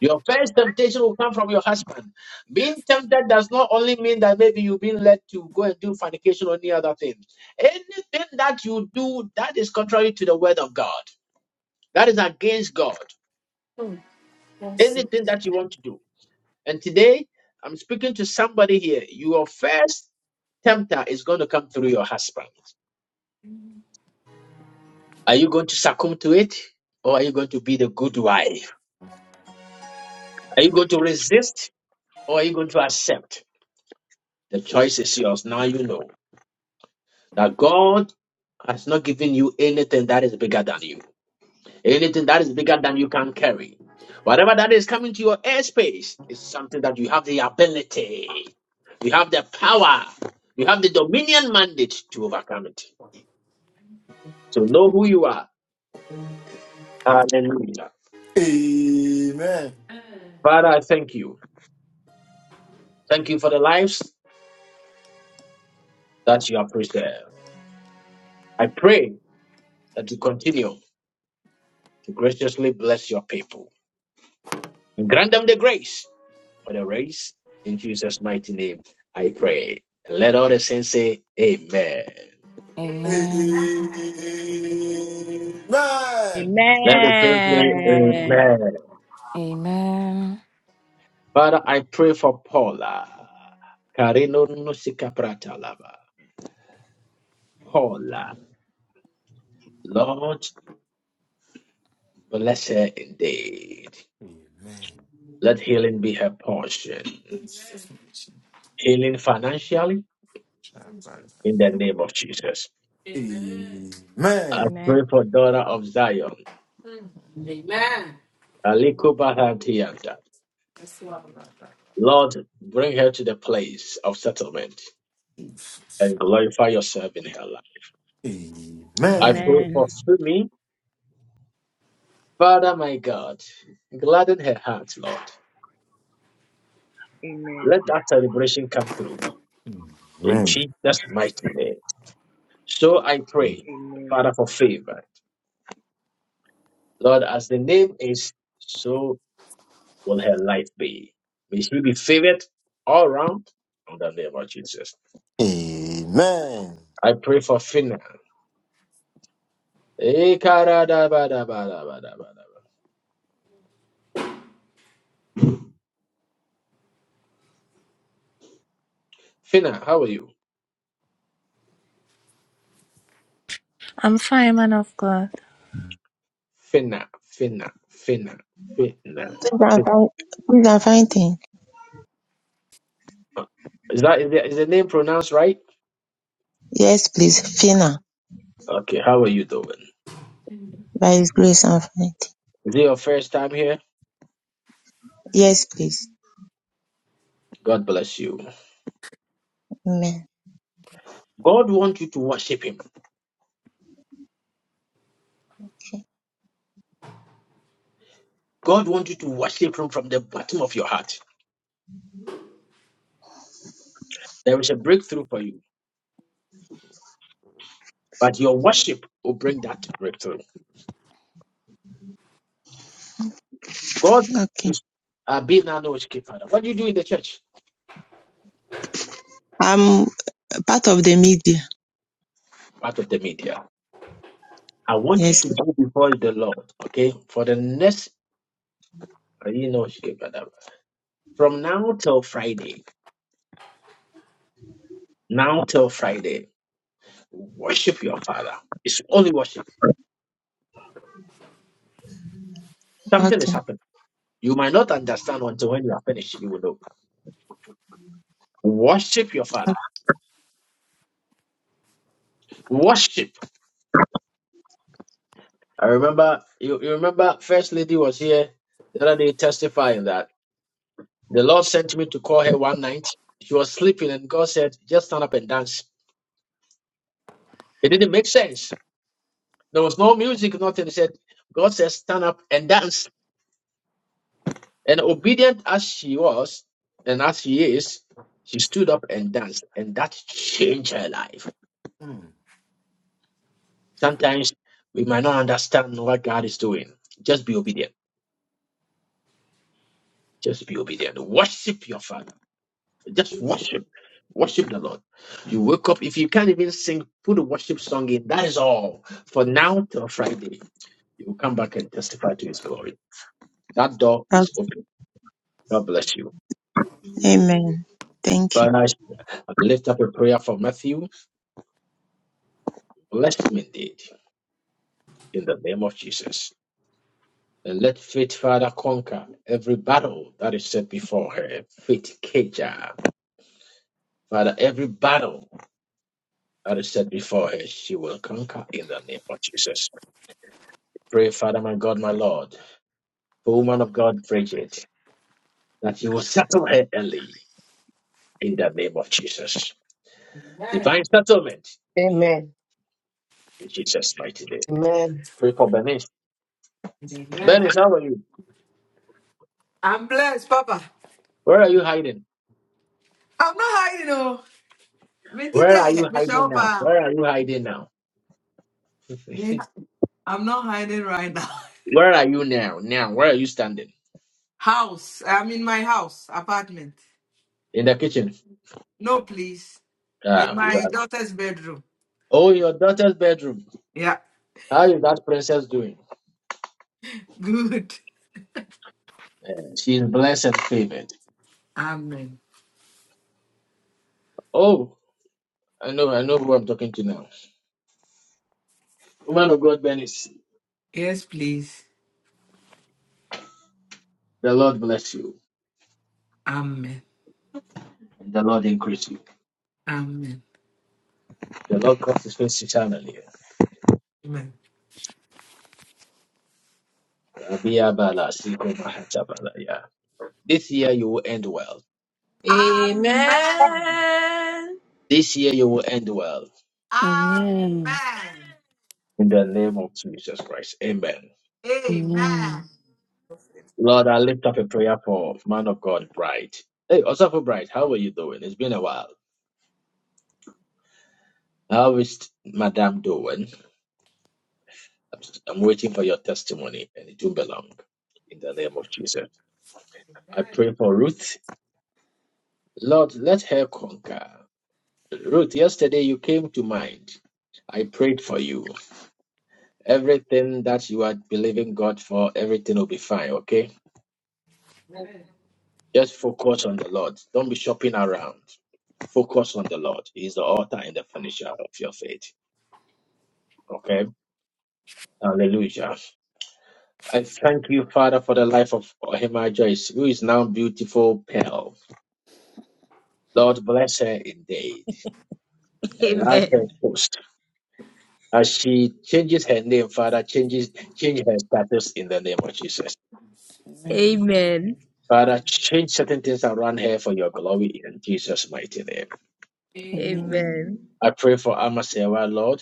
Your first temptation will come from your husband. Being tempted does not only mean that maybe you've been led to go and do fornication or any other thing. Anything that you do that is contrary to the word of God, that is against God.
Oh, yes.
Anything that you want to do. And today, I'm speaking to somebody here. Your first tempter is going to come through your husband. Are you going to succumb to it? Or are you going to be the good wife? Are you going to resist? Or are you going to accept? The choice is yours. Now you know that God has not given you anything that is bigger than you, anything that is bigger than you can carry. Whatever that is coming to your airspace is something that you have the ability, you have the power, you have the dominion mandate to overcome it. So know who you are. Hallelujah.
Amen.
Father, I thank you. Thank you for the lives that you have preserved. I pray that you continue to graciously bless your people. and Grant them the grace for the race. In Jesus' mighty name, I pray. And let all the saints say, Amen.
Amen. Amen.
Let the saints say,
Amen.
Amen. Father, I pray for Paula. Karino Nusika Pratalaba. Paula, Lord, bless her indeed. Let healing be her portion.
Amen.
Healing financially in the name of Jesus.
Amen.
I
Amen.
pray for daughter of Zion,
Amen.
Amen. Amen.
Aliko Bahatianta.
It's
Lord, bring her to the place of settlement and glorify yourself in her life.
Amen.
I
Amen.
pray
Amen.
for Sumi, Father my God, gladden her heart, Lord.
Amen.
Let that celebration come through in Jesus' mighty name. So I pray,
Amen.
Father, for favor. Lord, as the name is, so will her life be. May she be favored all round in the name of Jesus.
Amen.
I pray for Finna. Eh, karadabadabadabadabada. Finna, how are you?
I'm fine, man of God.
Finna, Finna, Finna, Finna.
Please and
Finna.
find, please and fighting.
Is that is the, is the name pronounced right?
Yes, please. Fina,
Okay, how are you doing?
by His grace and fighting.
Is it your first time here?
Yes, please.
God bless you.
Amen.
God wants you to worship Him. God wants you to worship Him from the bottom of your heart. There is a breakthrough for you, but your worship will bring that breakthrough. God
Okay.
is uh, being our knowledge keeper. What do you do in the church?
I'm part of the media.
Part of the media. I want you
Yes.
to go before the Lord, okay? For the next, uh, you know, from now till Friday, now till Friday, worship your Father. It's only worship.
please.
Something is
Okay.
happening. You might not understand until when you are finished, you will know. Worship your Father. Worship. I remember, you, you remember, First Lady was here the other day testifying that. The Lord sent me to call her one night. She was sleeping, and God said, Just stand up and dance. It didn't make sense. There was no music, nothing. He said, God said, Stand up and dance. And obedient as she was, and as she is, she stood up and danced, and that changed her life.
Mm.
Sometimes we might not understand what God is doing. Just be obedient. Just be obedient. Worship your Father. Just worship. Worship the Lord. You wake up. If you can't even sing, put a worship song in. That is all. For now till Friday, you will come back and testify to his glory. That door
okay.
is open. God bless you.
Amen. Thank you.
Father, I lift up a prayer for Matthew. Bless him indeed in the name of Jesus. And let faith, Father, conquer every battle that is set before her. Faith, Keja. Father, every battle that is set before her, she will conquer in the name of Jesus. Pray, Father, my God, my Lord. O woman of God, Bridget, that you will settle her early in the name of Jesus.
Amen.
Divine settlement be here
Amen.
in Jesus' mighty name.
Amen.
Pray for Bernice.
Amen.
Bernice, how are you?
I'm blessed, Papa.
Where are you hiding?
I'm not hiding, oh. Me to
Where are
tell you,
you
me show
hiding
up,
now?
ah.
Where are you hiding now?
Me- I'm not hiding right now.
Where are you now? Now, where are you standing?
House. I'm in my house, apartment.
In the kitchen.
No, please. In
Ah, you
my
are.
daughter's bedroom.
Oh, your daughter's bedroom.
Yeah.
How is that princess doing?
Good.
She's blessed and favored.
Amen.
Oh, I know, I know who I'm talking to now. Woman of God, Bernice,
Yes, please.
the Lord bless you.
Amen.
and The Lord increase you.
Amen.
The Lord God is face eternally.
Amen.
Rabia Bala, Siko Mahata Bala, yeah. This year you will end well.
Amen.
Amen.
This year you will end well.
Amen.
In the name of Jesus Christ. Amen.
Amen.
Amen.
Amen.
Lord, I lift up a prayer for man of God, Bright. Hey, also for Bright, how are you doing? It's been a while. How is Madame doing? I'm I'm waiting for your testimony, and it will be long. In the name of Jesus. I
Amen.
pray for Ruth. Lord, let her conquer. Ruth, yesterday you came to mind. I prayed for you. Everything that you are believing God for, everything will be fine, okay? Just focus on the Lord. Don't be shopping around. Focus on the Lord. He is the author and the finisher of your faith, okay? Hallelujah. I thank you, Father, for the life of Ohima Joyce, who is now beautiful pearl. Lord, bless her indeed. Enlarge her post. As she changes her name, Father, changes change her status in the name of Jesus.
Amen.
Father, change certain things around her for your glory in Jesus' mighty name.
Amen.
Amen.
Amen.
Amen.
Amen.
I pray for Amasewa, Lord.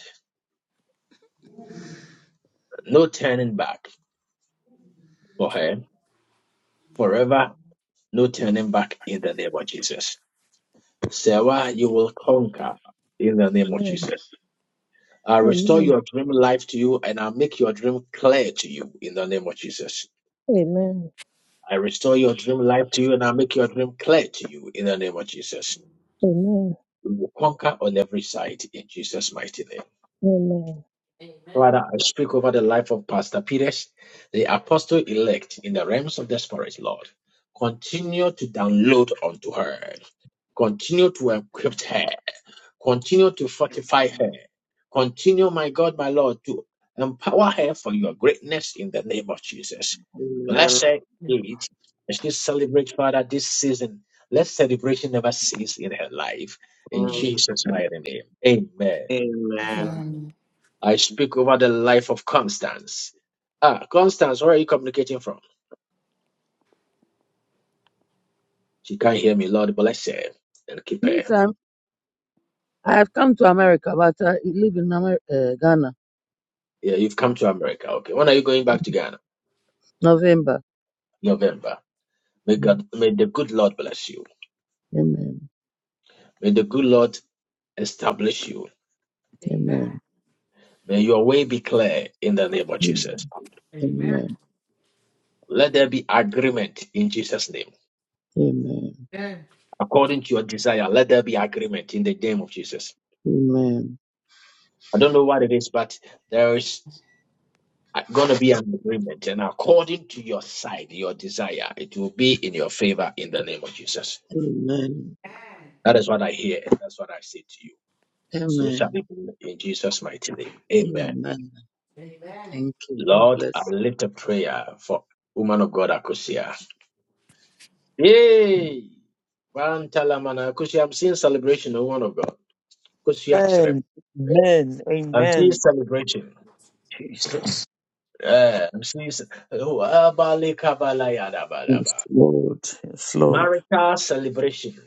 No turning back for her. Forever, no turning back in the name of Jesus. Sarah, you will conquer in the name of
Amen.
Jesus. I'll restore
Amen.
your dream life to you and I'll make your dream clear to you in the name of Jesus.
Amen.
I restore your dream life to you and I'll make your dream clear to you in the name of Jesus.
Amen.
We will conquer on every side in Jesus' mighty name.
Amen.
Amen.
Father,
Amen.
I speak over the life of Pastor Peters, the apostle elect in the realms of the Spirit, Lord. Continue to download unto her. Continue to equip her. Continue to fortify her. Continue, my God, my Lord, to empower her for your greatness in the name of Jesus.
Amen.
Bless her indeed. As she celebrates, Father, this season, let celebration never cease in her life. In
Amen.
Jesus' mighty name. Amen.
Amen.
Amen.
I speak over the life of Constance. Ah, Constance, where are you communicating from? She can't hear me. Lord bless her and keep
This
her.
time I have come to America, but I live in Amer- uh, Ghana,
Yeah, you've come to America. Okay. When are you going back to Ghana?
November.
November. May
Yeah.
God, may the good Lord bless you.
Amen.
May the good Lord establish you.
Amen.
May your way be clear in the name of Jesus.
Amen. Amen.
Let there be agreement in Jesus' name.
Amen.
According to your desire, let there be agreement in the name of Jesus.
Amen.
I don't know what it is, but there is. going to be an agreement, and according to your side, your desire, it will be in your favor in the name of Jesus.
Amen.
That is what I hear, and that's what I say to you. So shall it be in Jesus' mighty name. Amen.
Amen. Thank you. God
Lord,
bless.
I lift a prayer for woman of God, Akusia. Yay! Bantalamana. Akusia, I'm seeing celebration, oh, woman of God. Akusia Chrem.
Amen.
I'm seeing
Amen.
celebration.
Jesus.
Yeah, I'm seeing. ce- Oh, abale kabala yada ba da
Yes,
ba.
Lord. Yes, Lord.
Marital celebration.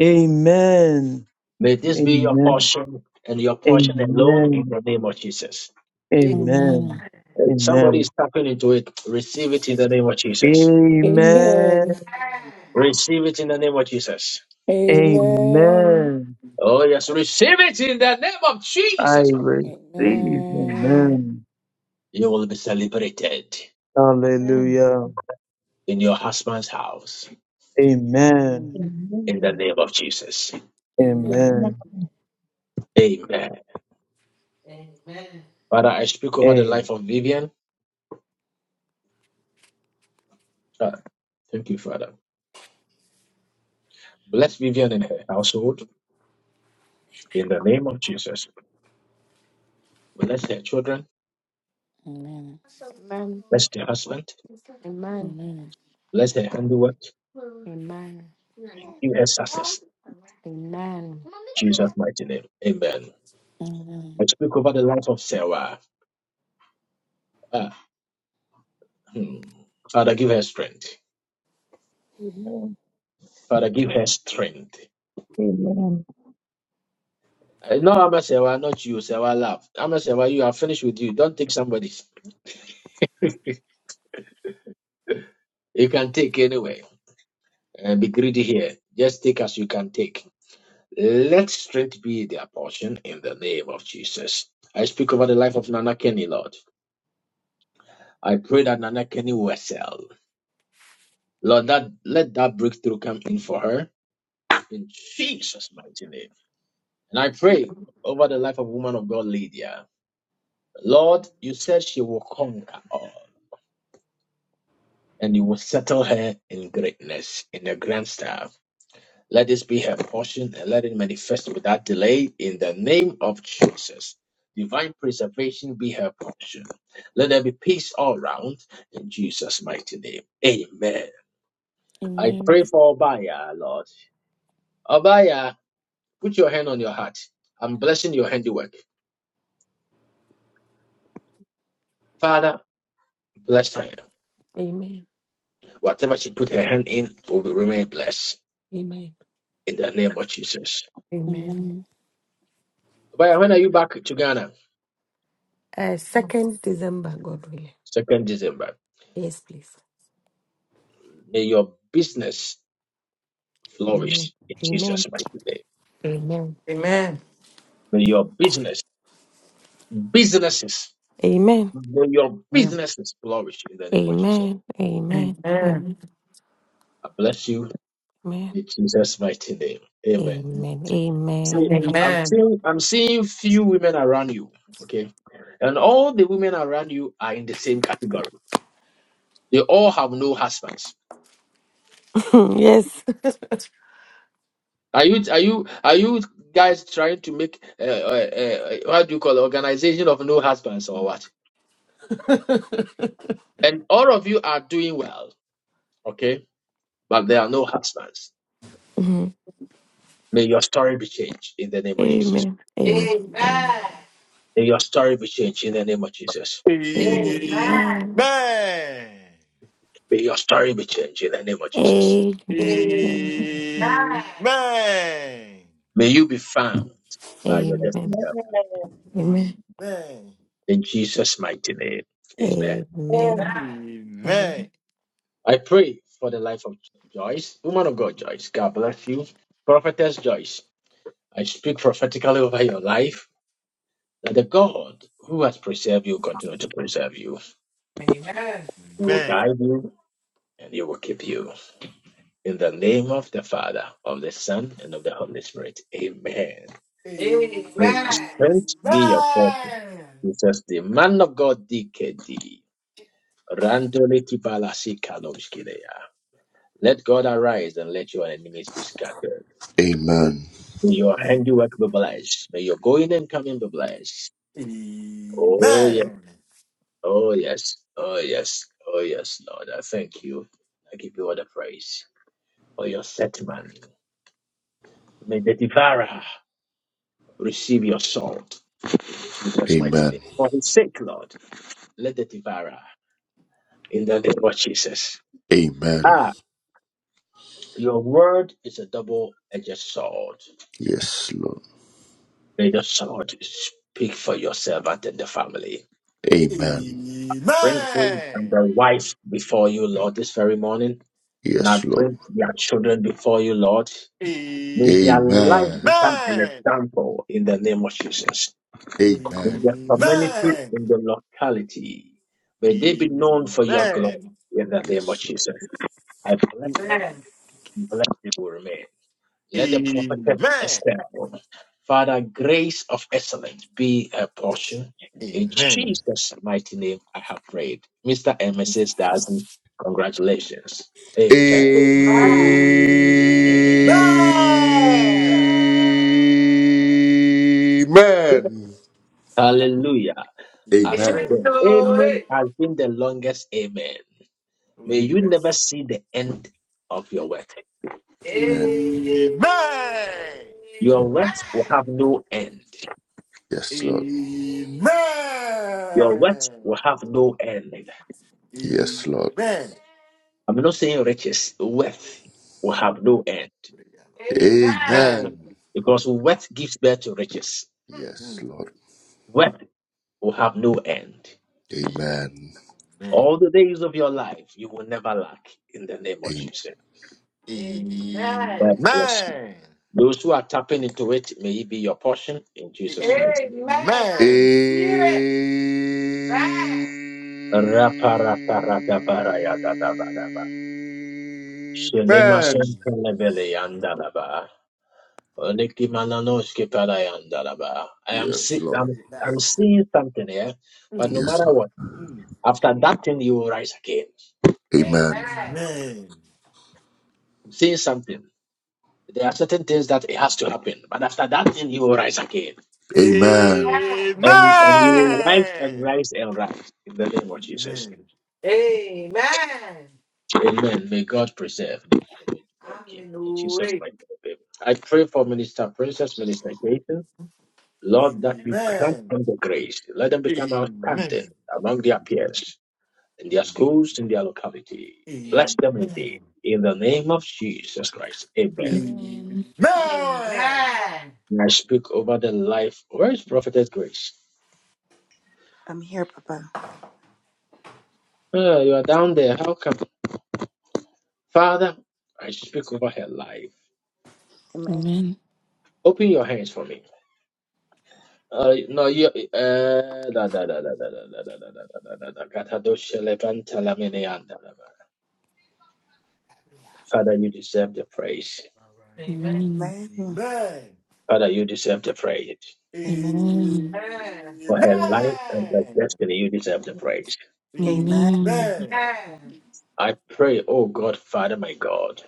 Amen.
May this be your
Amen.
portion and your portion alone in
Amen.
the name of Jesus.
Amen. Amen.
Amen.
Amen.
Amen.
If Somebody is
Amen.
tapping into it. Receive it in the name of Jesus.
Amen.
Amen.
Amen.
Receive it in the name of Jesus.
Amen.
Amen.
Oh, yes, receive it in the name of
I
Jesus Christ.
receive.
Amen.
Amen.
Amen.
You will be celebrated
Amen.
Hallelujah.
in your husband's house
Amen.
Amen.
in the
Amen.
name of Jesus.
Amen.
Amen.
Amen.
Amen.
Amen.
Amen.
Father, I speak over the life
Amen.
of Vivian. Ah, thank you, Father. Bless Vivian and her household in the name of Jesus. Bless her children.
Amen.
Amen.
Bless her husband.
Amen.
Bless her handiwork.
Amen.
and give us success.
Amen.
in Jesus' mighty name. Amen.
Amen.
I speak over the life of Sarah. Ah, hmm. Father, give her strength.
Amen.
Father, give her strength.
Amen.
Eh, No, i Sarah, not you, Sarah. Love. i Sarah. You are finished with you. Don't take somebody's. You can take anyway. And be greedy here. Just take as you can take. Let strength be their portion in the name of Jesus. I speak over the life of Nana Kenny, Lord. I pray that Nana Kenny will sell. Lord, that let that breakthrough come in for her. in Jesus' mighty name. And I pray over the life of woman of God, Lydia. Lord, you said she will conquer all, and you will settle her in greatness, in a grand style. Let this be her portion, and let it manifest without delay in the name of Jesus. Divine preservation be her portion. Let there be peace all round in Jesus' mighty name. Amen. I pray
Amen.
for Obaya, Lord. Obaya, put your hand on your heart. I'm blessing your handiwork. Father, Bless her.
Amen.
Whatever she put her hand in will remain blessed
Amen.
in the name of Jesus.
Amen.
Amen. Amen.
But when are you back to Ghana?
Uh, second December, God willing.
Second December.
Yes, please.
May your business
Amen.
flourish in
Amen.
Jesus' mighty name.
Amen.
Amen.
May your business, businesses,
Amen.
may your
Amen.
businesses flourish in the name of Jesus.
Amen.
Amen.
Amen.
Amen.
Amen.
I bless you
Amen.
in Jesus' mighty name. Amen.
Amen.
See,
Amen. Amen.
I'm
Amen.
seeing I'm seeing few women around you. Okay. And all the women around you are in the same category. They all have no husbands
yes.
Are you are you are you guys trying to make uh, uh, uh, what do you call it, organization of no husbands or what? And all of you are doing well, okay? But there are no husbands.
Mhm.
May your story be changed in the name of Jesus.
Amen. Amen.
Amen. Amen.
Amen.
May your story be changed in the name of Jesus.
Amen. Amen.
Amen.
Amen.
May your story be changed in the name of Jesus.
Amen.
Amen. Amen.
Amen.
May you be found by your
Amen.
destiny
Amen.
help
Amen.
Amen.
in Jesus' mighty name. Amen.
Amen. Amen.
I pray for the life of Joyce, woman of God, Joyce. God bless you, prophetess Joyce. I speak prophetically over your life that the God who has preserved you continue to preserve you.
Amen.
He will guide you and he will keep you. In the name of the Father, of the Son, and of the Holy Spirit. Amen.
Amen.
May Strength be your portion. Jesus, the man of God, DKD. Randole kibalasi kalomskilea. Let God arise and let your enemies be scattered.
Amen.
May your handiwork be blessed. May your going and coming be blessed. Oh, yes. Oh, yes. Oh, yes. Oh, yes, Lord. I thank you. I give you all the praise for your settlement. May the devourer receive your salt. Jesus' mighty
Amen.
name. For his sake, Lord, let the devourer in the name of Jesus.
Amen.
Ah, your word is a double edged sword.
Yes, Lord.
May the sword speak for your servant and the family.
Amen.
Amen.
Bring him and the
Amen.
wife before you, Lord, this very morning. And
Amen.
I
Yes, Lord.
bring their children before you, Lord. May their
Amen.
life
Amen.
become an
Amen.
example in the name of Jesus.
Amen.
In the
Amen.
community, in the locality, may they be known for your glory
Amen.
in the name of
Yes, Lord.
Jesus. I bless them, bless them will remain. Let the prophet
Amen.
Esther, Father, grace of excellence be a
Yes.
portion. In
Amen.
Jesus' mighty name, I have prayed. Mr. and Mrs. Dawson, congratulations. Amen.
Amen.
Amen.
Amen.
Amen.
Hallelujah. As
Amen.
Amen.
the
Amen.
Glory.
amen has been the longest amen.
Oh,
May you never
yes.
see the end of your work.
Amen.
Amen.
Amen.
Your work will have no end.
Yes, Lord.
Amen.
Your work will have no end.
Amen.
Yes, Lord.
I'm not saying riches, wealth will have no end
Amen.
Amen. Mm.
Amen.
because wealth gives birth to riches.
Yes, Lord.
Wealth will have no end.
Amen.
Amen.
All the days of your life, you will never lack in the name of Jesus.
Amen.
Bless you.
Amen.
Those who are tapping into it, may it be your portion in Jesus' mighty name.
Amen. I
Amen.
Amen.
receive it. Amen.
Raparaparabarayadadabadaba. Shelemasentelebeleyandalaba. Niki Mananoshki Parayandaraba. I am
Yes,
see,
Lord.
I'm, I'm
That's-
seeing something here, but no
Mm,
Yes,
matter
Lord.
what,
mm.
after that thing you will rise again.
Amen.
Amen.
Amen.
I'm seeing something. There are certain things that it has to happen, but after that thing you will rise again.
Amen.
Amen.
Amen.
And, and you will rise and rise and rise in the name of Jesus.
Amen.
Amen.
Amen. May God preserve. and May God
I'm
keep.
in the
In Jesus'
way.
mighty name. I pray for Minister Princess, Minister Gaten, Lord, that
Amen.
you grant
Amen.
them the grace. Let them
Amen.
become outstanding
Amen.
among their peers. in their schools, in their locality.
Amen.
Bless them indeed. In the name of Jesus Christ. Amen.
Amen.
And I speak over the life. Where is Prophetess Grace?
I'm here, Papa.
Ah, you are down there. How come? Father, I speak over her life.
Amen.
Open your hands for me. Uh, no, you. Uh, da, da, da, da, da, da, da, da, da, da, da, da, da. Katadoshe levanta lamine anda Father, you deserve the praise.
Amen.
Amen.
Amen.
Amen.
Father, you deserve the praise.
Amen.
Amen.
Amen.
For her life and her destiny, you deserve the praise.
Amen.
Amen.
Amen.
Amen.
Amen.
Amen.
Amen.
I pray, oh God, Father, my God.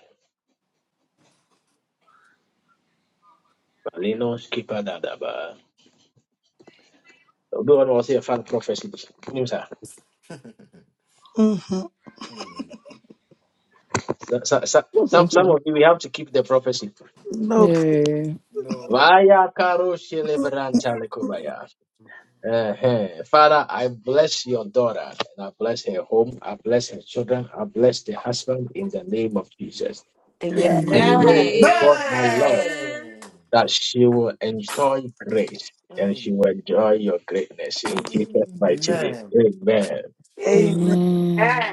Malino skipa dadaba. Everyone was here, fan prophecy. You know, sir.
Mm-hmm.
So- so- so- Some, some
Amen.
of you, we have to keep the prophecy.
Nope.
Yeah.
No.
Vaya karo shelebranta lekobaya. Uh-huh. Father, I bless your daughter and I bless her home. I bless her children. I bless the husband in the name of Jesus.
Amen. Amen. Amen.
Amen.
I
Amen. Amen.
pray,
Amen.
Amen.
oh
Amen.
God, my Lord, that she will enjoy grace and
Mm.
she will enjoy your greatness
Amen.
in Jesus' mighty name.
Amen.
Amen.
Amen. Amen.
Amen.
Amen.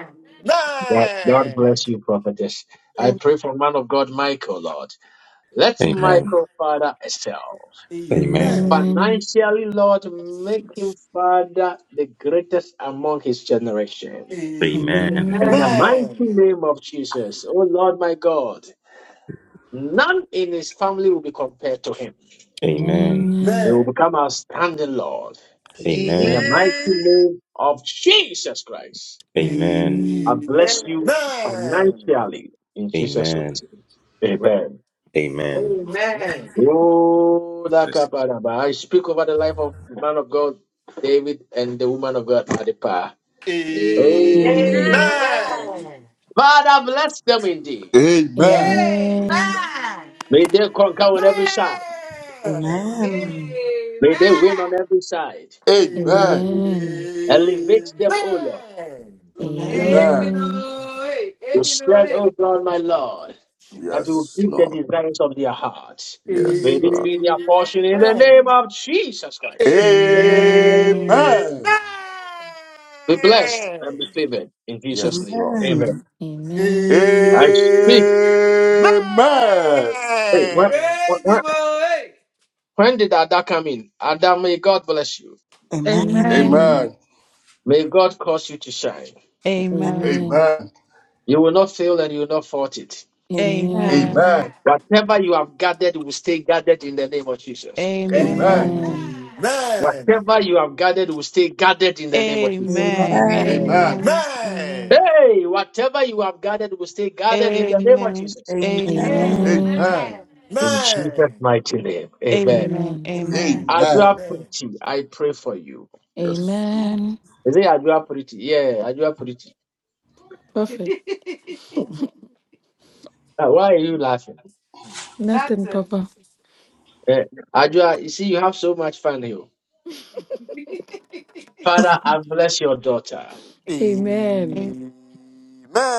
God, God bless you, prophetess. I
Amen.
pray for man of God, Michael, Lord. Let
Amen.
Michael, Father, excel.
Amen.
Amen.
Financially, Lord, make him, Father, the greatest among his generation.
Amen.
Amen.
In the
Amen.
mighty name of Jesus, oh Lord, my God, none in his family will be compared to him.
Amen.
He
Amen.
will become outstanding, Lord. In the
Amen.
mighty name of Jesus Christ,
Amen.
I
Amen.
Amen.
bless you financially in Jesus'
Amen.
name. Amen.
Amen.
Amen.
Oh, that
Listen,
kaparaba. I speak over the life of the man of God, David, and the woman of God, Adipa. Hey.
Amen.
Amen.
Amen.
Father, bless them indeed.
Amen. Amen. Amen. Amen.
Amen.
Amen.
May they conquer on every side.
Amen.
Amen.
Amen.
May they win on every side.
Amen.
Amen.
Amen.
Elevate them, O Lord.
Amen.
Amen.
Amen.
You spread, O God, my Lord, that you will
Yes,
Jesus.
give the
Lord.
desires of their hearts.
Mm.
May
Yes,
this
Lord.
be their
Amen.
portion in the name
Amen.
of Jesus Christ.
Amen.
Amen.
Amen.
Be blessed and be favored in Jesus'
Yes,
name.
Lord.
Amen.
Amen.
Amen.
Amen.
I speak. Hey, what?
Praise him away.
When did Ada come in? Ada, may God bless you.
Amen.
Amen.
Amen.
Amen.
May God cause you to shine.
Amen.
Amen.
Amen.
You will not fail and you will not fault it.
Amen.
Amen.
Amen.
Amen.
Whatever you have gathered will stay gathered in the name of Jesus.
Amen.
Amen.
Amen.
Amen.
Amen.
Whatever you have gathered will stay gathered in the name of Jesus.
Amen.
Amen.
Amen.
Amen.
Hey, whatever you have gathered will stay gathered in the name of
Amen.
Amen. Amen. Amen.
Jesus.
Amen.
Amen.
Amen.
Amen.
Amen.
Amen.
Amen.
Amen. Amen.
In Jesus'
Amen.
mighty name.
Amen.
Amen.
Amen.
Amen.
Amen.
Adua
Amen.
Amen.
Pretty, I pray for you.
Yes.
Amen.
Is it Adua Pretty? Yeah, Adua Pretty.
Perfect.
Ah, why are you laughing?
Amen.
Nothing,
Nothing.
Papa.
Eh, Adua, you see, you have so much fun here. Father, I bless your daughter.
Amen.
Amen.
A-
Amen.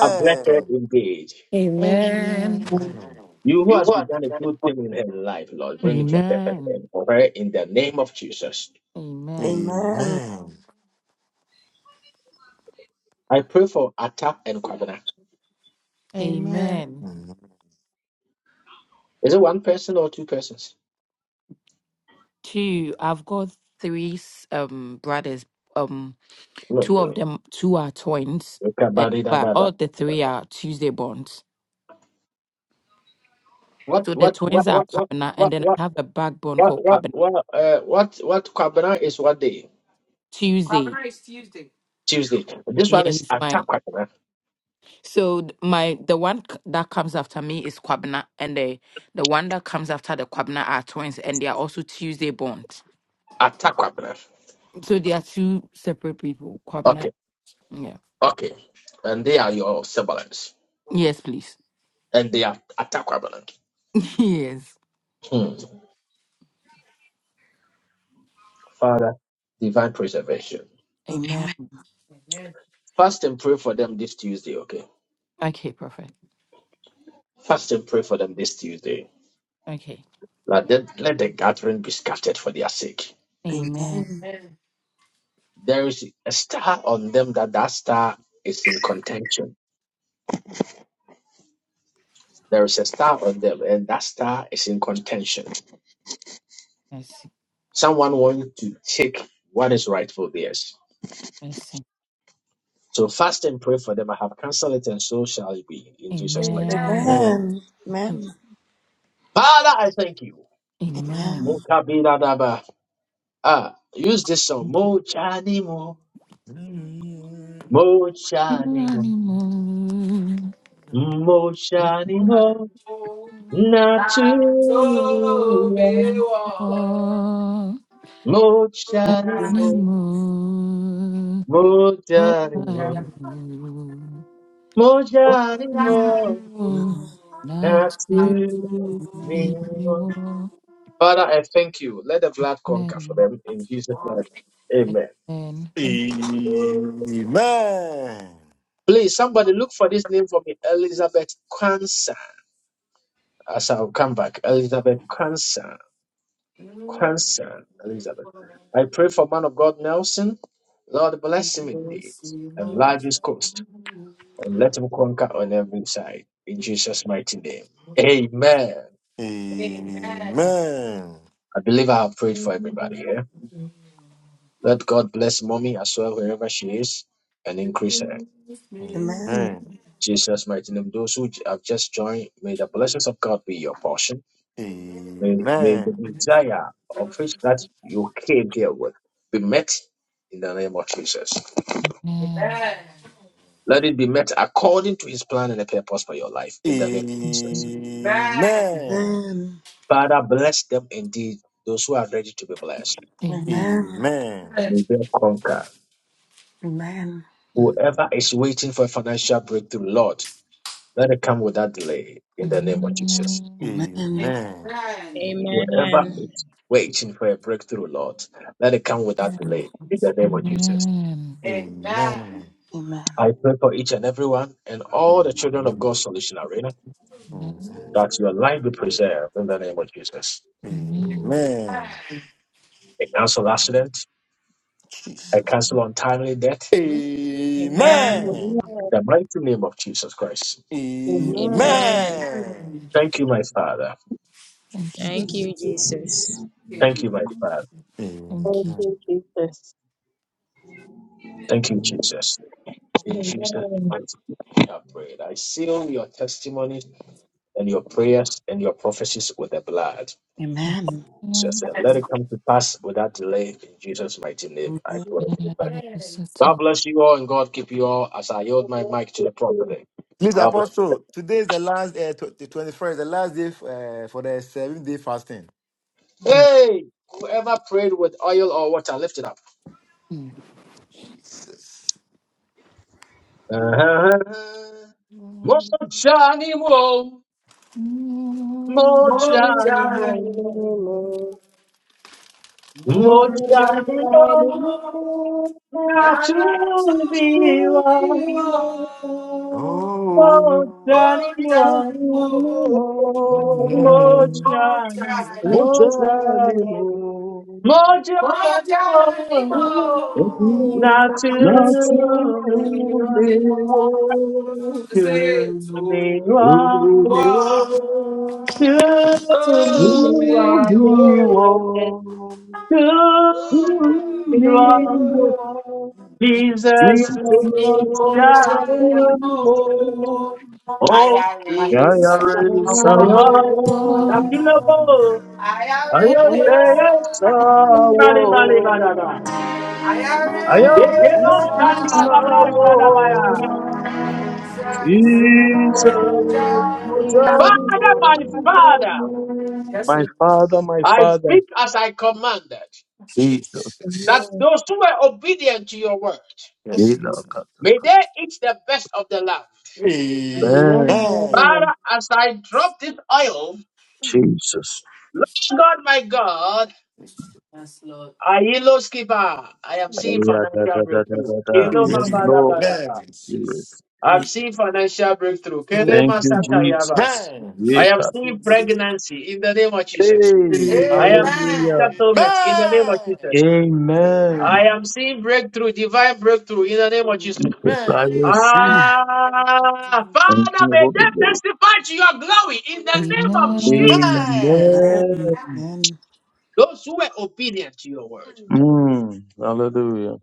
I bless her indeed.
Amen.
Amen.
Amen.
You who
You
has
are
begun a good
the
thing in her life, Lord, bring it to a perfect end
Amen.
for her in the name of Jesus.
Amen.
Amen.
Amen.
I pray for Atap and Kwabena.
Amen.
Amen.
Amen.
Amen.
Is it one person or two persons?
two. I've got three s- um brothers. Um,
No.
two of
no.
them, two are twins, uh, but all the three are Tuesday borns.
What
So the
what what
twins are
what what
Kwabena,
what
and then
what
I have a backbone
what
called
what
Kwabena
what uh, what what Kwabena is what day?
Have a
Tuesday.
nice Tuesday.
Tuesday. This
Yeah,
one is
he's mine.
Attack Kwabena.
So th- my the one c- that comes after me is Kwabena, and the the one that comes after the Kwabena are twins, and they are also Tuesday borns.
Attack Kwabena.
So they are two separate people. Kwabena.
Okay,
Yeah.
okay. And they are your siblings.
Yes, please.
And they are Attack Kwabena.
yes.
Hmm. divine preservation.
Amen.
Amen.
Amen.
Fast and pray for them this Tuesday, okay?
Okay, perfect.
Fast and pray for them this Tuesday.
Okay.
Let, them- let the gathering be scattered for their sake.
Amen.
Amen.
There is a star on them that that star is in contention. There is a star on them, and that star is in contention.
Mercy,
Someone wants to take what is rightful theirs.
mercy.
So fast and pray for them. I have cancelled it, and so shall it be in Jesus' mighty.
Amen.
Amen.
Thank you.
name. Father, I thank you.
Amen.
Amen.
Mokabinadaba. Use this song.
Thank you.
Mo chanimo,
Amen.
mo chanimo.
Animal.
Olùdájú
Moshadimo,
ta
Naturia,
tó mi
mo
wọ̀.
Oh,
Olùdájú,
Mojadimo,
animal. Oh,
Mojadimo,
olùdájú.
animal.
Amen. Amen. Amen.
Oh, animal. That's me.
Amen.
Naturia.
oh.
Father, I thank you. Let the blood conquer for
Amen.
them in Jesus' name. Amen.
Amen. Thank you.
Amen.
Please, somebody look for this name for me, Elizabeth Cancer. As I'll come back, Elizabeth Cancer. Concern, Elizabeth. I pray for man of God Nelson. Lord bless him indeed. Enlarge his coast and let him conquer on every side. In Jesus' mighty name. Amen.
Amen. Amen. Amen.
I believe I have prayed for everybody here. Let God bless mommy as well, wherever she is, and increase her.
Amen. Amen. Amen.
Jesus' mighty name. Those who have just joined, may the blessings of God be your portion. May, may the desire of which that you came here with be met in the name of Jesus.
Amen.
Let it be met according to his plan and the purpose for your life in the name of Jesus. Father, bless them indeed, those who are ready to be blessed.
Amen.
Amen.
And may they conquer. Whoever is waiting for a financial breakthrough, Lord, let it come without delay in the name of Jesus.
Amen.
Amen.
Whoever
Amen.
is waiting for a breakthrough, Lord, let it come without delay
Amen. Amen.
in the name of Jesus.
Amen.
Amen.
Amen.
Amen.
I pray for each and everyone and all the children of God's solution arena
Amen.
that your life be preserved in the name of Jesus.
Amen.
Amen.
Amen. Amen.
I cancel accident.
Jesus.
I cancel untimely death.
Amen.
Amen.
Amen.
Amen.
the mighty name of Jesus Christ.
Amen.
Amen.
More
Amen.
Amen.
time,
Thank you, my Father.
Thank
Jesus.
you. Jesus.
Thank
Thank
you,
you,
Jesus.
Jesus.
Thank you, my Father.
Thank
Thank
you. Je-
Amen.
you, Jesus.
Thank you, Jesus. In Jesus'
Amen.
mighty name, I prayed. I seal your testimony and your prayers and your prophecies with the blood.
Thank you.
Amen.
Jesus,
Amen.
let it come to pass without delay. In Jesus' mighty name, I
Amen.
pray.
Amen.
Amen.
And I can
God
settle.
bless you all and God keep you all as I yield
God
my
bless
mic to
you,
the
too.
prophet.
Please,
God bless you.
Apostle, today is the last, uh, tw- the 21st, the last day f- uh, for the seven day fasting.
Yeah.
Hey, whoever prayed with oil or water, lift it up.
Mm.
Jesus.
Mo- mo-
more
Lord,
jani-
I
mo-
time,
remember.
more
Oh,
jani-
God, I
mo.
remember.
Not to
not to
be
You
you
one,
all.
remember.
oh
Oh.
Johnny
More time,
You
one,
more,
remember.
oh
more
Johnny,
time,
You're
Mochaniwo,
the
oh
more
Johnny
time,
one.
more
ebi
Not to
not to
natumiwo,
you say
be
to
one,
lumiwo,
one,
to be
to me
one,
lumiwo,
one.
to
Show
be one, to be
me
one.
lumiwo.
what
Jesus,
Jesus
oh
Jesus
for
Johnny,
Johnny
Mm.
mochaniwo,
for. I
oh
am in
to
some.
yayare
be
sawo,
Mm.
one. Not
Oh,
to
I
yeah.
am
be
yayare
in some.
know,
sawo,
Mali, mali, manada.
I am in
Ekenos
Right
yayare
there.
some.
sawo.
Thank
kalimadabrantadabaya.
Jesus
Jesus,
for Johnny.
Mojani
Father, my father,
my father, my
I
father,
speak as I commanded,
Jesus,
that those who were obedient to your word,
Yes.
Ilakata.
may they eat the best of the land.
Amen. Amen. Amen.
Ben,
Amen.
you.
Father, as I drop this oil,
Jesus.
Lord God, my God,
Yes, Lord.
I hello skipper. I am seeing
Aya, da, da,
financial
da, da,
breakthrough.
da, da.
Hello,
Yes,
mama,
Amen.
da, da,
Lord.
da, da.
Amen. Amen.
Yes.
I'm seeing financial breakthrough. Kele
Thank you,
Mm.
masaka yaba.
Jesus.
I am
Yeka.
seeing pregnancy in the name of Jesus.
Hey,
I am
Amen.
seeing
hallelujah.
settlement in the name of Jesus.
Amen.
Amen.
I am seeing breakthrough, divine breakthrough in the name of Jesus.
I will see.
Amen.
Ah,
Thank
Father,
you,
may
Holy
they
Ghost.
testify to your glory in the name of
Amen.
Jesus.
Amen.
Amen.
Amen.
Amen.
Those who were obedient to your word,
Mm, hallelujah.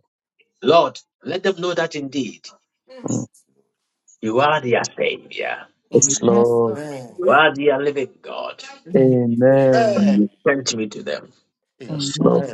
Lord, let them know that indeed you are their Savior,
Amen. Amen.
Yes,
Amen.
Lord.
you are their living God.
Amen.
Amen.
Send me to them.
Yes,
Amen.
Lord.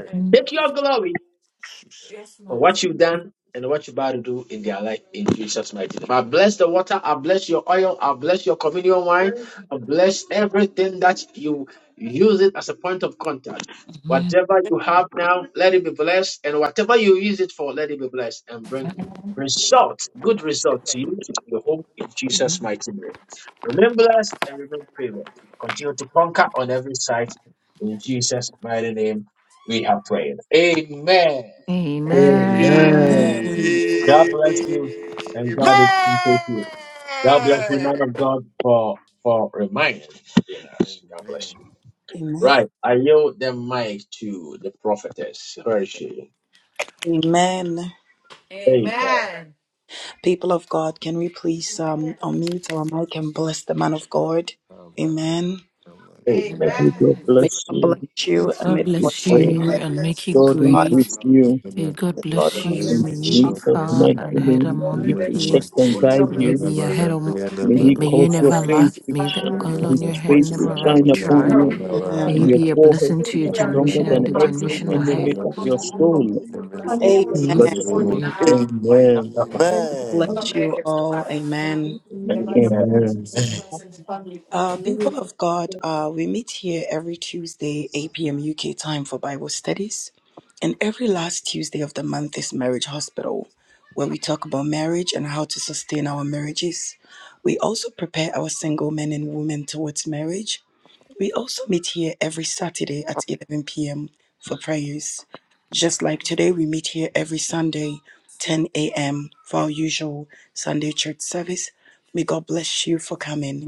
on what you've done and what you're about to do in their life in Jesus' mighty name. I bless the water, I bless your oil, I bless your communion wine,
Amen.
I bless everything that you use it as a point of contact.
Amen.
Whatever you have now, let it be blessed, and whatever you use it for, let it be blessed and bring result, good result to you to your home in Jesus' mighty name. Remember us and remain prayerful. Continue to conquer on every side. In Jesus' mighty name, we have prayed. Amen.
Amen.
Amen.
Amen.
Amen.
God bless you, and God is with you. God bless you, man of God, for for reminding us. God bless you.
Amen.
Right, I yield the mic to the prophetess. Where is she?
Amen.
Amen.
Amen.
People of God, can we please um, unmute our mic and bless the man of God? Amen.
God,
Amen.
Amen.
God
May
bless
God
you.
bless you and
God
may
We
God
bless
honor
pray.
your
you
God
name
and make you
bless you,
and
God
Papa.
great.
increase
pride.
Lord,
you
May God
May
you are
God
the
bless
God
Lord
you.
of all
continue
in
May
to
bless
you
you.
shine.
be
Jesus'
far
mighty
ahead
name.
God
among
He
your
Amen.
bless
protect
peers.
you.
the
and
world.
Olha
guide
o
May you
que
We
you.
be ahead
se
of.
thank you,
May
Lord,
He
May
Amen.
for
you
cause
all
your
never
you
também que
face
lack.
se
to
May the
Amen.
shine,
faz.
oil
His
on your
Amen.
head
face to
never
Agora,
run
I
shine
am
I
upon
dry.
blessed.
deixa.
you,
thank
May
and
you
Amen.
your
be a
olha o
forehead
blessing
que a
to
to
your
be stronger
I'm
generation and
than
the
every
gente
generation
faz.
you,
blessed.
ahead.
are the Lord,
enemy
for
of your
all the
soul.
you
I
have done. Thank you for everything. Thank
Como
May
Bless
you-
Amen.
se
you.
may-
coordenar, pai.
Amen.
Bless
Também
you
que se
all.
faz.
Amen.
Amen.
Amen.
Uh, people of God, uh, we meet here every Tuesday, 8 p.m. UK time for Bible studies. And every last Tuesday of the month is Marriage Hospital, where we talk about marriage and how to sustain our marriages. We also prepare our single men and women towards marriage. We also meet here every Saturday at 11 p.m. for prayers. Just like
Amen.
today, we meet here every Sunday, 10 a.m., for our usual Sunday church service. May God bless you for coming.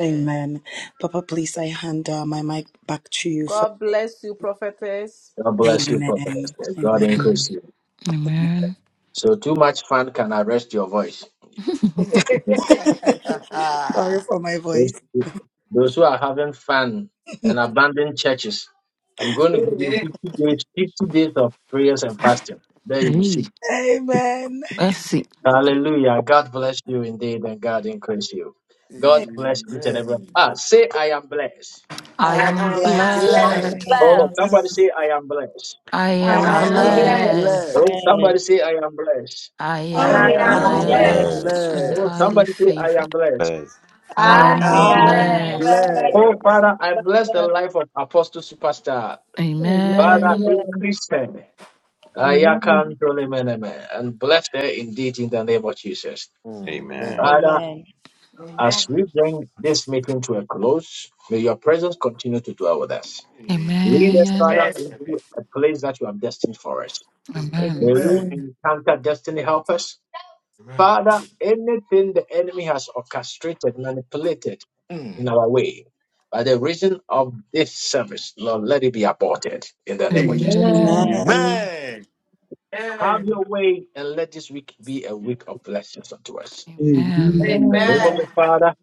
Amen. Papa, please, I hand uh, my mic back to you for.
God bless you, prophetess.
God bless you, prophetess.
Amen.
and God
Amen.
mm,
increase you.
Amen.
So too much fun can arrest your voice.
Sorry for my
Those,
voice.
those who are having fun and abandoned churches, I'm going to give you
Amen.
50 days, 50 days of prayers and fasting. There you will see.
Hey,
Amen.
let's see.
Hallelujah. God bless you indeed and God increase you. God bless each and everyone.
Amen.
Ah, say I am blessed.
I
I
I
am
am
I
am
I
blessed.
am
am
blessed.
Blessed
blessed.
blessed.
Oh,
and
blessed.
blessed.
somebody say I am blessed.
I
I
I
I
am
am
am
I
I
blessed.
am
blessed.
am blessed.
Oh,
blessed.
blessed.
somebody say I am blessed.
I
I
I
am
Oh,
I
am
I
am
am
yes.
am
blessed.
am
blessed.
blessed
blessed.
and
Oh,
blessed.
blessed.
highly
somebody say I am
favored.
blessed.
Blessed.
I
I
I
I
I
am
am
am
blessed.
am
am
am
blessed.
blessed.
blessed.
blessed.
Oh,
blessed.
Father, I bless the life of Apostle Superstar. Father,
Amen.
Amen.
increase them.
Amen.
Ayakantolemeneme, And bless her indeed in the name of Jesus.
Amen.
Amen.
Father,
Amen.
Amen.
as we bring this meeting to a close, may your presence continue to dwell with us. Lead us,
Amen.
Father,
Yes.
Amen.
into a place that you have destined for us.
Mm.
May
Amen.
we
Amen.
encounter destiny helpers. Father, anything the enemy has orchestrated, manipulated in our way, by the reason of this service, Lord, let it be aborted in the name of
Amen.
Jesus.
Amen.
Amen.
Amen.
Amen.
Have
Amen.
your way and let this week be a week of blessings unto us.
Amen.
Amen.
In
Amen.
the name of
Amen.
the Father,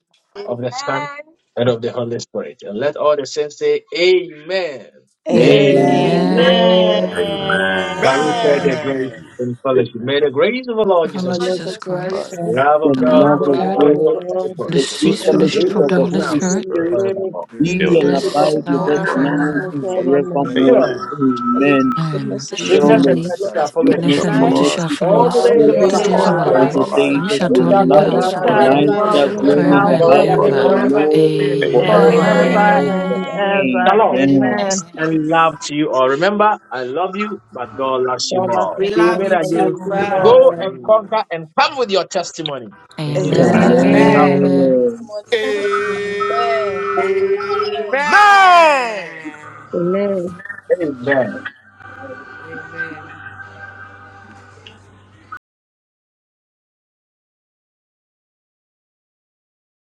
of the Son,
Amen.
and of the Holy Spirit. And let all the saints say, Amen.
Amen.
Amen.
Amen.
Amen.
Amen.
Shall
Amen.
we pray
Thank
the
Amen.
you,
grace
Amen.
Amen.
Jesus.
and fellowship?
Amen.
May the grace of our Lord
The
From
Jesus
Lord
Christ.
Lord
Lord
Lord
Jesus
Jesus
Jesus
Jesus
Christ,
Christ,
Christ,
Christ,
Christ,
Love
The
of
the
the
the
And
the
God
love
love
love
love
love
of
the
of
is
of
God,
of
of
God
the
God
of
God,
God,
love
God,
place
of
of
God.
the
God,
bless you
God,
and
Holy
for
the
the
the
this
the
the
sweet
sweet
good
sweet
Holy
and the
fellowship of the
Spirit.
fellowship
fellowship
fellowship
fellowship
Spirit.
Read
of
of
of
faithfulness
the
just
the
Holy
of
of
Holy
the
now.
Holy
the
Spirit,
Holy
Spirit
Holy
in
Spirit
Spirit
front of
Spirit
them
be
all.
Yeah,
be
with
be
us
be
Be
that's
with
with
and
us
not
with
now
us
Jesus,
now.
abide
us
with
now
now
and
us
and
now
and
normal.
now
and
forevermore.
forevermore.
and
forevermore.
Amen.
forevermore.
Amen.
Surely,
forever,
Amen.
And
goodness and
bless
goodness
Goodness
the
mercy,
and
Surely
and
surely
mercy
mercy
shall
shall
Lord,
relationship
follow
It
follow
goodness
shall
goodness
and
us.
Amen.
in
and
mercy
follow
Lives,
shall
mercy
us
all
follow
shall
us
all
all
and
the
the
follow
your
The
In
we
the
days
us
days
life,
days
of
the
of
all
days
shall
our
the
of
of
our
our
our
days
dwell
all
lives,
brothers
of
in
the
lives,
life,
the
our
lives.
and
days
we
and
lives,
of
and
house
shall
we
of
my
shall
dwell
the
in
and
and
go
the
in
and we
the
shall
we
Lord
We
life,
we
shall
love
house
dwell
house
of
have
shall
of
dwell
the
the
and
in
taken
shall
dwell
the
in
I
on
Lord.
the
Lord
house
forever
in the
house
Lord,
dwell
shall
and
of the
of
in
Lord
the
the
dwell in
ever.
forever
Lord
house
the
And
and
of
house
the
of
ever.
the
forever
Lord
and
forever
ever.
Lord
and
Amen.
forever
ever.
and
forever
God-
Amen.
and
ever.
Amen.
ever.
Amen.
Amen.
Amen.
and
Peace.
loved you, but and you the
God
that's
bless
more.
We
You will be
love you
again.
too.
us,
Amen.
Go
Lord.
and
Amen.
Bye.
conquer and come with your testimony. In Jesus' mighty
Amen.
Amen.
name. God
Amen.
bless
Amen.
Amen.
you.
Amen.
Testimony in Jesus' name. Amen.
Amen.
Amen.
Amen.
Amen.
Amen.